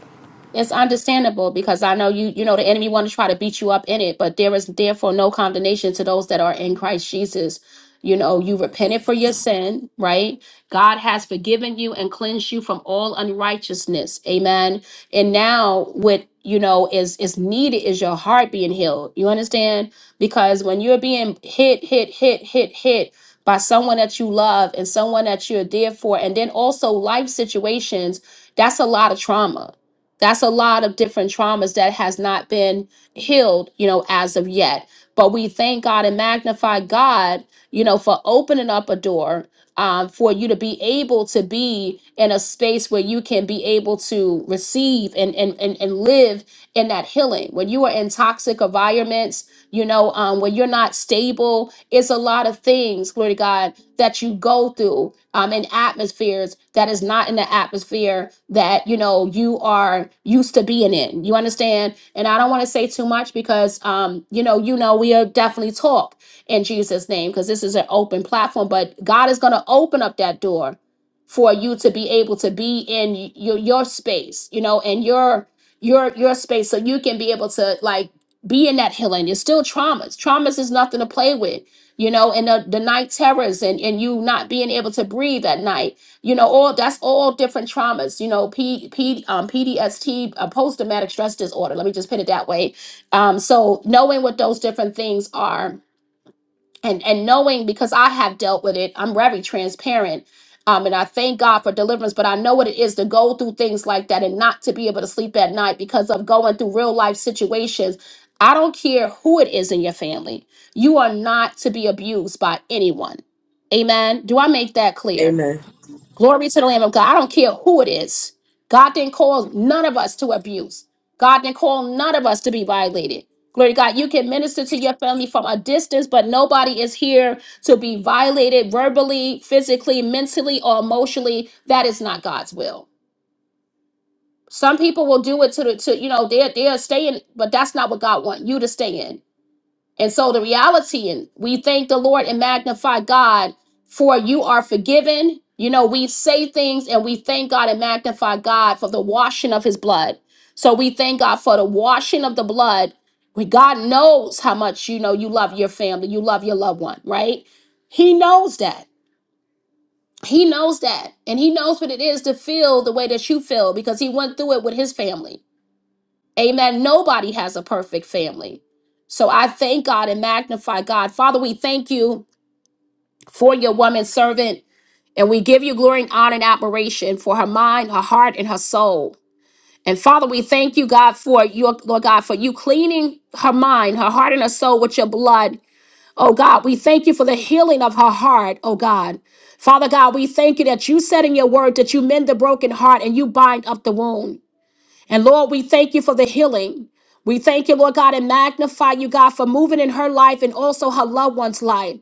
A: It's understandable because I know you you know the enemy want to try to beat you up in it, but there is therefore no condemnation to those that are in Christ Jesus. You know, you repented for your sin, right? God has forgiven you and cleansed you from all unrighteousness. Amen. And now what you know is is needed is your heart being healed. You understand? Because when you're being hit, hit, hit, hit, hit by someone that you love and someone that you're there for, and then also life situations, that's a lot of trauma that's a lot of different traumas that has not been healed you know as of yet but we thank god and magnify god you know for opening up a door um, for you to be able to be in a space where you can be able to receive and and and, and live in that healing when you are in toxic environments you know um, when you're not stable it's a lot of things glory to god that you go through um, in atmospheres that is not in the atmosphere that you know you are used to being in. You understand? And I don't want to say too much because um, you know, you know, we'll definitely talk in Jesus' name because this is an open platform. But God is going to open up that door for you to be able to be in y- your your space, you know, and your your your space, so you can be able to like be in that healing. It's still traumas. Traumas is nothing to play with you know, and the, the night terrors and, and you not being able to breathe at night, you know, all that's all different traumas, you know, P, P, um, PDST, uh, post traumatic stress disorder. Let me just put it that way. Um, so knowing what those different things are and and knowing because I have dealt with it, I'm very transparent. Um, and I thank God for deliverance, but I know what it is to go through things like that and not to be able to sleep at night because of going through real life situations. I don't care who it is in your family. You are not to be abused by anyone. Amen. Do I make that clear?
H: Amen.
A: Glory to the Lamb of God. I don't care who it is. God didn't call none of us to abuse. God didn't call none of us to be violated. Glory to God. You can minister to your family from a distance, but nobody is here to be violated verbally, physically, mentally, or emotionally. That is not God's will. Some people will do it to the to you know they're they're staying, but that's not what God wants you to stay in. And so the reality, and we thank the Lord and magnify God for you are forgiven. You know, we say things and we thank God and magnify God for the washing of his blood. So we thank God for the washing of the blood. We, God knows how much you know you love your family, you love your loved one, right? He knows that. He knows that. And he knows what it is to feel the way that you feel because he went through it with his family. Amen. Nobody has a perfect family. So I thank God and magnify God. Father, we thank you for your woman servant, and we give you glory and honor and admiration for her mind, her heart, and her soul. And Father, we thank you, God, for your Lord God, for you cleaning her mind, her heart, and her soul with your blood. Oh God, we thank you for the healing of her heart, oh God. Father God, we thank you that you said in your word that you mend the broken heart and you bind up the wound. And Lord, we thank you for the healing. We thank you, Lord God, and magnify you, God, for moving in her life and also her loved one's life.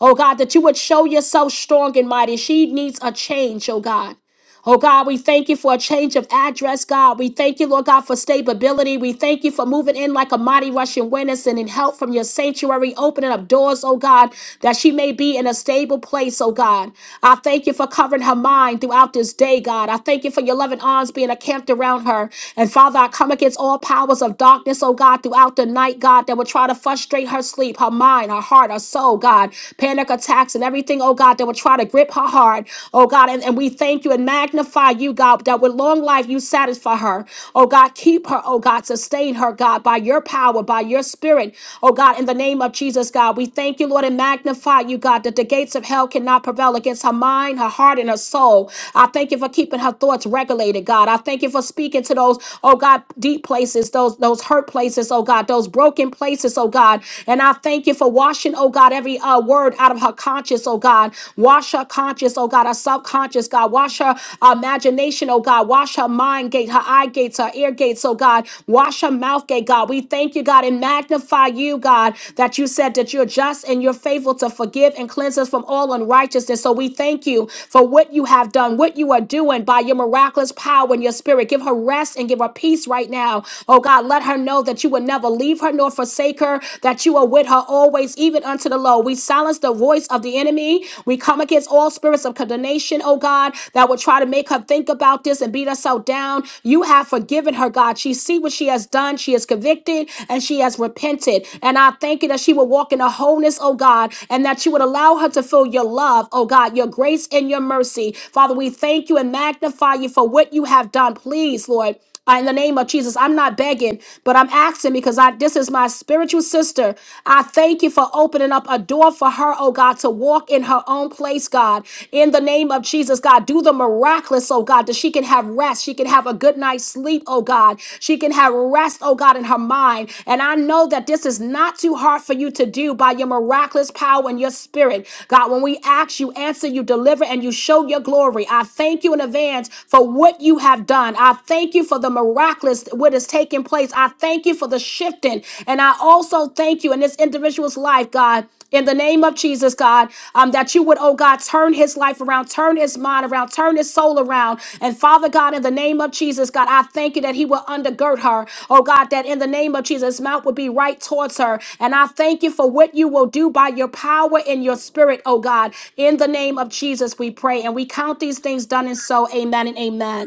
A: Oh God, that you would show yourself strong and mighty. She needs a change, oh God. Oh God, we thank you for a change of address, God. We thank you, Lord God, for stability. We thank you for moving in like a mighty rushing wind and sending help from your sanctuary, opening up doors, oh God, that she may be in a stable place, oh God. I thank you for covering her mind throughout this day, God. I thank you for your loving arms being encamped around her. And Father, I come against all powers of darkness, oh God, throughout the night, God, that will try to frustrate her sleep, her mind, her heart heart, her soul, God. Panic attacks and everything, oh God, that would try to grip her heart, oh God. And, and we thank you and magnify you, God, that with long life you satisfy her, oh God. Keep her, oh God. Sustain her, God, by your power, by your spirit, oh God. In the name of Jesus, God, we thank you, Lord, and magnify you, God, that the gates of hell cannot prevail against her mind, her heart, and her soul. I thank you for keeping her thoughts regulated, God. I thank you for speaking to those oh God, deep places, those those hurt places, oh God, those broken places, oh God. And I thank you for washing, oh God, every uh, word out of her conscience, oh God. Wash her conscience, oh God, her subconscious, God. Wash her imagination, oh God. Wash her mind gate, her eye gates, her ear gates, oh God. Wash her mouth gate, God. We thank you, God, and magnify you, God, that you said that you're just and you're faithful to forgive and cleanse us from all unrighteousness. So we thank you for what you have done, what you are doing by your miraculous power and your spirit. Give her rest and give her peace right now. Oh God, let her know that you will never leave her nor forsake her, that you are with her always, even unto the low. We silence the voice of the enemy. We come against all spirits of condemnation, oh God, that will try to make her think about this and beat herself down. You have forgiven her, God. She see what she has done. She is convicted and she has repented. And I thank you that she will walk in the wholeness, oh God, and that you would allow her to feel your love, oh God, your grace and your mercy. Father, we thank you and magnify you for what you have done. Please please, Lord. Uh, in the name of Jesus, I'm not begging, but I'm asking because I this is my spiritual sister. I thank you for opening up a door for her, oh God, to walk in her own place, God. In the name of Jesus, God, do the miraculous, oh God, that she can have rest. She can have a good night's sleep, oh God. She can have rest, oh God, in her mind. And I know that this is not too hard for you to do by your miraculous power and your spirit. God, when we ask, you answer, you deliver, and you show your glory. I thank you in advance for what you have have done. I thank you for the miraculous, what is taking place. I thank you for the shifting. And I also thank you in this individual's life, God. In the name of Jesus, God, um, that you would, oh God, turn his life around, turn his mind around, turn his soul around. And Father God, in the name of Jesus, God, I thank you that he will undergird her. Oh God, that in the name of Jesus, mouth would be right towards her. And I thank you for what you will do by your power and your spirit, oh God. In the name of Jesus, we pray. And we count these things done and so. Amen and amen.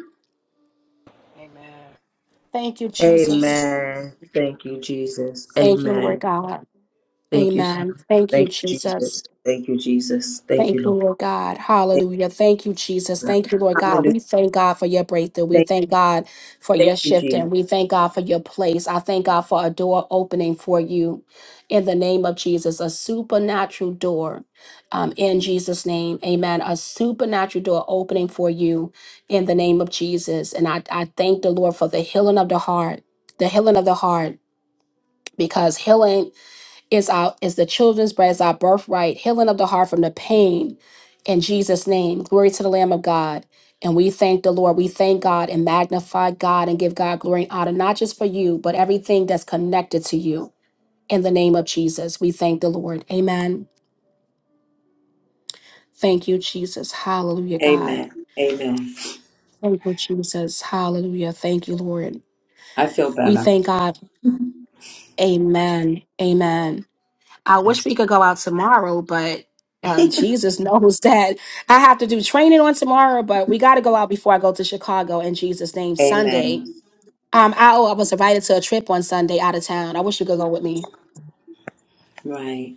F: Amen.
A: Thank you, Jesus.
H: Amen. Thank you, Jesus.
A: Thank you,
H: Amen.
A: Lord God.
H: Thank you, son.
A: Amen. Thank you,
H: Thank you,
A: Jesus.
H: Jesus. Thank you, Jesus. Thank you,
A: Thank you,
H: Lord.
A: Lord God.
H: Thank
A: Hallelujah. Thank you, Jesus.
H: you, Lord.
A: Thank you, Lord God.
H: Hallelujah.
A: We thank God for your breakthrough. We
H: Thank,
A: thank God for your
H: thank you,
A: shifting.
H: Jesus.
A: We thank God for your place. I thank God for a door opening for you in the name of Jesus, a supernatural door um, in Jesus' name. Amen. A supernatural door opening for you in the name of Jesus. And I, I thank the Lord for the healing of the heart, the healing of the heart because healing is our is the children's bread is our birthright healing of the heart from the pain in jesus name glory to the lamb of god and we thank the lord we thank god and magnify god and give god glory and honor not just for you but everything that's connected to you in the name of jesus we thank the lord amen thank you jesus hallelujah god
H: Amen. Amen.
A: thank you jesus hallelujah thank you lord
H: I feel
A: we
H: better.
A: thank god amen amen I wish
H: Yes.
A: we could go out tomorrow, but uh, Jesus knows that I have to do training on tomorrow, but we got to go out before I go to Chicago in Jesus' name Sunday.
H: Amen.
A: Um, I, oh, I was invited to a trip on Sunday out of town. I wish you could go with me.
H: Right.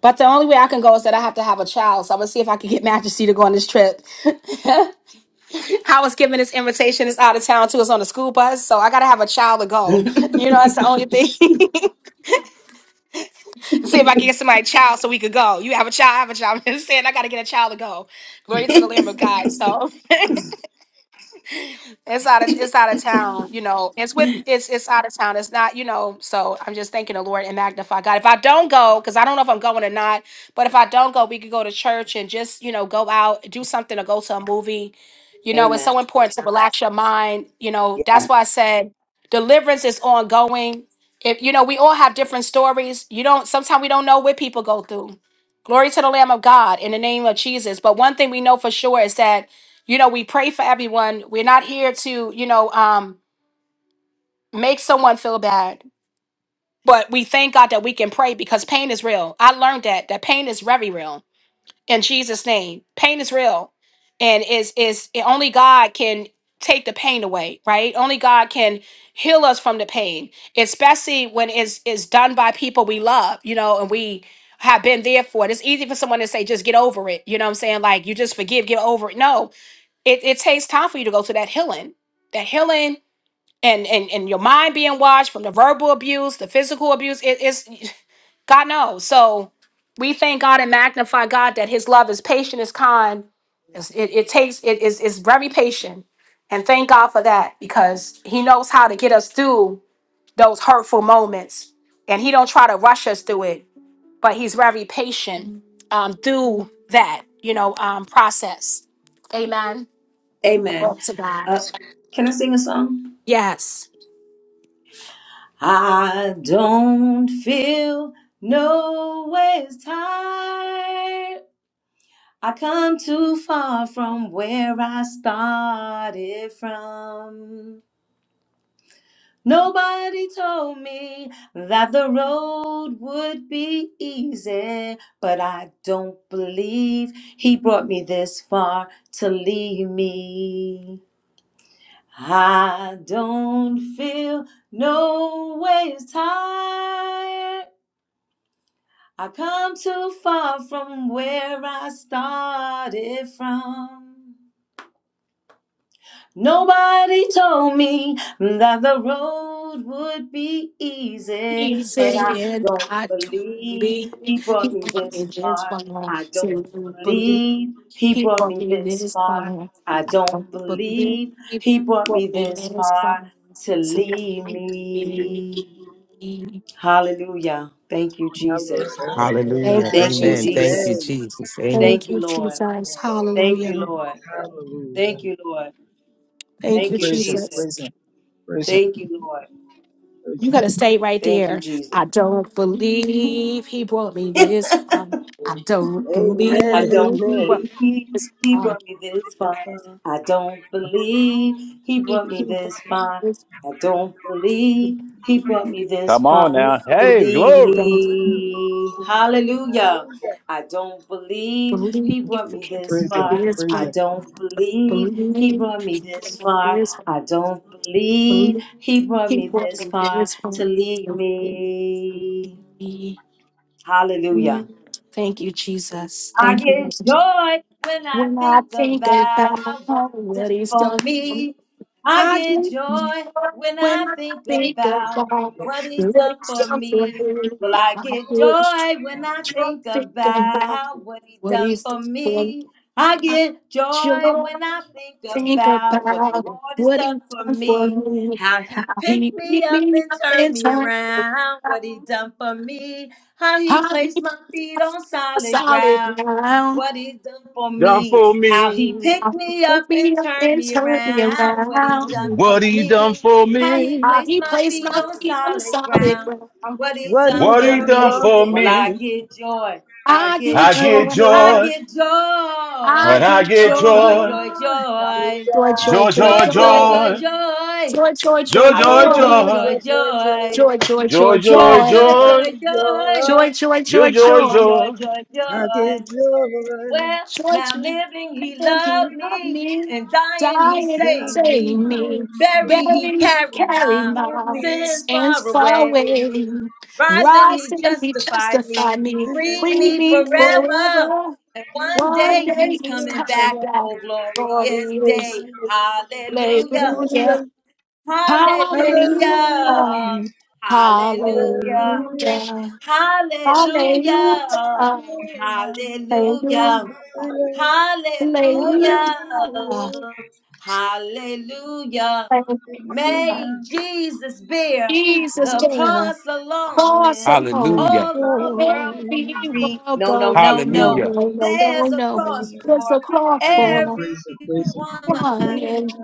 A: But the only way I can go is that I have to have a child. So I'm going to see if I can get Majesty to go on this trip. I was given this invitation. It's out of town, too. It's on a school bus. So I got to have a child to go. You know, that's the only thing. to see if I can get somebody a child so we could go. You have a child, I have a child. I'm just saying I gotta get a child to go. Glory to the Lamb of God. So it's out of it's out of town, you know. It's with it's it's out of town. It's not, you know. So I'm just thanking the Lord and magnify God. If I don't go, because I don't know if I'm going or not, but if I don't go, we could go to church and just you know go out, do something, or go to a movie. You know, it's so important to relax your mind. You know,
H: Yeah.
A: that's why I said deliverance is ongoing. If you know, we all have different stories. You don't. Sometimes we don't know what people go through. Glory to the Lamb of God in the name of Jesus. But one thing we know for sure is that you know we pray for everyone we're not here to you know um make someone feel bad but we thank god that we can pray because pain is real i learned that that pain is very real in jesus name pain is real and is is only god can take the pain away right only god can heal us from the pain especially when it's is done by people we love you know and we have been there for it it's easy for someone to say just get over it you know what i'm saying like you just forgive get over it no it, it takes time for you to go to that healing that healing and and and your mind being washed from the verbal abuse the physical abuse it is god knows so we thank god and magnify god that his love is patient is kind It's- it, it takes it is is very patient and thank god for that because he knows how to get us through those hurtful moments and he don't try to rush us through it but he's very patient um through that you know um process amen
H: Amen.
A: Glory to God.
H: Uh, can I sing a song?
A: Yes.
H: I don't feel no ways tired. I come too far from where I started from. Nobody told me that the road would be easy, but I don't believe he brought me this far to leave me. I don't feel no ways tired. I come too far from where I started from. Nobody told me that the road would be easy,
A: He
H: but I
A: said,
H: don't
A: I don't
H: believe
A: believe.
H: he
A: He
H: brought me
A: brought me
H: this
A: this
H: far.
A: far.
H: I
A: Say,
H: don't
A: don't believe.
H: believe he
A: He
H: brought
A: brought
H: me
A: me
H: this
A: this
H: far.
A: far.
H: I don't
A: Don't believe.
H: believe
A: He
H: he brought me
A: brought me
H: this
A: this far.
H: far to
A: So
H: leave
A: don't believe.
H: me. Hallelujah. Thank you,
D: Hallelujah.
H: Jesus.
D: Amen.
C: Hallelujah.
A: Thank you,
H: Thank you,
C: Amen. Thank
A: Jesus.
C: you,
H: Jesus.
C: Jesus. Amen.
A: Thank
H: Thank you,
A: you,
H: Lord.
A: Jesus.
D: Amen.
H: Thank
A: Hallelujah.
H: you, Lord. Thank
D: Hallelujah.
H: you, Lord.
A: Thank you,
H: Thank you,
I: Praise him,
A: Jesus.
I: praise
H: Jesus.
I: him, praise him,
H: Thank you, Lord.
I: praise
A: You got
I: him,
A: to stay right
H: Thank you,
A: there.
H: Jesus.
A: I don't believe he brought me
H: I
A: this far. I don't believe
D: Amen.
H: don't
A: he
D: Amen.
A: brought me
H: believe
A: this
H: he
A: far.
H: brought me this far.
D: That's all.
H: I don't believe he
A: It
H: brought
A: is
H: me
A: the
H: this far.
A: highest
H: I don't believe he brought me
D: Amen.
H: this
J: Come on
H: far
A: contribution
J: now.
H: to
J: Hey,
H: leave
J: glory.
A: from
H: me. Hallelujah.
D: Hallelujah.
H: I don't believe
A: bullying.
H: he brought
A: If you
H: me this
I: praise him,
H: far.
A: believe in
I: praise
H: I
A: God,
I: him,
H: don't believe
A: believe in
H: he brought me
A: this God,
H: this
A: believe in
H: far.
A: this God,
H: I don't believe
A: believe
H: he brought me this
A: in
H: far to leave me.
A: this
H: Hallelujah.
A: Thank you, Jesus.
H: I
A: Thank you.
H: get
A: Lord.
H: joy when I
A: When I
H: think
A: think
H: about what
A: about
H: he's
A: what
H: done
A: He's
H: for
A: done. for
H: me. I get
A: Take
H: joy
A: joy
H: when I
A: When I
H: think
A: think
H: about
A: about
H: what he
A: what
H: done
A: He's
H: for
A: done for
H: me.
A: me,
H: Well, I
A: I
H: get
A: wish
H: joy when I
A: joy
H: think
A: thinking about
H: about what he
A: what
H: done
A: He's done
H: for
A: for me.
H: me. I
A: I
H: get
A: feel
H: joy
A: joy
H: when I think
A: think
H: about what the
A: about
H: Lord has
A: what
H: done
A: He's
H: for
A: done for
H: me.
A: me,
H: How he
A: how he
H: picked me
A: picked
H: up
A: me
H: and
A: up
H: turned
A: and
H: me
A: turned me
H: around. What he
A: around,
H: done for me. How he
A: how he
H: placed
A: put
H: my feet
A: my feet
H: on
A: on
H: solid
A: solid
H: ground.
A: ground,
H: What he done for
J: Done
H: me.
J: for
H: How he
J: me.
A: how
H: picked
A: he
H: me up
A: took me
H: and
A: up
H: turned
A: and
H: me
A: turned me
H: around. What he
A: around,
H: done for
J: What he done
H: me.
J: for
H: How he
J: me.
A: how
H: placed
A: he
H: my
A: placed
H: feet
A: my
H: on
A: feet on
H: solid
A: solid
H: ground.
A: ground.
H: What he
D: What you
H: done
J: What
H: for
J: he
D: done
J: done
H: me.
D: for
J: for
H: Well, I
D: me.
J: me.
H: get joy. I
A: I
H: get
A: get
J: I
D: Of
H: joy.
D: the
J: get
A: joy.
H: I
D: joy,
J: joy.
H: get
A: I
J: When
H: joy.
J: I
A: get
J: get
H: Joy,
D: the
A: joy.
H: joy,
D: joy,
J: joy.
H: joy, joy.
A: Joy,
F: Hallelujah.
A: joy,
J: Joy,
A: joy,
D: the
J: joy,
H: Joy, joy,
A: joy.
H: joy,
J: joy.
D: joy,
H: joy.
A: Joy, joy, joy,
J: Joy,
H: I
D: the
J: joy,
H: get
A: joy.
H: joy,
D: joy,
J: joy.
H: joy,
D: the joy,
H: joy.
A: Joy,
D: joy.
A: joy, joy,
J: Joy, joy,
H: Joy,
A: joy.
H: joy,
D: Of
J: joy.
D: the
H: joy,
D: joy,
H: joy.
A: Joy, joy,
J: Joy,
A: joy,
H: I
J: joy,
A: joy.
H: get joy,
J: joy.
H: joy,
D: of the
H: joy.
D: joy.
H: Well,
A: Joy,
H: now
A: joy.
H: living, he
A: Think he
H: loved
A: loved
H: me,
A: me.
H: and dying,
A: Die
H: he
A: and he
D: God
H: saved
D: is
A: saved
H: me.
A: me.
H: Buried,
D: amazing.
H: he
A: Bury,
H: carried
A: carry
H: my
A: my
H: sins
A: sins
H: far
A: far
H: away.
A: away.
H: Rising,
A: Rise
H: he
A: and he
H: justified me.
A: justified
H: He
A: me.
H: freed
A: Free
H: me
A: me
H: forever.
A: forever.
H: And one
A: One
H: day
A: day
H: he's
A: he's
H: coming
A: coming
H: back.
A: back.
H: Oh,
A: Glory
H: glorious
A: is
H: day.
D: God
H: Hallelujah.
D: is
A: Hallelujah.
D: amazing.
A: Hallelujah.
D: Hallelujah,
H: Hallelujah.
A: Hallelujah.
H: Hallelujah.
D: hallelujah,
A: Hallelujah.
H: Hallelujah.
A: Hallelujah.
D: hallelujah,
H: Hallelujah.
A: Hallelujah.
D: hallelujah,
H: Hallelujah.
D: hallelujah.
A: Hallelujah.
H: Hallelujah. May Jesus bear
A: Jesus
H: the
A: there.
H: cross alone
A: Cross
H: and
A: alone.
C: Hallelujah.
H: all the world go
A: Every
H: free.
A: world
H: No, no,
A: goes.
H: no,
A: No,
H: no.
C: Hallelujah.
A: no, no, no,
H: There's a
A: no.
H: cross
A: There's a
H: for
A: cross
I: praise him,
A: for
I: praise him, praise him,
H: everyone.
A: everyone, and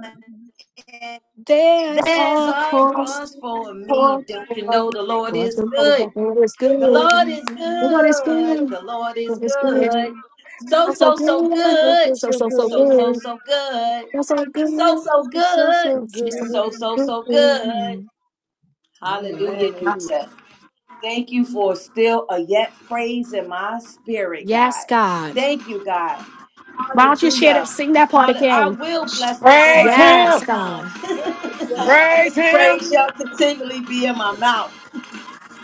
H: And
A: there's
H: there's
A: a
H: a
A: cross
H: cross for
A: for
H: me. Don't you
A: everyone.
H: know the Lord
A: Well,
H: is good?
A: the Lord is
H: The
A: good.
H: Lord is
A: The Lord is good.
H: good.
A: The
H: The Lord is
A: Lord is good.
H: good. So,
A: I'm so
H: so, so
A: good.
H: good.
A: So, so, so
H: So, so,
A: good.
H: so good.
A: You're so
H: He's so,
A: good.
H: so
D: It's so,
H: good.
D: so
A: So, so, so
D: good.
H: So, so, so good.
A: good.
H: Hallelujah,
D: Amen,
H: Jesus. Thank you for still a yet praise in my spirit, God. Thank you, God.
A: Why don't you share that?
H: Hallelujah.
A: Sing that part
H: Hallelujah. I
A: again.
H: will bless the
C: Praise
H: Lord at all
A: Yes,
C: him.
A: God.
H: times.
C: Praise him.
H: praise shall continually be in my mouth.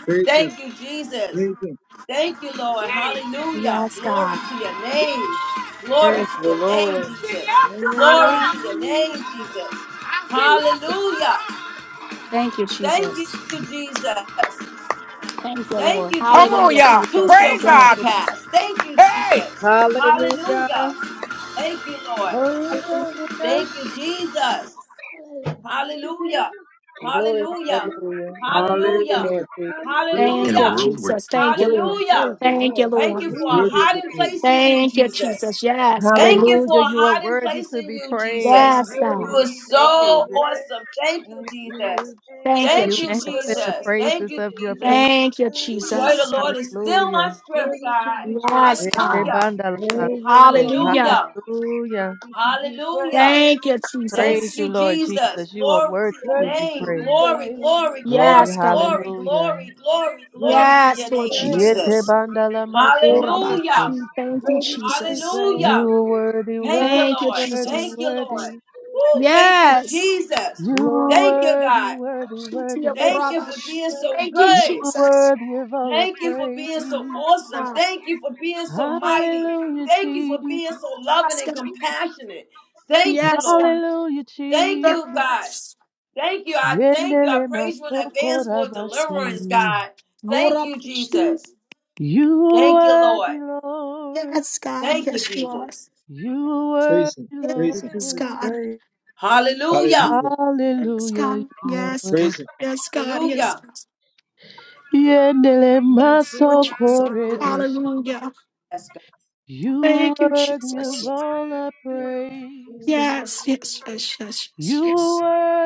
I: praise
H: Thank
I: him,
H: you, Jesus.
I: praise him.
H: Thank you, Lord. Hallelujah.
A: Yes,
H: Glory
A: God.
H: to your name. Glory
D: Praise
H: to
D: the
H: your name,
D: Lord.
H: Jesus.
D: Amen.
H: Glory to your name, Jesus. Hallelujah.
A: Thank you,
H: Thank
A: Jesus.
H: you, Jesus.
A: Thank you,
H: Thank
A: Lord.
H: you,
C: Come on,
H: Jesus.
A: Hallelujah,
H: This
C: y'all.
H: too
A: Jesus.
H: shall
A: Thank
C: Praise
A: you,
H: come to
C: God.
A: Lord.
H: pass. Thank you,
C: Hey.
H: Jesus.
E: Hallelujah.
H: Hallelujah. Thank you, Lord.
D: Hallelujah.
E: Hallelujah.
H: Thank you, Jesus. Hallelujah.
D: Praise
E: Glory.
H: Hallelujah.
E: Hallelujah. Thank you,
H: Hallelujah.
E: Lord
I: Hallelujah.
E: Jesus.
I: Praise him,
A: Thank you,
H: Hallelujah.
I: praise him.
A: Jesus.
I: He's
A: Thank you,
I: worthy,
A: Lord.
H: Hallelujah.
D: the
A: Thank you,
D: Lord.
H: Thank you
A: Lord.
I: he's
H: for a
D: Hallelujah.
I: worthy of the
H: hiding place
I: praise.
H: in you,
A: Thank you,
H: Jesus.
A: Jesus. Yes,
H: Thank
A: God.
H: you for
E: Hallelujah.
H: a
E: You are
H: hiding
E: worthy
H: place
E: to
H: in
E: be
H: you,
D: You
E: praised.
D: are
H: Jesus.
A: Yes,
H: You
D: worthy
A: God.
E: Hallelujah.
H: are
D: to be
E: Thank you.
H: so
E: Yes,
H: awesome.
D: praised.
H: Thank you,
D: Thank you,
H: Jesus.
A: Thank you,
D: Jesus.
H: Thank
E: You
H: you,
D: You are
E: inhabit
A: Jesus.
E: the
H: Jesus.
D: worthy to
H: Thank
E: praises
H: you,
D: be
E: of your people.
H: Jesus.
A: Thank you,
H: The joy of the
A: Jesus.
H: Lord is
D: praised.
H: still my
E: Hallelujah.
H: strength,
D: Thank you, Jesus. Worthy
H: God.
D: to be
A: Yes,
D: praised.
A: God.
H: Hallelujah.
E: Etebandalabaso.
D: Praise the Lord.
A: Hallelujah.
H: Hallelujah.
E: Hallelujah.
D: Worthy to be
H: Hallelujah.
D: praised.
A: Thank you,
H: Thank
E: Praise
A: Jesus.
E: you,
H: you,
E: Lord
H: Jesus.
E: Jesus. You are
H: Glory to
E: worthy to
H: your
D: Worthy
E: be
D: to
H: name.
D: be
E: praised.
H: Glory,
D: praised.
H: glory,
E: Glory.
A: Yes,
H: glory,
A: God.
H: glory,
E: Hallelujah.
H: glory, glory,
D: Worthy
H: glory
D: to
H: to
A: Yes,
H: your
D: be
A: Lord
H: name,
D: praised.
H: Jesus.
A: Jesus. Oh, Rabbi,
H: Hallelujah.
E: Etebandalamaso.
A: Thank you,
D: Ready to be
A: Jesus.
D: brave.
E: You
H: Hallelujah.
E: are worthy,
H: Thank you,
E: worthy,
A: Thank you,
H: Lord.
E: worthy,
H: Thank
A: Jesus.
H: you, Lord.
E: worthy.
H: Woo, thank you,
A: Yes.
H: Jesus.
E: You are
D: Lord,
H: Thank you,
E: worthy,
H: God.
E: worthy, worthy.
A: Oh,
H: Thank you
A: Rabbi,
H: for being so
A: Thank you,
E: You
H: good.
E: are
A: Jesus.
E: worthy of all our
H: Thank you for being so
E: praise.
A: Yes,
H: awesome.
A: God.
H: Thank you for being so mighty.
E: Hallelujah,
H: Thank you for being so
E: Jesus.
H: loving
A: Yes,
H: and
A: God.
D: ready
H: compassionate. Thank you,
A: Yes, God.
H: Lord.
E: Hallelujah,
H: Thank you,
E: Jesus.
H: God.
A: Yes.
H: Thank you. I thank you. I
E: Yendele
H: praise you in advance
E: masokora
H: for
A: Yes, God.
H: deliverance,
E: bashe.
H: God.
A: Oh,
H: Thank you,
A: Rabbi,
H: Jesus.
E: You
H: Thank you,
E: are
H: Lord.
E: worthy, Lord.
A: Yes, God.
H: Thank you,
A: Yes, Lord.
H: Jesus.
E: You are
I: Praise him,
E: worthy,
I: praise him.
D: to
A: Yes,
D: be
E: Lord.
A: God.
D: brave.
H: Hallelujah.
I: Hallelujah.
A: Yes,
E: Hallelujah,
A: God.
E: you are
A: Yes,
E: worthy.
I: Praise
A: God.
I: him.
A: Yes, God. Yes.
H: Hallelujah.
A: God.
E: Yendele
D: Yes,
A: Yes, Lord
D: yes,
A: Jesus.
D: yes,
E: masokore
A: Hallelujah.
H: That's
E: You
A: Thank
E: are
A: you,
E: worthy of
A: Jesus.
H: Yes,
E: all our praises.
D: yes.
A: Yes, yes, yes, yes, yes,
E: You are
A: yes.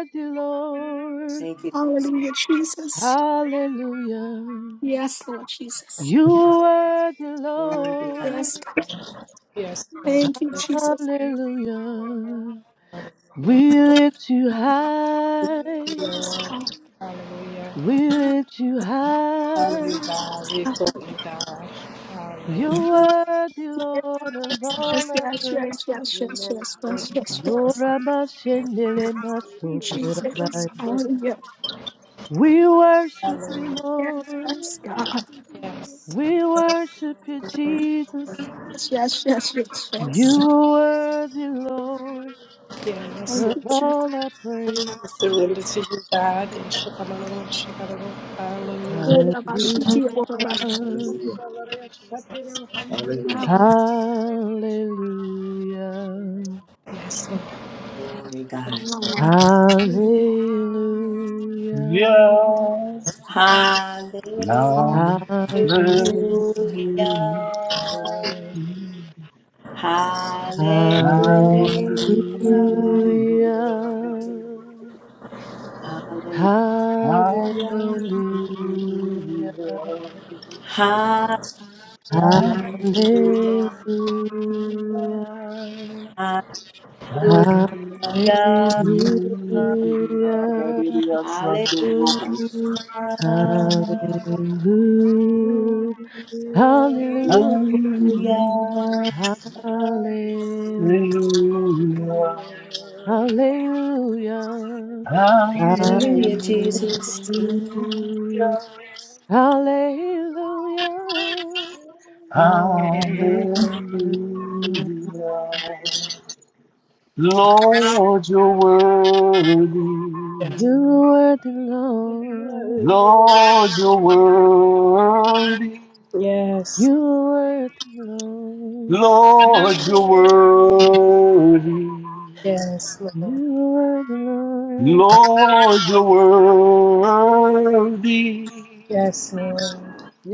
E: worthy, Lord.
H: thank you, Jesus.
A: Hallelujah, Jesus.
E: Hallelujah.
A: Yes, Lord Jesus.
E: You are worthy,
H: Worthy God,
E: Lord.
A: Yes, God.
F: Yes, Lord.
A: Thank you, Jesus.
E: Hallelujah. We lift you high.
A: Yes, God.
F: Lord. Hallelujah.
E: We lift you high.
F: Hallelujah.
A: Yes,
F: We
A: God.
F: thought you, God.
E: You
F: Hallelujah.
E: are the
A: Yes,
E: Lord of all
A: yes,
E: our
A: yes,
E: praise.
A: yes, yes, yes,
D: Amen.
A: yes,
F: Thank
A: yes,
F: you,
A: yes.
F: Lord.
A: yes.
E: Yorabashendele
A: Oh, Jesus.
E: masokorabaya.
A: Hallelujah.
E: We worship
F: Hallelujah.
E: you, Lord.
A: Yes, God.
F: Yes.
E: We worship you, Jesus.
A: Yes, yes, yes, yes, yes.
E: You are worthy, Lord,
F: Yes,
A: Thank
E: of
A: you,
F: Lord.
A: Jesus.
E: all our praise.
F: We surrender to you, God. And shakamalala, shakamalala.
A: Oh,
F: Hallelujah.
E: Hallelujah.
A: Rabashi, dear, oh,
F: Thank you,
A: Rabashi.
I: Hallelujah.
F: Jesus.
I: Hallelujah.
A: Ah,
E: Hallelujah.
F: Yes, Lord.
H: glory
A: ah,
H: God.
A: ah, ah.
E: Hallelujah.
J: Yeah.
H: Hallelujah.
A: Oh,
J: Now.
E: Hallelujah.
J: Hallelujah.
E: Hallelujah.
H: Hallelujah. Hallelujah.
J: Hallelujah.
E: Hallelujah.
H: Hallelujah.
J: Hallelujah.
E: Hallelujah.
H: Hallelujah. Hallelujah.
J: Hallelujah.
E: Hallelujah.
H: Hallelujah.
E: Hallelujah. Hallelujah. Hallelujah. Hallelujah. Hallelujah.
J: Hallelujah.
E: Hallelujah.
H: Hallelujah, Jesus.
F: God.
J: Hallelujah.
E: Hallelujah.
J: Lord, you're worthy.
F: Yes.
E: You are the Lord.
J: Lord, you're worthy.
F: Yes,
E: You are worthy, Lord.
J: Lord, you're worthy.
F: yes, Lord.
E: You are worthy, Lord.
J: Lord, you're worthy.
F: Yes, Lord.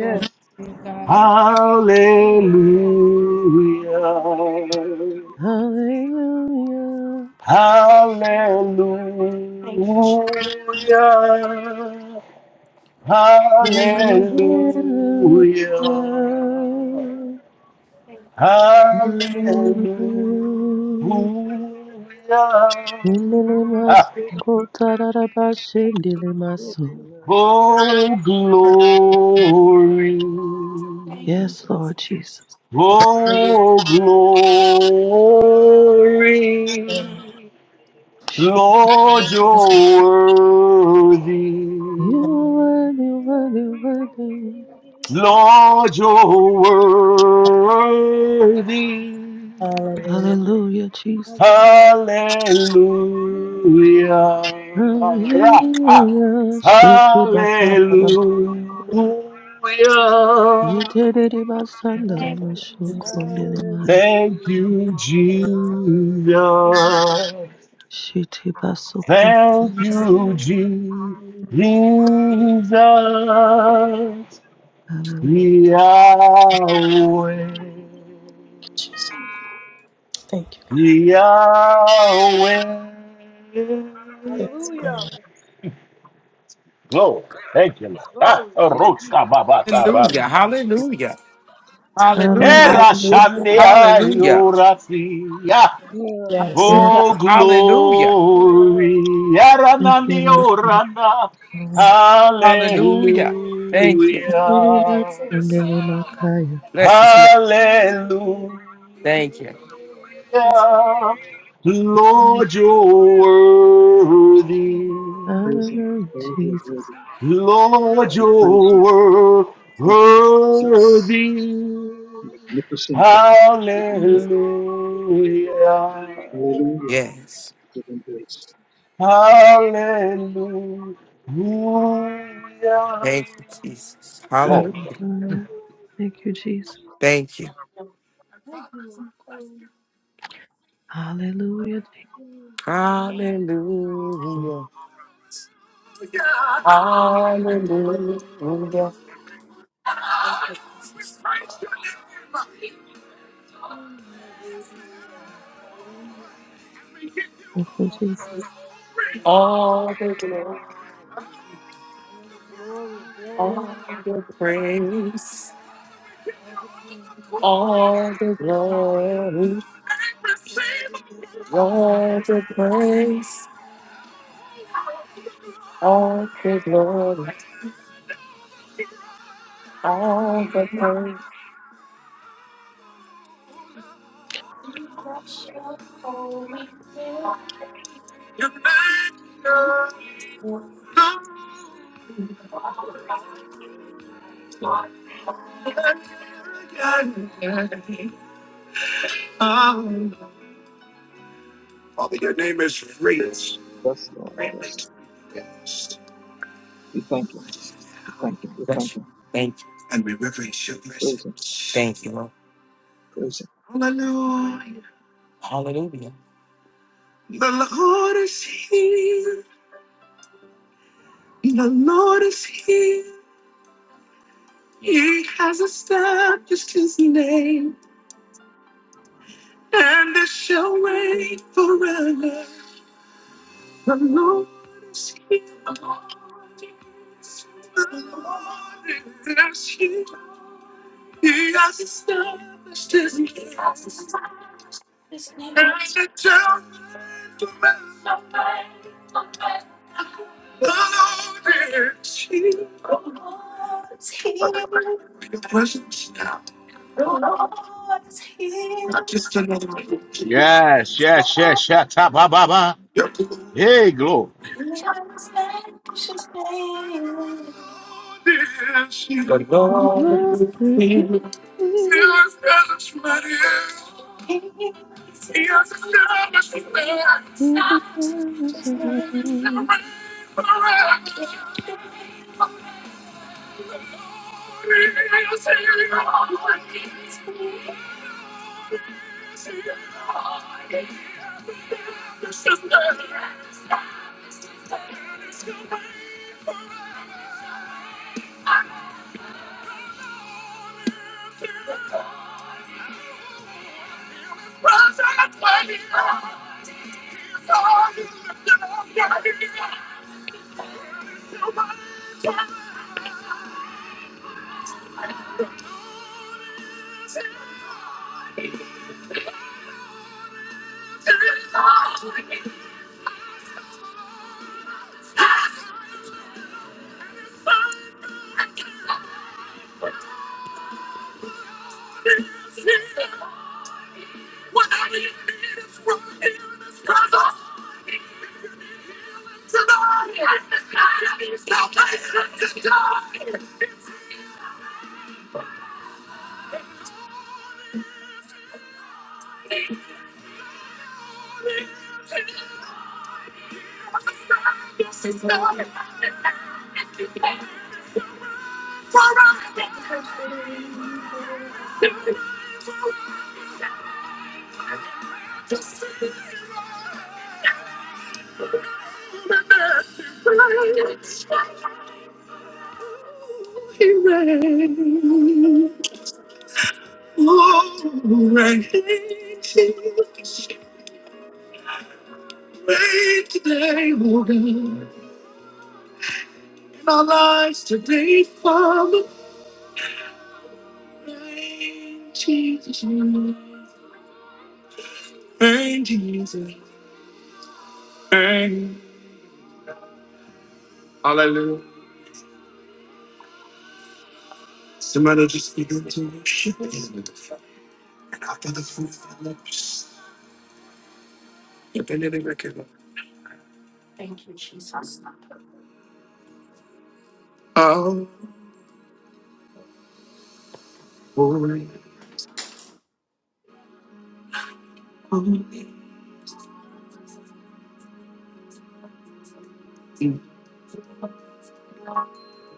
F: Glory to you, God.
J: Hallelujah.
E: Hallelujah.
A: thank you, Chef.
J: Hallelujah. Hallelujah.
E: Hallelujah.
A: Thank you.
J: Hallelujah.
E: Hallelujah. Shendele
J: Ah,
E: maso, kotarara shendele maso.
J: Oh, glory.
A: Thank you.
E: Yes, Lord Jesus.
D: Hallelujah.
J: Oh, glory. Lord,
F: Hallelujah.
J: you're worthy.
E: You are worthy, worthy, worthy.
J: Lord, you're worthy.
F: Hallelujah.
E: Hallelujah, Jesus.
J: Hallelujah. Ra-ha.
E: Hallelujah. Shake
J: Hallelujah.
E: Yeterere basanda na
A: thank you, Thank you. Jesus.
F: Thank you,
E: masokondere maya.
J: Thank you, Jesus.
A: Thank you,
E: Shiti
J: Thank
E: basokondere.
J: you, Jesus.
E: Hallelujah.
J: Yahweh,
F: Jesus. Thank you.
J: Yahweh.
F: Yes, Lord.
J: Glory. Thank you, Lord. Ah,
D: Glory. Thank you,
J: Rocha
D: Jesus.
J: Babata
C: Hallelujah.
A: Jesus.
C: Hallelujah. Hallelujah.
E: Hallelujah.
J: Erashandia
A: Thank you,
C: Hallelujah.
J: Yoratia.
D: Hallelujah. Yeah.
F: Yes.
E: Yes,
J: Oh,
C: Hallelujah.
J: glory.
E: thank you,
J: Aranandi
E: Lord. Jesus.
J: Orana.
F: Lord.
C: Hallelujah. Thank
D: Yeah.
C: you.
E: Yeterere
J: Hallelujah.
A: Jesus.
E: basondere makaya.
C: Bless his name.
J: Hallelujah.
C: Thank you.
A: Yes,
J: Lord, you're worthy.
I: Praise him.
E: Hallelujah,
I: Lord, you are
E: Jesus.
I: worthy.
J: Lord,
I: We praise you, we thank
J: you're
I: you. Faithful, Jesus,
J: worthy.
I: magnificent God.
J: Hallelujah.
I: We give you praise.
A: Thank
I: Hallelujah.
C: Yes.
I: We give him praise.
J: Hallelujah.
C: Thank you, Jesus.
J: Glory.
C: Hallelujah.
E: Hallelujah. Thank you, Jesus.
C: Thank you.
E: Hallelujah, Jesus.
C: Hallelujah. Hallelujah.
E: Thank you,
D: Thank
E: Jesus.
C: All the glory,
D: glory,
C: all
D: glory,
C: the praise,
D: all the praise,
C: all the glory, all the praise, all the glory, all the praise.
A: you, precious Holy name. Wash
I: Yes, Lord. Yes. We thank him. We thank him. We
C: Bless
I: thank him.
C: you. Thank you.
I: Praise Him,
C: Thank you, Lord.
I: praise Him.
C: Hallelujah.
A: the Lord's his name. The Lord is here. The Lord is here. You
J: Yes, yes, yes, yes. ta, ba, ba, ba. Hey, glory.
A: he has vanquished his name.
C: The
E: The
C: Lord
E: Lord
C: is
E: is here.
C: here.
A: Thank
E: with the service of
C: Reign. Oh, reign. Reign today, Lord. In our lives today, Father. Thank Jesus. Thank Hallelujah. Somebody just begin to worship him. And after the food follows, you're going to recognize.
A: you, Jesus.
C: Oh, holy, holy, you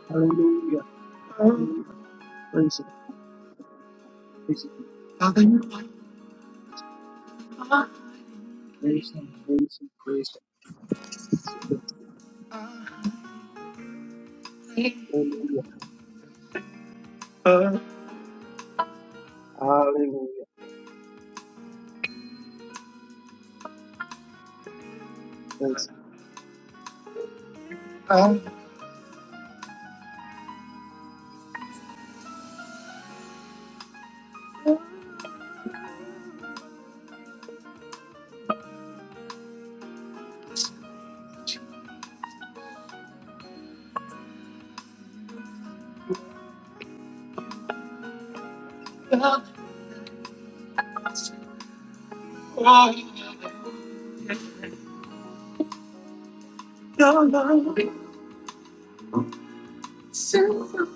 I: Hallelujah. Hallelujah. Praise Him,
C: Hallelujah.
I: praise Him, praise Him, praise Him, praise Him. Praise Him. Hallelujah.
C: Uh,
I: Hallelujah. Praise Him.
C: uh, your love is so-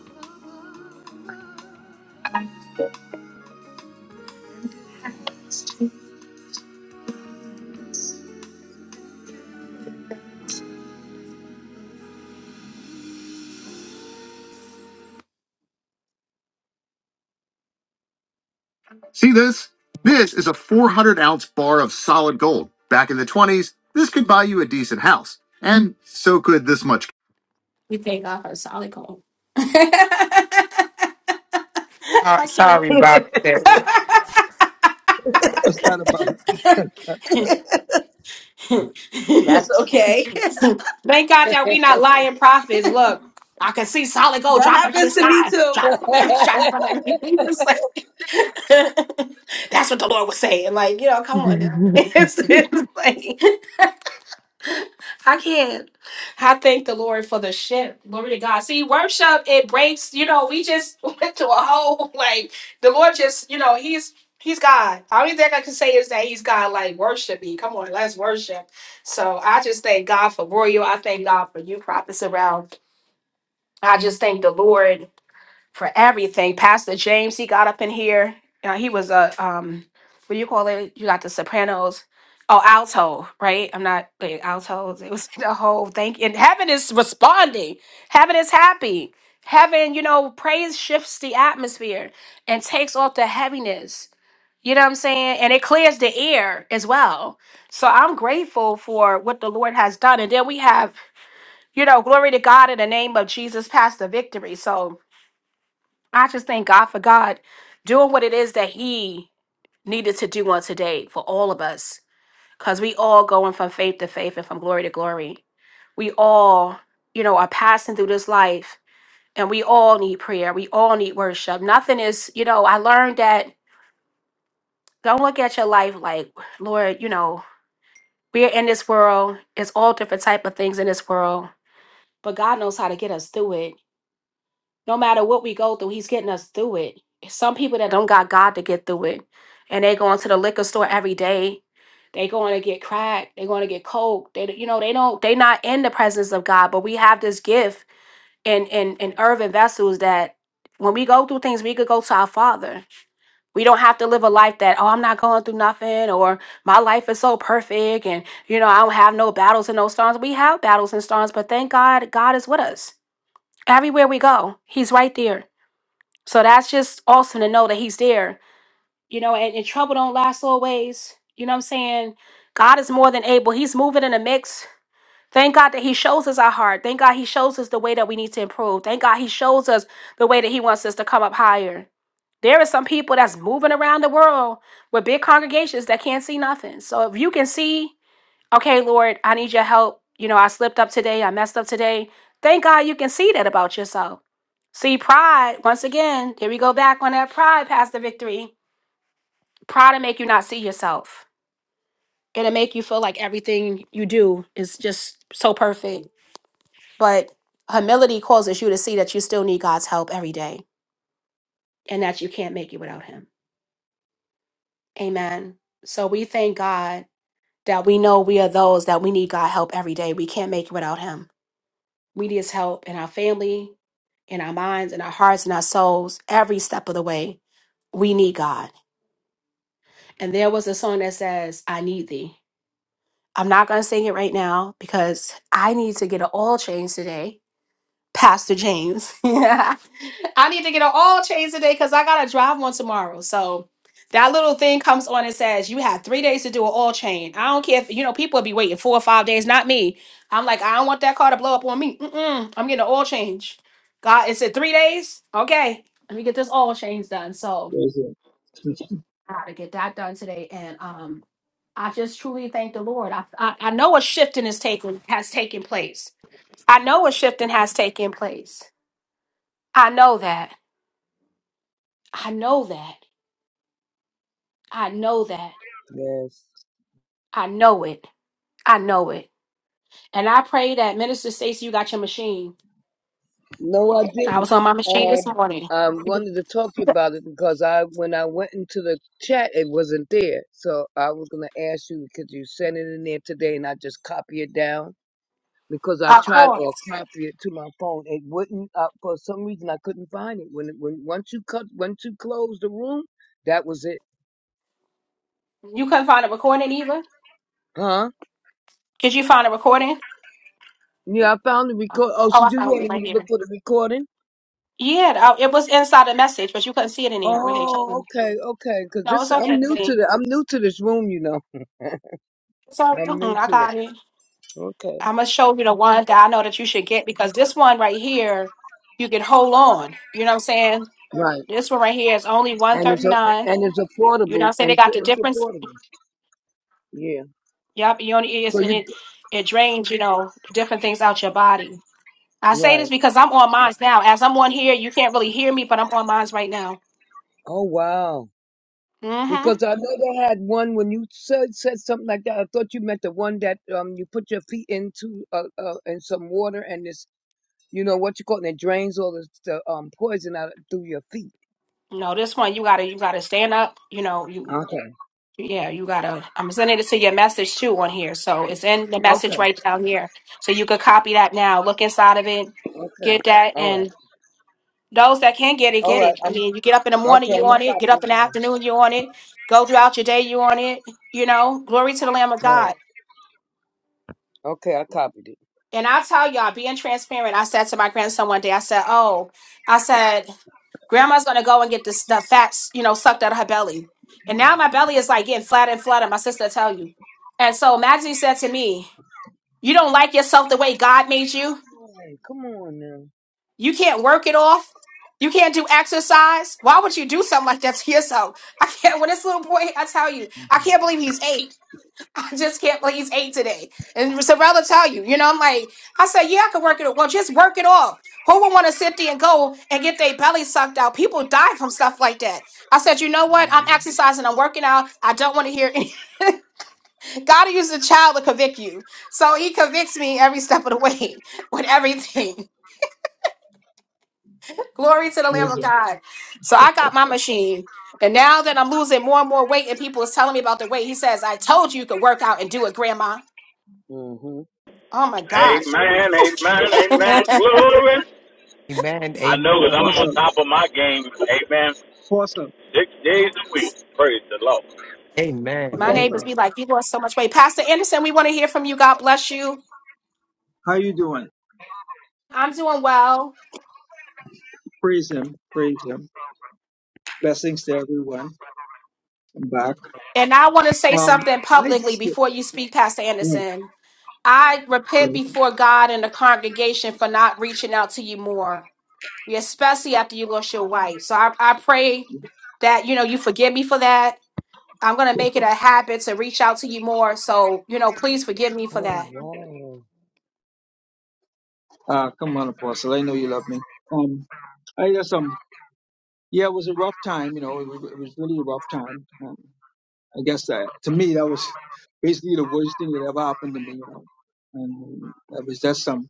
C: See this? This is a 400 ounce bar of solid gold. Back in the 20s, this could buy you a decent house. And so could this much
I: What's that about?
H: That's okay.
A: Thank God that we not lying prophets. Look, I can see solid gold
H: That
A: dropping from the
H: happens to me
A: sky,
H: too.
A: dropping from every,
D: hallelujah.
A: dropping from everything. It's like- That's what the Lord was saying. Like, you know, come on now.
E: man.
A: It's, it's like- I can't. I thank the Lord for the shift. Glory to God. See, worship, it breaks, you know, we just went to a whole like the Lord just, you know, He's He's God. Only thing I can say is that He's God, like worship me. Come on, let's worship. So I just thank God for Royal. I thank God for you prophets around. I just thank the Lord for everything. Pastor James, he got up in here. Uh, he was a um, what do you call it? You got the Sopranos. Oh, alto, right? I'm not wait, altos. It was the whole thing. And heaven is responding. Heaven is happy. Heaven, you know, praise shifts the atmosphere and takes off the heaviness. You know what I'm saying? And it clears the air as well. So I'm grateful for what the Lord has done. And then we have, you know, glory to God in the name of Jesus past the victory. So I just thank God for God doing what it is that He needed to do on today for all of us. Because we all going from faith to faith and from glory to glory. We all, you know, are passing through this life and we all need prayer. We all need worship. Nothing is, you know, I learned that don't look at your life like, Lord, you know, we're in this world. It's all different type of things in this world. But God knows how to get us through it. no matter what we go through, he's getting us through it. Some people that don't got God to get through it, and they going to the liquor store every day. They going to get crack. They going to get coke. They, you know, they don't. They not in the presence of God. But we have this gift in in in earthen vessels that when we go through things, we could go to our Father. We don't have to live a life that oh, I'm not going through nothing, or my life is so perfect, and you know I don't have no battles and no storms. We have battles and storms, but thank God, God is with us everywhere we go. He's right there. So that's just awesome to know that he's there. You know, and, and trouble don't last always. You know what I'm saying? God is more than able. He's moving in the mix. Thank God that he shows us our heart. Thank God he shows us the way that we need to improve. Thank God he shows us the way that he wants us to come up higher. There are some people that's moving around the world with big congregations that can't see nothing. So if you can see okay, Lord, I need your help. You know, I slipped up today. I messed up today. Thank God you can see that about yourself. See, pride, once again, here we go back on that pride, Pastor Victory. Pride will make you not see yourself. It'll make you feel like everything you do is just so perfect. But humility causes you to see that you still need God's help every day and that you can't make it without Him. Amen. So we thank God that we know we are those that we need God help every day. We can't make it without Him. We need his help in our family, in our minds, in our hearts, in our souls, every step of the way. We need God. And there was a song that says, I need thee. I'm not going to sing it right now because I need to get an oil change today, Pastor James. I need to get an oil change today because I gotta drive one tomorrow. So that little thing comes on and says you have three days to do an oil change. I don't care if you know people be waiting four or five days. Not me. I'm like I don't want that car to blow up on me. Mm-mm, I'm getting an oil change. God, it said three days. Okay, let me get this oil change done. So
I: Praise Him,
A: I gotta get that done today. And um, I just truly thank the Lord. I I, I know a shifting is taking has taken place. I know a shifting has taken place. I know that. I know that. I know that.
D: yes.
A: I know it. I know it. And I pray that Minister Stacy, you got your machine.
D: No, I
A: I
D: didn't.
A: was on my machine this morning.
D: Um, I wanted to talk to you about it because I, when I went into the chat, it wasn't there. So I was gonna ask you, could you send it in there today, and I just copy it down because I tried or copy it to my phone. It wouldn't. Uh, for some reason, I couldn't find it. When it, when once you cut, once you closed the room, that was it.
A: You couldn't find a recording either?
D: Huh?
A: Did you find a recording?
D: Yeah, I found the record. Oh,
A: Oh,
D: so
A: I
D: you
A: found it.
D: wanted
A: Like,
D: me to look for the recording?
A: yeah, I- it was inside the message, but you couldn't see it in there. Okay.
D: Oh, okay, okay. Cause
A: No,
D: this,
A: it's
D: I'm
A: okay.
D: new to
A: babe.
D: the, I'm new to this room, you know.
A: It's okay.
D: I'm new
A: Mm, I
D: to
A: got
D: it.
A: it.
D: Okay.
A: I'm going to show you the one that I know that you should get because this one right here, you can hold on. You know what I'm saying?
D: Right.
A: This one right here is only
D: And it's a,
A: 139
D: and it's
A: You know what
D: affordable,
A: I'm saying?
D: and
A: They
D: it's,
A: got the
D: it's
A: different
D: affordable. Yeah.
A: Yep, urinary
D: So
A: and
D: you,
A: it it drains, you know, different things out your body. I say this
D: right.
A: because I'm on mines now. As I'm on here, you can't really hear me, but I'm on mines right now.
D: Oh wow. Because
A: Mm-hmm.
D: I know they had one when you said said something like that. I thought you meant the one that um you put your feet into uh, uh in some water and it's you know what you call it, and it drains all the, the um poison out through your feet.
A: No, this one you gotta you gotta stand up. You know, you
D: Okay.
A: yeah, you gotta. I'm sending it to your message too on here, so it's in the
D: Okay.
A: message right down here. So you could copy that now. Look inside of it,
D: Okay.
A: get that,
D: All right.
A: and those that can get it,
D: All
A: get
D: right.
A: it. I
D: I'm
A: mean, you get up in the morning,
D: okay.
A: you
D: I'm gonna
A: on it. Get
D: copy it
A: up in the afternoon, you on it. Go throughout your day, you on it. You know, glory to the Lamb of
D: now. Right.
A: God.
D: Okay. I copied it.
A: And I'll tell y'all, being transparent, I said to my grandson one day, I said, Oh, I said, Grandma's gonna go and get this the fats, you know, sucked out of her belly. And now my belly is like getting flat and flatter, my sister tell you. And so Maggie said to me, You don't like yourself the way God made you?
D: All right. Come on now.
A: You can't work it off. You can't do exercise. Why would you do something like that to yourself? I can't when this little boy, I tell you, I can't believe he's eight. I just can't please hate today. And Sorella tell you, you know, I'm like, I said, yeah, I could work it. off. Well, just work it off. Who would want to sit there and go and get their belly sucked out? People die from stuff like that. I said, you know what? I'm exercising. I'm working out. I don't want to hear any. God used a child to convict you. So he convicts me every step of the way with everything. Glory to the Lamb
I: praise
A: of
I: Him.
A: God. So I got my machine. And now that I'm losing more and more weight and people is telling me about the weight, he says, I told you you could work out and do it, grandma.
D: Mm-hmm.
A: Oh my gosh.
J: Amen, amen, amen. Glory.
C: Amen.
J: I know that I'm
C: Amen.
J: on
I: Awesome,
J: top of my game. Amen.
I: awesome,
J: Six
A: Yeah.
J: days a week. Praise the Lord.
C: Amen.
A: My
C: Amen.
A: neighbors
I: awesome.
D: Amen.
A: be like, you lost so much weight. Pastor Anderson, we want to hear from you. God bless you.
I: How you doing?
A: I'm doing well.
I: Praise Him, praise Him. Blessings to everyone. I'm back.
A: And I want to say
I: Um,
A: something
I: I
A: publicly
I: just
A: before you speak, Pastor
I: yeah,
A: Anderson. I
I: yeah,
A: repent before God and the congregation for not reaching out to you more, especially after you lost your wife. So I, I pray
I: yeah,
A: that, you know, you forgive me for that. I'm going to
I: cool.
A: make it a habit to reach out to you more. So, you know, please forgive me for
D: Oh
A: that.
D: wow.
I: ah come on, Apostle. I know you love me. Um, I just um, yeah, it was a rough time. You know, it was, it was really a rough time. Um, I guess that to me that was basically the worst thing that ever happened to me. You know? And that was that's some.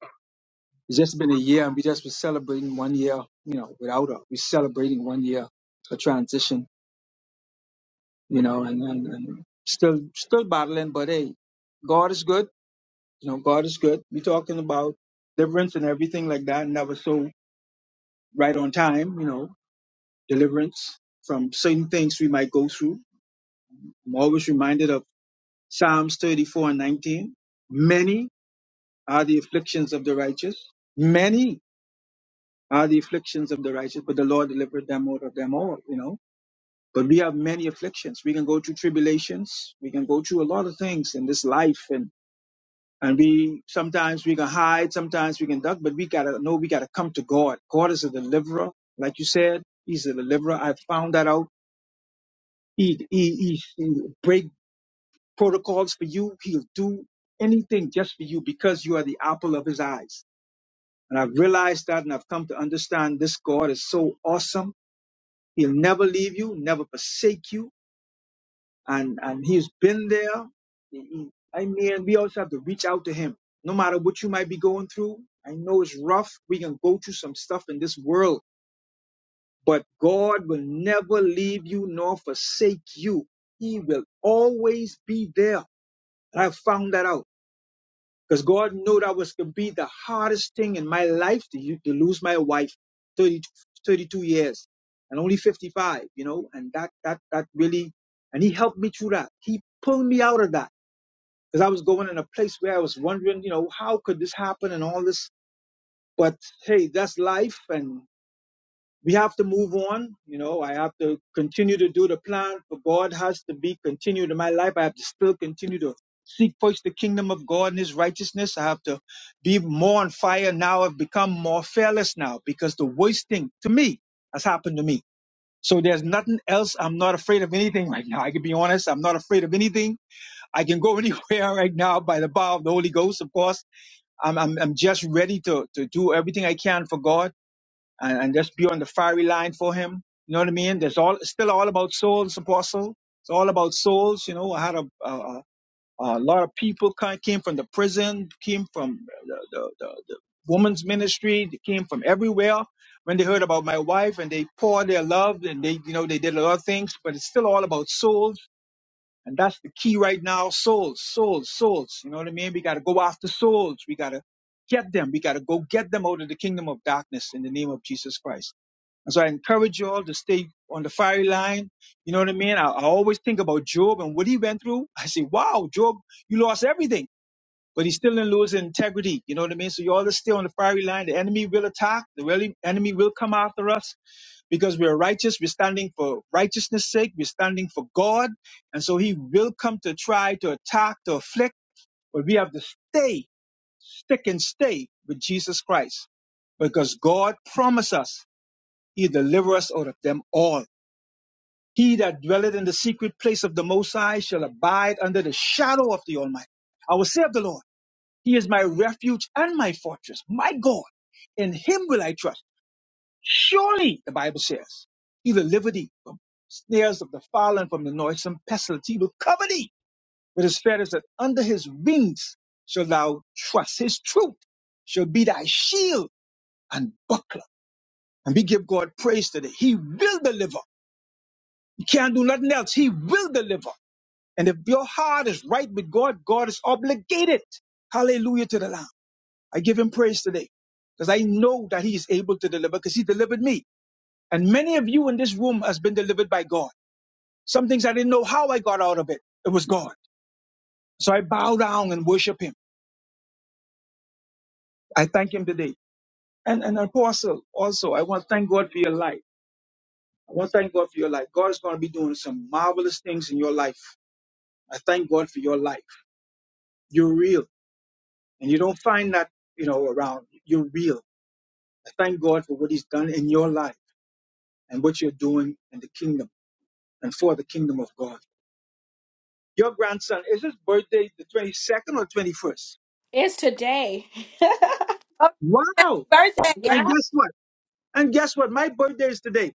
I: It's just been a year, and we just was celebrating one year. You know, without her, we're celebrating one year a transition. You know, and, and, and still still battling, but hey, God is good. You know, God is good. We're talking about deliverance and everything like that, and that was so right on time. You know, deliverance from certain things we might go through. I'm always reminded of Psalms 34 and 19. Many are the afflictions of the righteous. Many are the afflictions of the righteous, but the Lord delivered them out of them all, you know. But we have many afflictions. We can go through tribulations. We can go through a lot of things in this life. And, and we, sometimes we can hide, sometimes we can duck, but we gotta know we gotta come to God. God is a deliverer. Like you said, he's a deliverer. I found that out. He, he, he, he break protocols for you. He'll do anything just for you because you are the apple of his eyes And I've realized that and I've come to understand this God is so awesome. He'll never leave you, never forsake you. And, and he's been there. He- he- I mean, we also have to reach out to him. No matter what you might be going through, I know it's rough. We can go through some stuff in this world, but God will never leave you nor forsake you. He will always be there. And I've found that out. Because God knew that was going to be the hardest thing in my life to, to lose my wife 30 32 years and only 55, you know, and that, that, that really, and he helped me through that. He pulled me out of that because I was going in a place where I was wondering, you know, how could this happen and all this? But hey, that's life. And we have to move on. You know, I have to continue to do the plan for God has to be continued in my life. I have to still continue to seek first the kingdom of God and his righteousness. I have to be more on fire now. I've become more fearless now because the worst thing to me has happened to me. So there's nothing else. I'm not afraid of anything right now. I can be honest. I'm not afraid of anything. I can go anywhere right now by the power of the Holy Ghost, of course. I'm, I'm, I'm just ready to, to do everything I can for God and, and just be on the fiery line for him. You know what I mean? There's all it's still all about souls, Apostle. It's all about souls. You know, I had a a, a a lot of people kind came from the prison, came from the, the, the, the woman's ministry, they came from everywhere. When they heard about my wife, and they poured their love, and they you know they did a lot of things, but it's still all about souls. And that's the key right now, souls, souls, souls. You know what I mean? We got to go after souls. We got to get them. We got to go get them out of the kingdom of darkness in the name of Jesus Christ. And so I encourage you all to stay on the fiery line. You know what I mean? I, I always think about Job and what he went through. I say, wow, Job, you lost everything, but he still didn't lose his integrity. You know what I mean? So you all just stay on the fiery line. The enemy will attack. The really enemy will come after us because we're righteous. We're standing for righteousness' sake. We're standing for God. And so he will come to try to attack, to afflict, but we have to stay, stick and stay with Jesus Christ because God promised us he deliver us out of them all. He that dwelleth in the secret place of the Most High shall abide under the shadow of the Almighty. I will say of the Lord, He is my refuge and my fortress, my God. In Him will I trust. Surely, the Bible says, He will deliver thee from snares of the fowler and from the noisome pestilence. He will cover thee with His feathers, that under His wings shall thou trust. His truth shall be thy shield and buckler. And we give God praise today. He will deliver You can't do nothing else. He will deliver. And if your heart is right with God, God is obligated. Hallelujah to the Lamb. I give him praise today because I know that he is able to deliver because he delivered me. And many of you in this room has been delivered by God. Some things I didn't know how I got out of it. It was God. So I bow down and worship him. I thank him today. And an apostle also, I want to thank God for your life. I want to thank God for your life. God is going to be doing some marvelous things in your life. I thank God for your life. You're real. And you don't find that, you know, around. You're real. I thank God for what He's done in your life and what you're doing in the kingdom and for the kingdom of God. Your grandson, is his birthday the 22nd or 21st?
A: It's today.
H: Happy
I: Wow.
H: birthday,
I: And
A: Yeah.
I: guess what? And guess what? My birthday is today.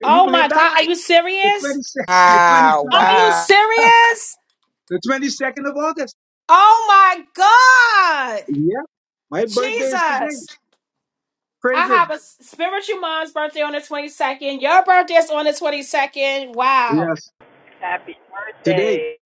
I: Can You
A: Oh
I: believe
A: my
I: that?
A: God. Are you
I: The
A: serious?
I: 22nd, the
C: Wow,
I: 22nd,
A: Are you
C: wow.
A: serious?
I: the 22nd of August.
A: Oh my God!
I: Yeah. My birthday is today.
A: Jesus! I
I: Praise
A: have
I: Him.
A: a spiritual mom's birthday on the 22nd. Your birthday is on the 22nd. Wow.
I: Yes.
F: Happy
I: Today.
F: birthday.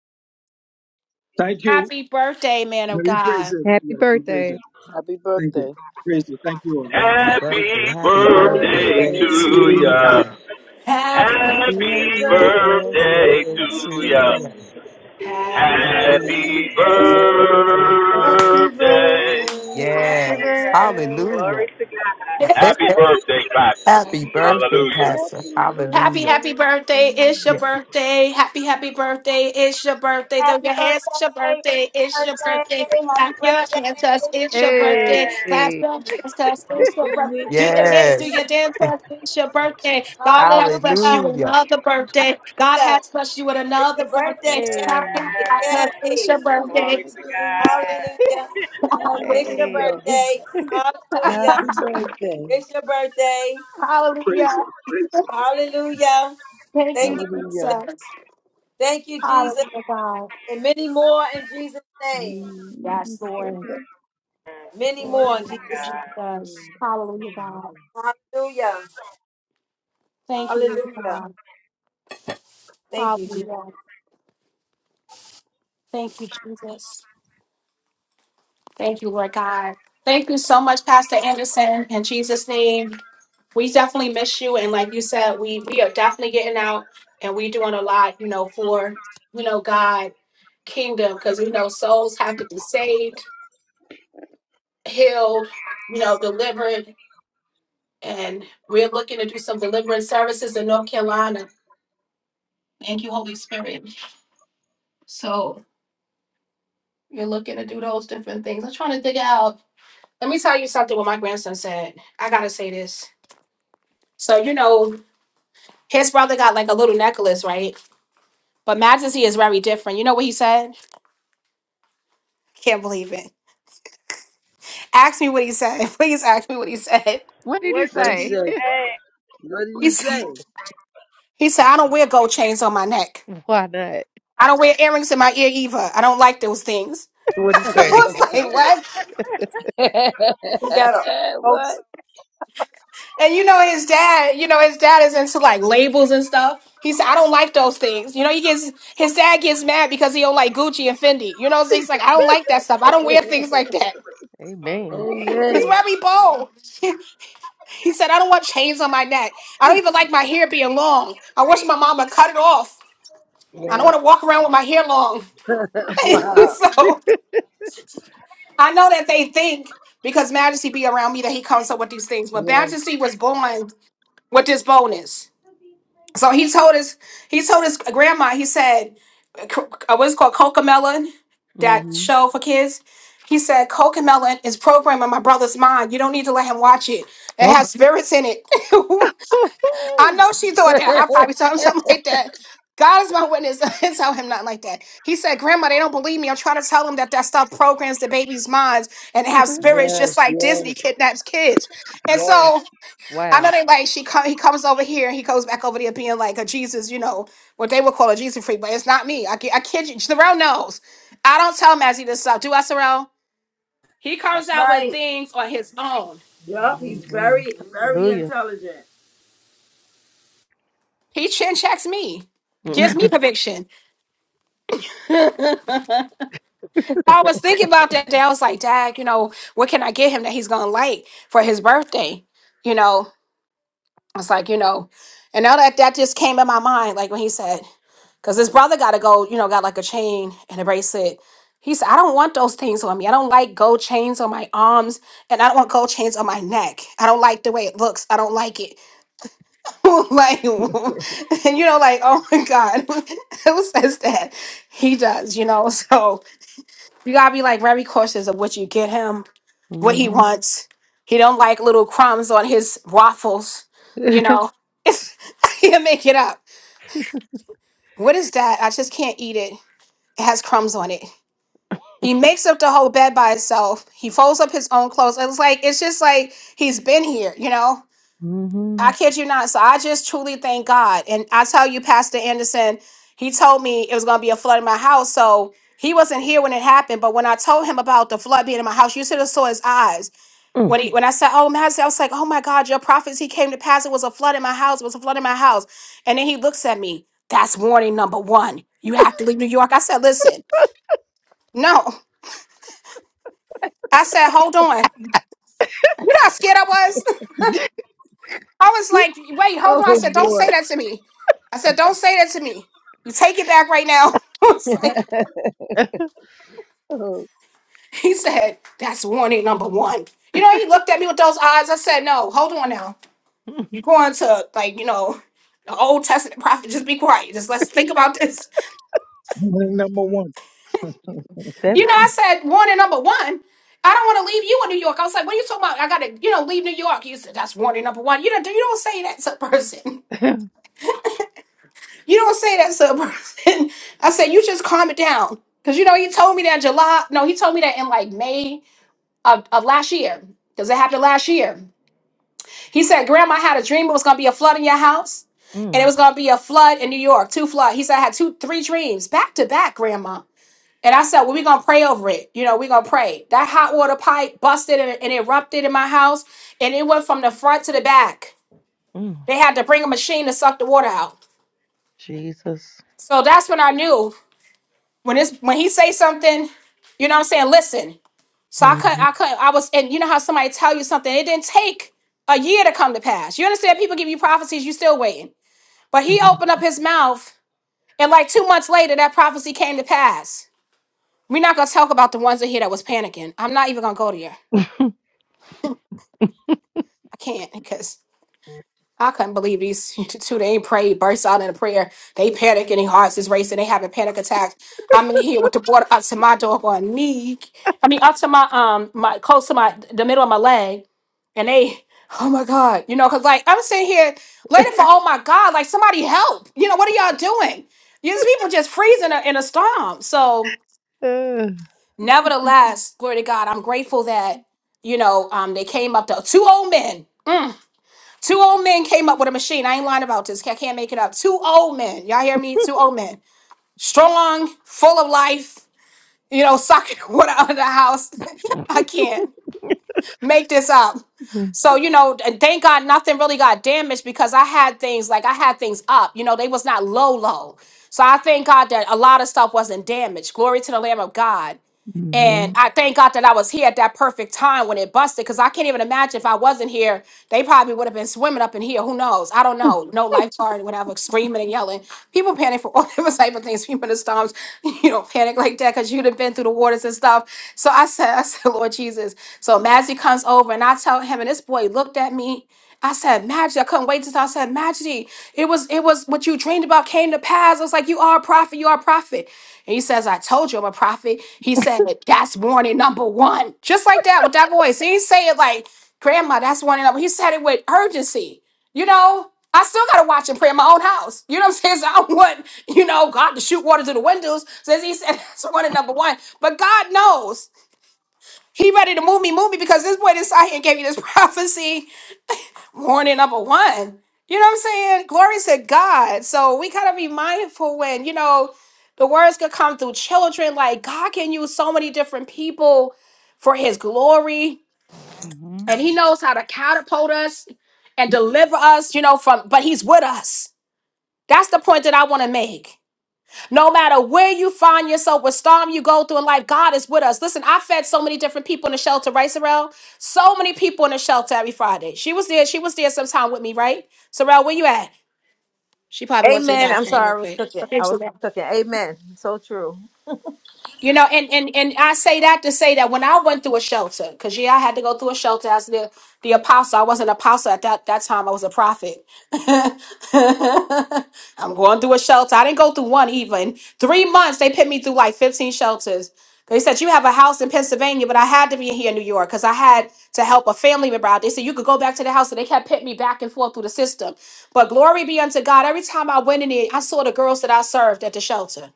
I: Thank you.
A: Happy birthday, man of
I: We praise
A: God.
I: Him.
E: Happy
I: Yes, we praise
E: birthday.
I: Him.
D: Happy
I: Thank you.
D: birthday.
I: Praise Him. Thank you all.
C: Happy birthday.
J: Happy
C: Happy
D: Birthday
C: birthday
J: birthday
C: day
A: Birthday.
C: to
D: to
J: to
C: you.
J: ya.
D: you.
A: Happy
D: Happy
J: Happy
C: Happy
D: birthday
J: birthday
C: birthday
J: to
C: to
D: to
J: ya.
C: you.
D: you.
F: Happy
D: Happy
C: Happy
J: Happy
A: birthday.
F: birthday.
C: birthday.
K: Happy
J: birthday.
K: birthday, happy
C: Yes.
F: Yes.
K: birthday,
F: Glory
C: Hallelujah.
F: to God.
J: Happy birthday, Pastor.
D: birthday.
C: Happy
D: Happy
C: birthday,
D: birthday.
J: Hallelujah.
C: Pastor.
D: Happy
A: Happy,
C: Hallelujah.
D: birthday
A: happy
D: to
A: birthday. It's your
D: you.
C: Yeah.
A: birthday. Happy, happy birthday. It's your birthday. Throw your hands. It's your birthday. It's your birthday. Clap
H: Ray.
A: your hands. Us. It's your birthday.
F: Yes.
A: Clap
E: Hey.
A: your hands. Us. It's your
D: Happy
A: birthday. Do your dance,
D: birthday.
A: do your
C: Yes.
A: dance. us. It's your birthday. God has blessed you
H: Hallelujah.
A: with
C: Hallelujah.
A: another birthday. God
H: Hallelujah.
A: has blessed you with
H: It's
A: another
H: your birthday.
A: birthday.
E: Hey,
A: Clap, clap,
H: Yay.
A: clap. us. It's
F: Yes.
A: your
H: Yay.
D: Happy
A: birthday.
F: Glory to
D: birthday.
F: God.
H: Hallelujah. It's your
D: Hallelujah.
E: hey.
H: birthday. Hallelujah.
D: Happy birthday.
H: It's your birthday.
I: Praise him.
A: Hallelujah.
I: Praise
H: Hallelujah.
A: Thank
H: Thank
A: you,
H: you.
D: Hallelujah.
H: Jesus.
A: Jesus.
H: Thank you, Jesus.
A: Hallelujah, God.
H: And many more in Jesus' name.
A: Yes, Lord.
H: Many
F: Glory
H: more in Jesus'
F: to
A: Jesus. Hallelujah, God.
H: name. Hallelujah.
A: Thank you, Lord
H: Hallelujah.
A: God.
H: Thank you, Jesus.
A: Hallelujah. Thank you, Jesus. Thank you, Lord God. Thank you so much for listening. We definitely miss you. And like you said, we are definitely getting out and we doing a lot, you know, for, you know, God kingdom, because we know those have to be saved, healed, you know, and do some good services. Looking to do those different things. I'm trying to dig out. Let me tell you something what my grandson said. I gotta say this. So, you know, his brother got like a little necklace, right? But majesty is very different. You know what he said? Can't believe it. Ask me what he said. Please ask me what he said.
E: What
F: God.
E: did he
F: What
D: What did
F: did
D: he
E: say?
F: he
D: say?
F: say?
D: What did
A: He said, he said I don't wear gold chains on my neck.
E: Why not?
A: I don't wear earrings in my ear either. I don't like those things.
C: What do you
A: I
C: say?
A: was like, what?
D: he say?
H: We got a
D: what?
H: folks.
A: And you know his dad, you know, his dad is into like labels and stuff. He said, I don't like those things. You know, he gets his dad gets mad because he don't like Gucci and Fendi. You know, so he's like, I don't like that stuff. I don't wear things like that.
E: Amen.
A: He's
D: Amen.
A: very bold. He said, I don't want chains on my neck. I don't even like my hair being long. I wish my mama cut it off. I don't
D: Yeah.
A: want to walk around with my hair long.
D: Wow.
A: so I know that they think because Majesty be around me that he comes up with these things. But
D: Yes.
A: Majesty was born with this bonus. So he told his he told his grandma, he said, co- uh, what's it called Cocomelon, that
E: Mm-hmm.
A: show for kids. He said, Cocomelon is programmed in my brother's mind. You don't need to let him watch it. It
E: Oh, my-
A: has spirits in it. I know she thought that. I probably told him something like that. God is my witness. Don't tell him nothing like that. He said, Grandma, they don't believe me. I'm trying to tell them that that stuff programs the baby's minds and they have spirits just
D: yes.
A: like
D: Yes.
A: Disney kidnaps kids. And
D: Yes.
A: so I know
E: wow.
A: they like, she come, he comes over here and he goes back over there being like a Jesus, you know, what they would call a Jesus freak, but it's not me. I, ki- I kid you. Sorrell knows. I don't tell Mazzy this stuff. Do I, Sorrell? He comes
H: That's
A: out with
H: right.
A: things on his own.
H: Yup. He's
E: Mm-hmm.
H: very, very
E: Hallelujah.
H: intelligent.
A: He chin checks me, gives me conviction. I was thinking about that day. I was like, Dad, you know, what can I get him that he's gonna like for his birthday? You know, I was like, you know, and now that that just came in my mind, like when he said, because his brother got to go, you know, got like a chain and a bracelet. He said, I don't want those things on me. I don't like gold chains on my arms, and I don't want gold chains on my neck. I don't like the way it looks. I don't like it. like, and you know, like, oh my God, who says that? He does, you know. So you gotta be like very cautious of what you get him what he
E: mm-hmm.
A: wants. He don't like little crumbs on his waffles. You know, he'll make it up. What is that? I just can't eat it. It has crumbs on it. He makes up the whole bed by himself. He folds up his own clothes. It's like it's just like he's been here. You know,
E: mm-hmm.
A: I kid you not. So I just truly thank God. And I tell you, Pastor Anderson, he told me it was gonna be a flood in my house. So he wasn't here when it happened. But when I told him about the flood being in my house, you should have saw his eyes
E: Mm.
A: When he, when I said, "Oh, Majesty," I was like, "Oh my God, your prophets! He came to pass. It was a flood in my house. It was a flood in my house." And then he looks at me. That's warning number one. You have to leave New York. I said, "Listen, no." I said, "Hold on." You know how scared I was. I was like, "Wait, hold on." I
D: Oh
A: said, "Don't
D: boy.
A: say that to me." I said, "Don't say that to me. You take it back right now." I was like,
D: Oh!
A: he said, "That's warning number one." You know, he looked at me with those eyes. I said, "No, hold on now." You're going to like, you know, the Old Testament prophet, just be quiet. Just let's think about this.
I: him. Number one.
E: That.
A: You know, I said warning number one. I don't want to leave you in New York. I was like, what are you talking about? I gotta, you know, leave New York. You said that's warning number one. You don't you don't say that to a person. You don't say that to a person. I said, you just calm it down. Cause you know, he told me that July. No, he told me that in like May of, of last year. Because it happened last year. He said, Grandma I had a dream it was gonna be a flood in your house, and it
E: mm.
A: was gonna be a flood in New York, two flood. He said, I had two, three dreams back to back, Grandma. And I said, Well, we're gonna pray over it. You know, we're gonna pray. That hot water pipe busted and, and erupted in my house, and it went from the front to the back.
E: Mm.
A: They had to bring a machine to suck the water out.
E: Jesus.
A: So that's when I knew when it's when he say something, you know what I'm saying, listen. So I couldn't,
E: Mm-hmm.
A: I couldn't, I was, and you know how somebody tell you something, it didn't take a year to come to pass. You understand? People give you prophecies, you still waiting. But he
E: mm-hmm.
A: opened up his mouth, and like two months later, that prophecy came to pass. We're not gonna talk about the ones in here that was panicking. I'm not even gonna go there. I can't because I couldn't believe these two. They ain't prayed, burst out in a prayer. They panic and their hearts is racing. They having panic attacks. I'm in here with the water up to my dog on me. I mean, up to my um my close to my the middle of my leg. and they, oh my God, you know, because like I'm sitting here waiting for, oh my God, like somebody help. You know, what are y'all doing? These people just freezing in a, in a storm. So, nevertheless, glory to God, I'm grateful that, you know, um, they came up to two old men. Two old men came up with a machine. I ain't lying about this. I can't make it up. Two old men. Y'all hear me? Two old men. Strong, full of life, you know, sucking water out of the house. I can't make this up.
E: hmm
A: So, you know, and thank God nothing really got damaged because I had things like I had things up. You know, they was not low low. So I thank God that a lot of stuff wasn't damaged. Glory to the Lamb of God. And I thank God that I was here at that perfect time when it busted, because I can't even imagine if I wasn't here, they probably would have been swimming up in here. Who knows? I don't know. No lifeguard, whatever, screaming and yelling. People panic for all different type of things. People in the storms, you know, panic like that because you'd have been through the waters and stuff. So I said, I said, Lord Jesus. So Majesty comes over and I tell him, and this boy looked at me. I said, Majesty, I couldn't wait to tell. I said, Majesty, it was it was what you dreamed about came to pass. I was like, you are a prophet, you are a prophet. He says, I told you I'm a prophet. He said, that's warning number one. Just like that with that voice. He didn't say it like, Grandma, that's warning number. He said it with urgency. You know, I still got to watch and pray in my own house. You know what I'm saying? So I don't want, you know, God to shoot water to the windows. Says he said, that's warning number one. But God knows he ready to move me, move me because this boy decided and gave you this prophecy corny number one. You know what I'm saying? Glory to God. So we gotta be mindful when, you know, the words could come through children. Like God can use so many different people for his glory.
E: Mm.
A: And he knows how to catapult us and deliver us, you know, from but he's with us. That's the point that I want to make. No matter where you find yourself, what storm you go through in life, God is with us. Listen, I fed so many different people in the shelter, right, Sorrel? So many people in the shelter every Friday. She was there. She was there sometime with me, right? Sorrel, where you at? She probably went to the
H: Amen. I'm
A: bathroom real
H: sorry, I was
A: quick.
H: cooking.
A: Okay,
H: I was
A: so
H: cooking. Amen. So true.
A: You know, and, and and I say that to say that when I went through a shelter, because yeah, I had to go through a shelter as the the apostle. I wasn't an apostle at that, that time, I was a prophet. I'm going through a shelter. I didn't go through one even. Three months they put me through like 15 shelters. They said you have a house in Pennsylvania, but I had to be here in New York because I had to help a family member out. They said you could go back to the house, and they kept putting me back and forth through the system. But glory be unto God. Every time I went in there, I saw the girls that I served at the shelter.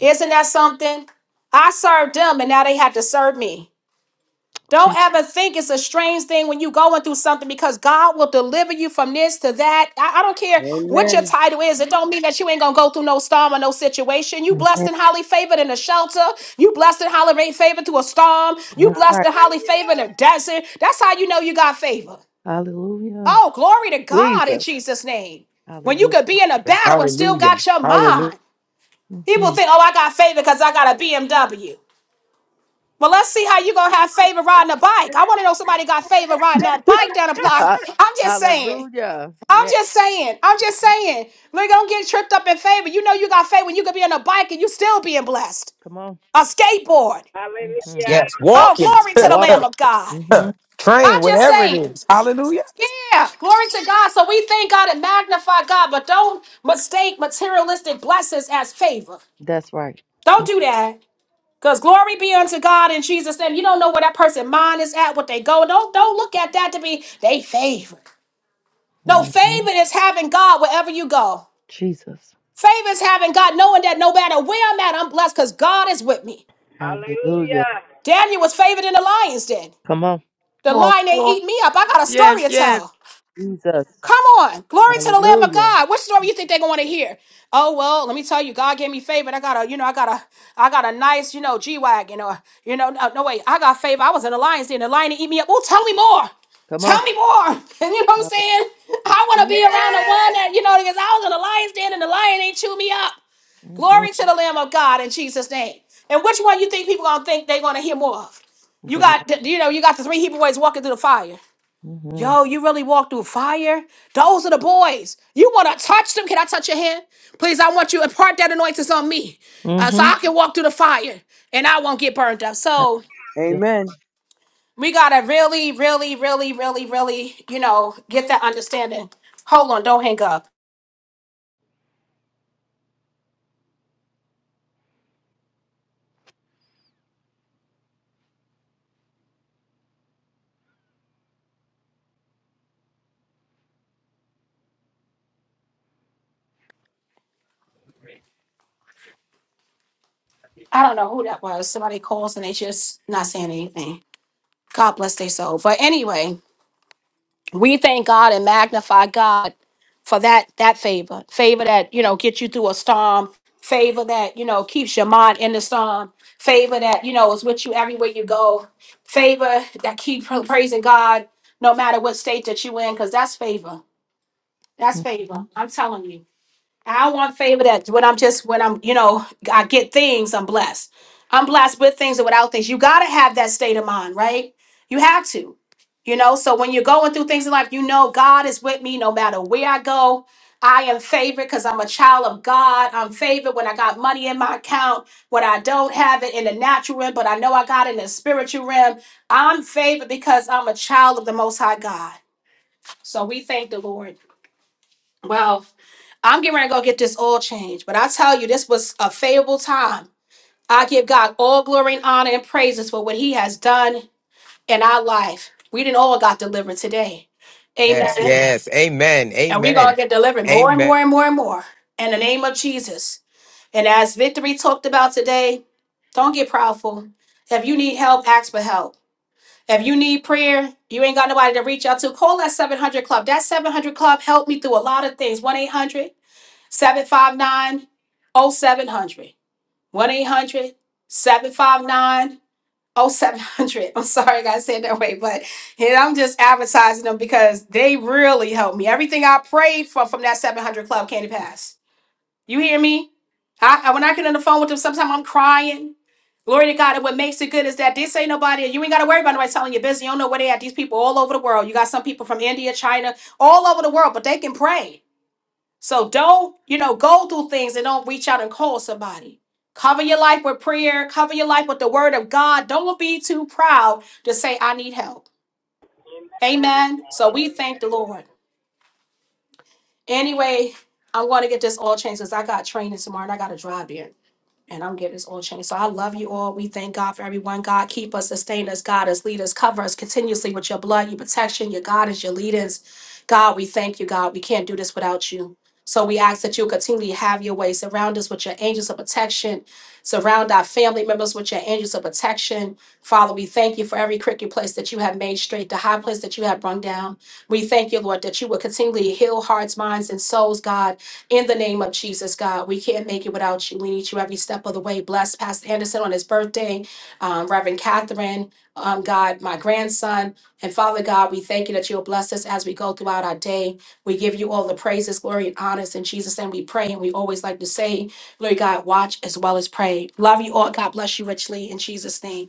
A: Isn't that something? I served them and now they had to serve me. Don't
E: Jesus.
A: ever think it's a strange thing when you going through something because God will deliver you from this to that. I, I don't care what your
D: Amen.
A: title is. It don't mean that you ain't gonna go through no storm or no situation. You blessed and highly favored in a shelter. You blessed and highly favored through a storm. You
E: That's
A: blessed
E: right.
A: and highly favored in
F: Hallelujah.
A: a desert. That's how you know you got favor.
E: Hallelujah.
A: Oh, glory to God in
E: Jesus.
A: Jesus' name. When you
E: Hallelujah.
A: could be in a battle and still
C: Hallelujah.
A: got your
C: Hallelujah.
A: mind. People think, oh, I got favor because I got a BMW. Well, let's see how you gonna have favor riding a bike. I want to know somebody got favor riding that bike down the block.
E: Ha-
A: I'm just saying.
E: Hallelujah.
A: I'm
E: Yeah.
A: just saying. I'm just saying. We gonna get tripped up in favor. You know you got favor. when You could be on a bike and you still being blessed.
E: Come on.
A: A skateboard.
E: hmm
F: Hallelujah.
C: Yes.
A: Oh,
C: Walking.
A: glory to the Lamb
E: Walking.
A: of God.
E: hmm
A: I'm
C: Train,
A: just
C: whatever it
A: saying.
C: is. Hallelujah.
A: Yeah, glory to God. So we thank God and magnify God, but don't mistake materialistic blessings as favor.
E: That's right.
A: Don't do that. Because glory be unto God in Jesus' name. You don't know where that person' mind is at, what they go. Don't don't look at that to be they favored. No,
E: hmm
A: favor is having God wherever you go.
E: Jesus.
A: Favor is having God, knowing that no matter where I'm at, I'm blessed because God is with me.
E: Hallelujah.
F: Hallelujah.
A: Daniel was favored in the lion's den.
E: Come on.
A: The lion ain't eat me up. I got a story to
C: Yes.
A: tell.
E: Jesus.
A: Come on. Glory to the Lamb of
E: Hallelujah.
A: God. What story you think they're going to hear? Oh, well, let me tell you, God gave me favor. and I got a, you know, I got a, I got a nice, you know, G-Wagon or, you know, no, no wait, I got favor. I was in the lion's den. The lion eat me up. Oh, tell me more.
E: Come
A: Tell
E: on.
A: me more. you know what I'm
E: Hallelujah.
A: saying? I want to be around the one that,
F: Yes.
A: you know, because I was in the lion's den and the lion ain't chew me up.
E: hmm hmm
A: Glory to the Lamb of God in Jesus' name. And which one you think people going to think they're going to hear more of? You
E: The Lord.
A: got, you know, you got the three Hebrew boys walking through the fire.
E: hmm
A: Yo, you really walk through fire? Those are the boys. You want to touch them? Can I touch your hand? Please, I want you to impart that anointing on me uh, so
E: hmm
A: I can walk through the fire and I won't get burned up. So
E: Yeah.
D: Amen.
A: we got to really, really, really, really, really, you know, get that understanding. Hold on, don't hang up. God bless their soul. But anyway, we thank God and magnify God for that that favor, favor that you know gets you through a storm, favor that you know keeps your mind in the storm, favor that you know is with you everywhere you go, favor that keep pra- praising God no matter what state that you in, because that's favor. That's favor. I'm telling you. I want favor that when I'm just when I'm you know I get things I'm blessed. I'm blessed with things and without things. You gotta have that state of mind, right? You have to, you know. So when you're going through things in life, you know God is with me no matter where I go. I am favored because I'm a child of God. I'm favored when I got money in my account, when I don't have it in the natural realm, but I know I got it in the spiritual realm. I'm favored because I'm a child of the Most High God. So we thank the Lord. Wow. I'm getting ready to go get this oil change. But I tell you, this was a favorable time. I give God all glory and honor and praises for what He has done in our life. We didn't all got delivered today.
C: Yes,
A: Amen.
C: yes. Amen.
A: And we're going to
C: Amen.
A: get delivered more and
C: Amen.
A: more and more and more in the name of Jesus. And as Victory talked about today, don't get proudful. If you need help, ask for help. If you need prayer, you ain't got nobody to reach out to, call that 700 Club. That 700 Club helped me through a lot of things. 1 800 759 0700. 1 800 i I'm sorry I got to say it that way, but and I'm just advertising them because they really helped me. Everything I prayed for from that 700 Club Candy Pass. You hear me? I, I- When I get on the phone with them, sometimes I'm crying. Glory to God. And what makes it good is that this ain't nobody, you ain't got to worry about nobody telling you business. You don't know where they at. These people all over the world. You got some people from India, China, all over the world, but they can pray. So don't, you know, go through things and don't reach out and call somebody. Cover your life with prayer, cover your life with the word of God. Don't be too proud to say, I need help. Amen. So we thank the Lord. Anyway, I'm going to get this all changed because I got training tomorrow and I got to drive there. And I'm getting this all changed. So I love you all. We thank God for everyone. God, keep us, sustain us, guide us, lead us, cover us continuously with your blood, your protection, your guidance, your leaders. God, we thank you, God. We can't do this without you. So we ask that you continually have your way. Surround us with your angels of protection. Surround our family members with your angels of protection. Father, we thank you for every crooked place that you have made straight, the high place that you have brung down. We thank you, Lord, that you will continually heal hearts, minds, and souls, God. In the name of Jesus, God, we can't make it without you. We need you every step of the way. Bless Pastor Anderson on his birthday, um, Reverend Catherine, um, God, my grandson. And Father God, we thank you that you'll bless us as we go throughout our day. We give you all the praises, glory, and honors in Jesus' name. We pray, and we always like to say, Glory God, watch as well as pray. Love you all. God bless you richly in Jesus' name.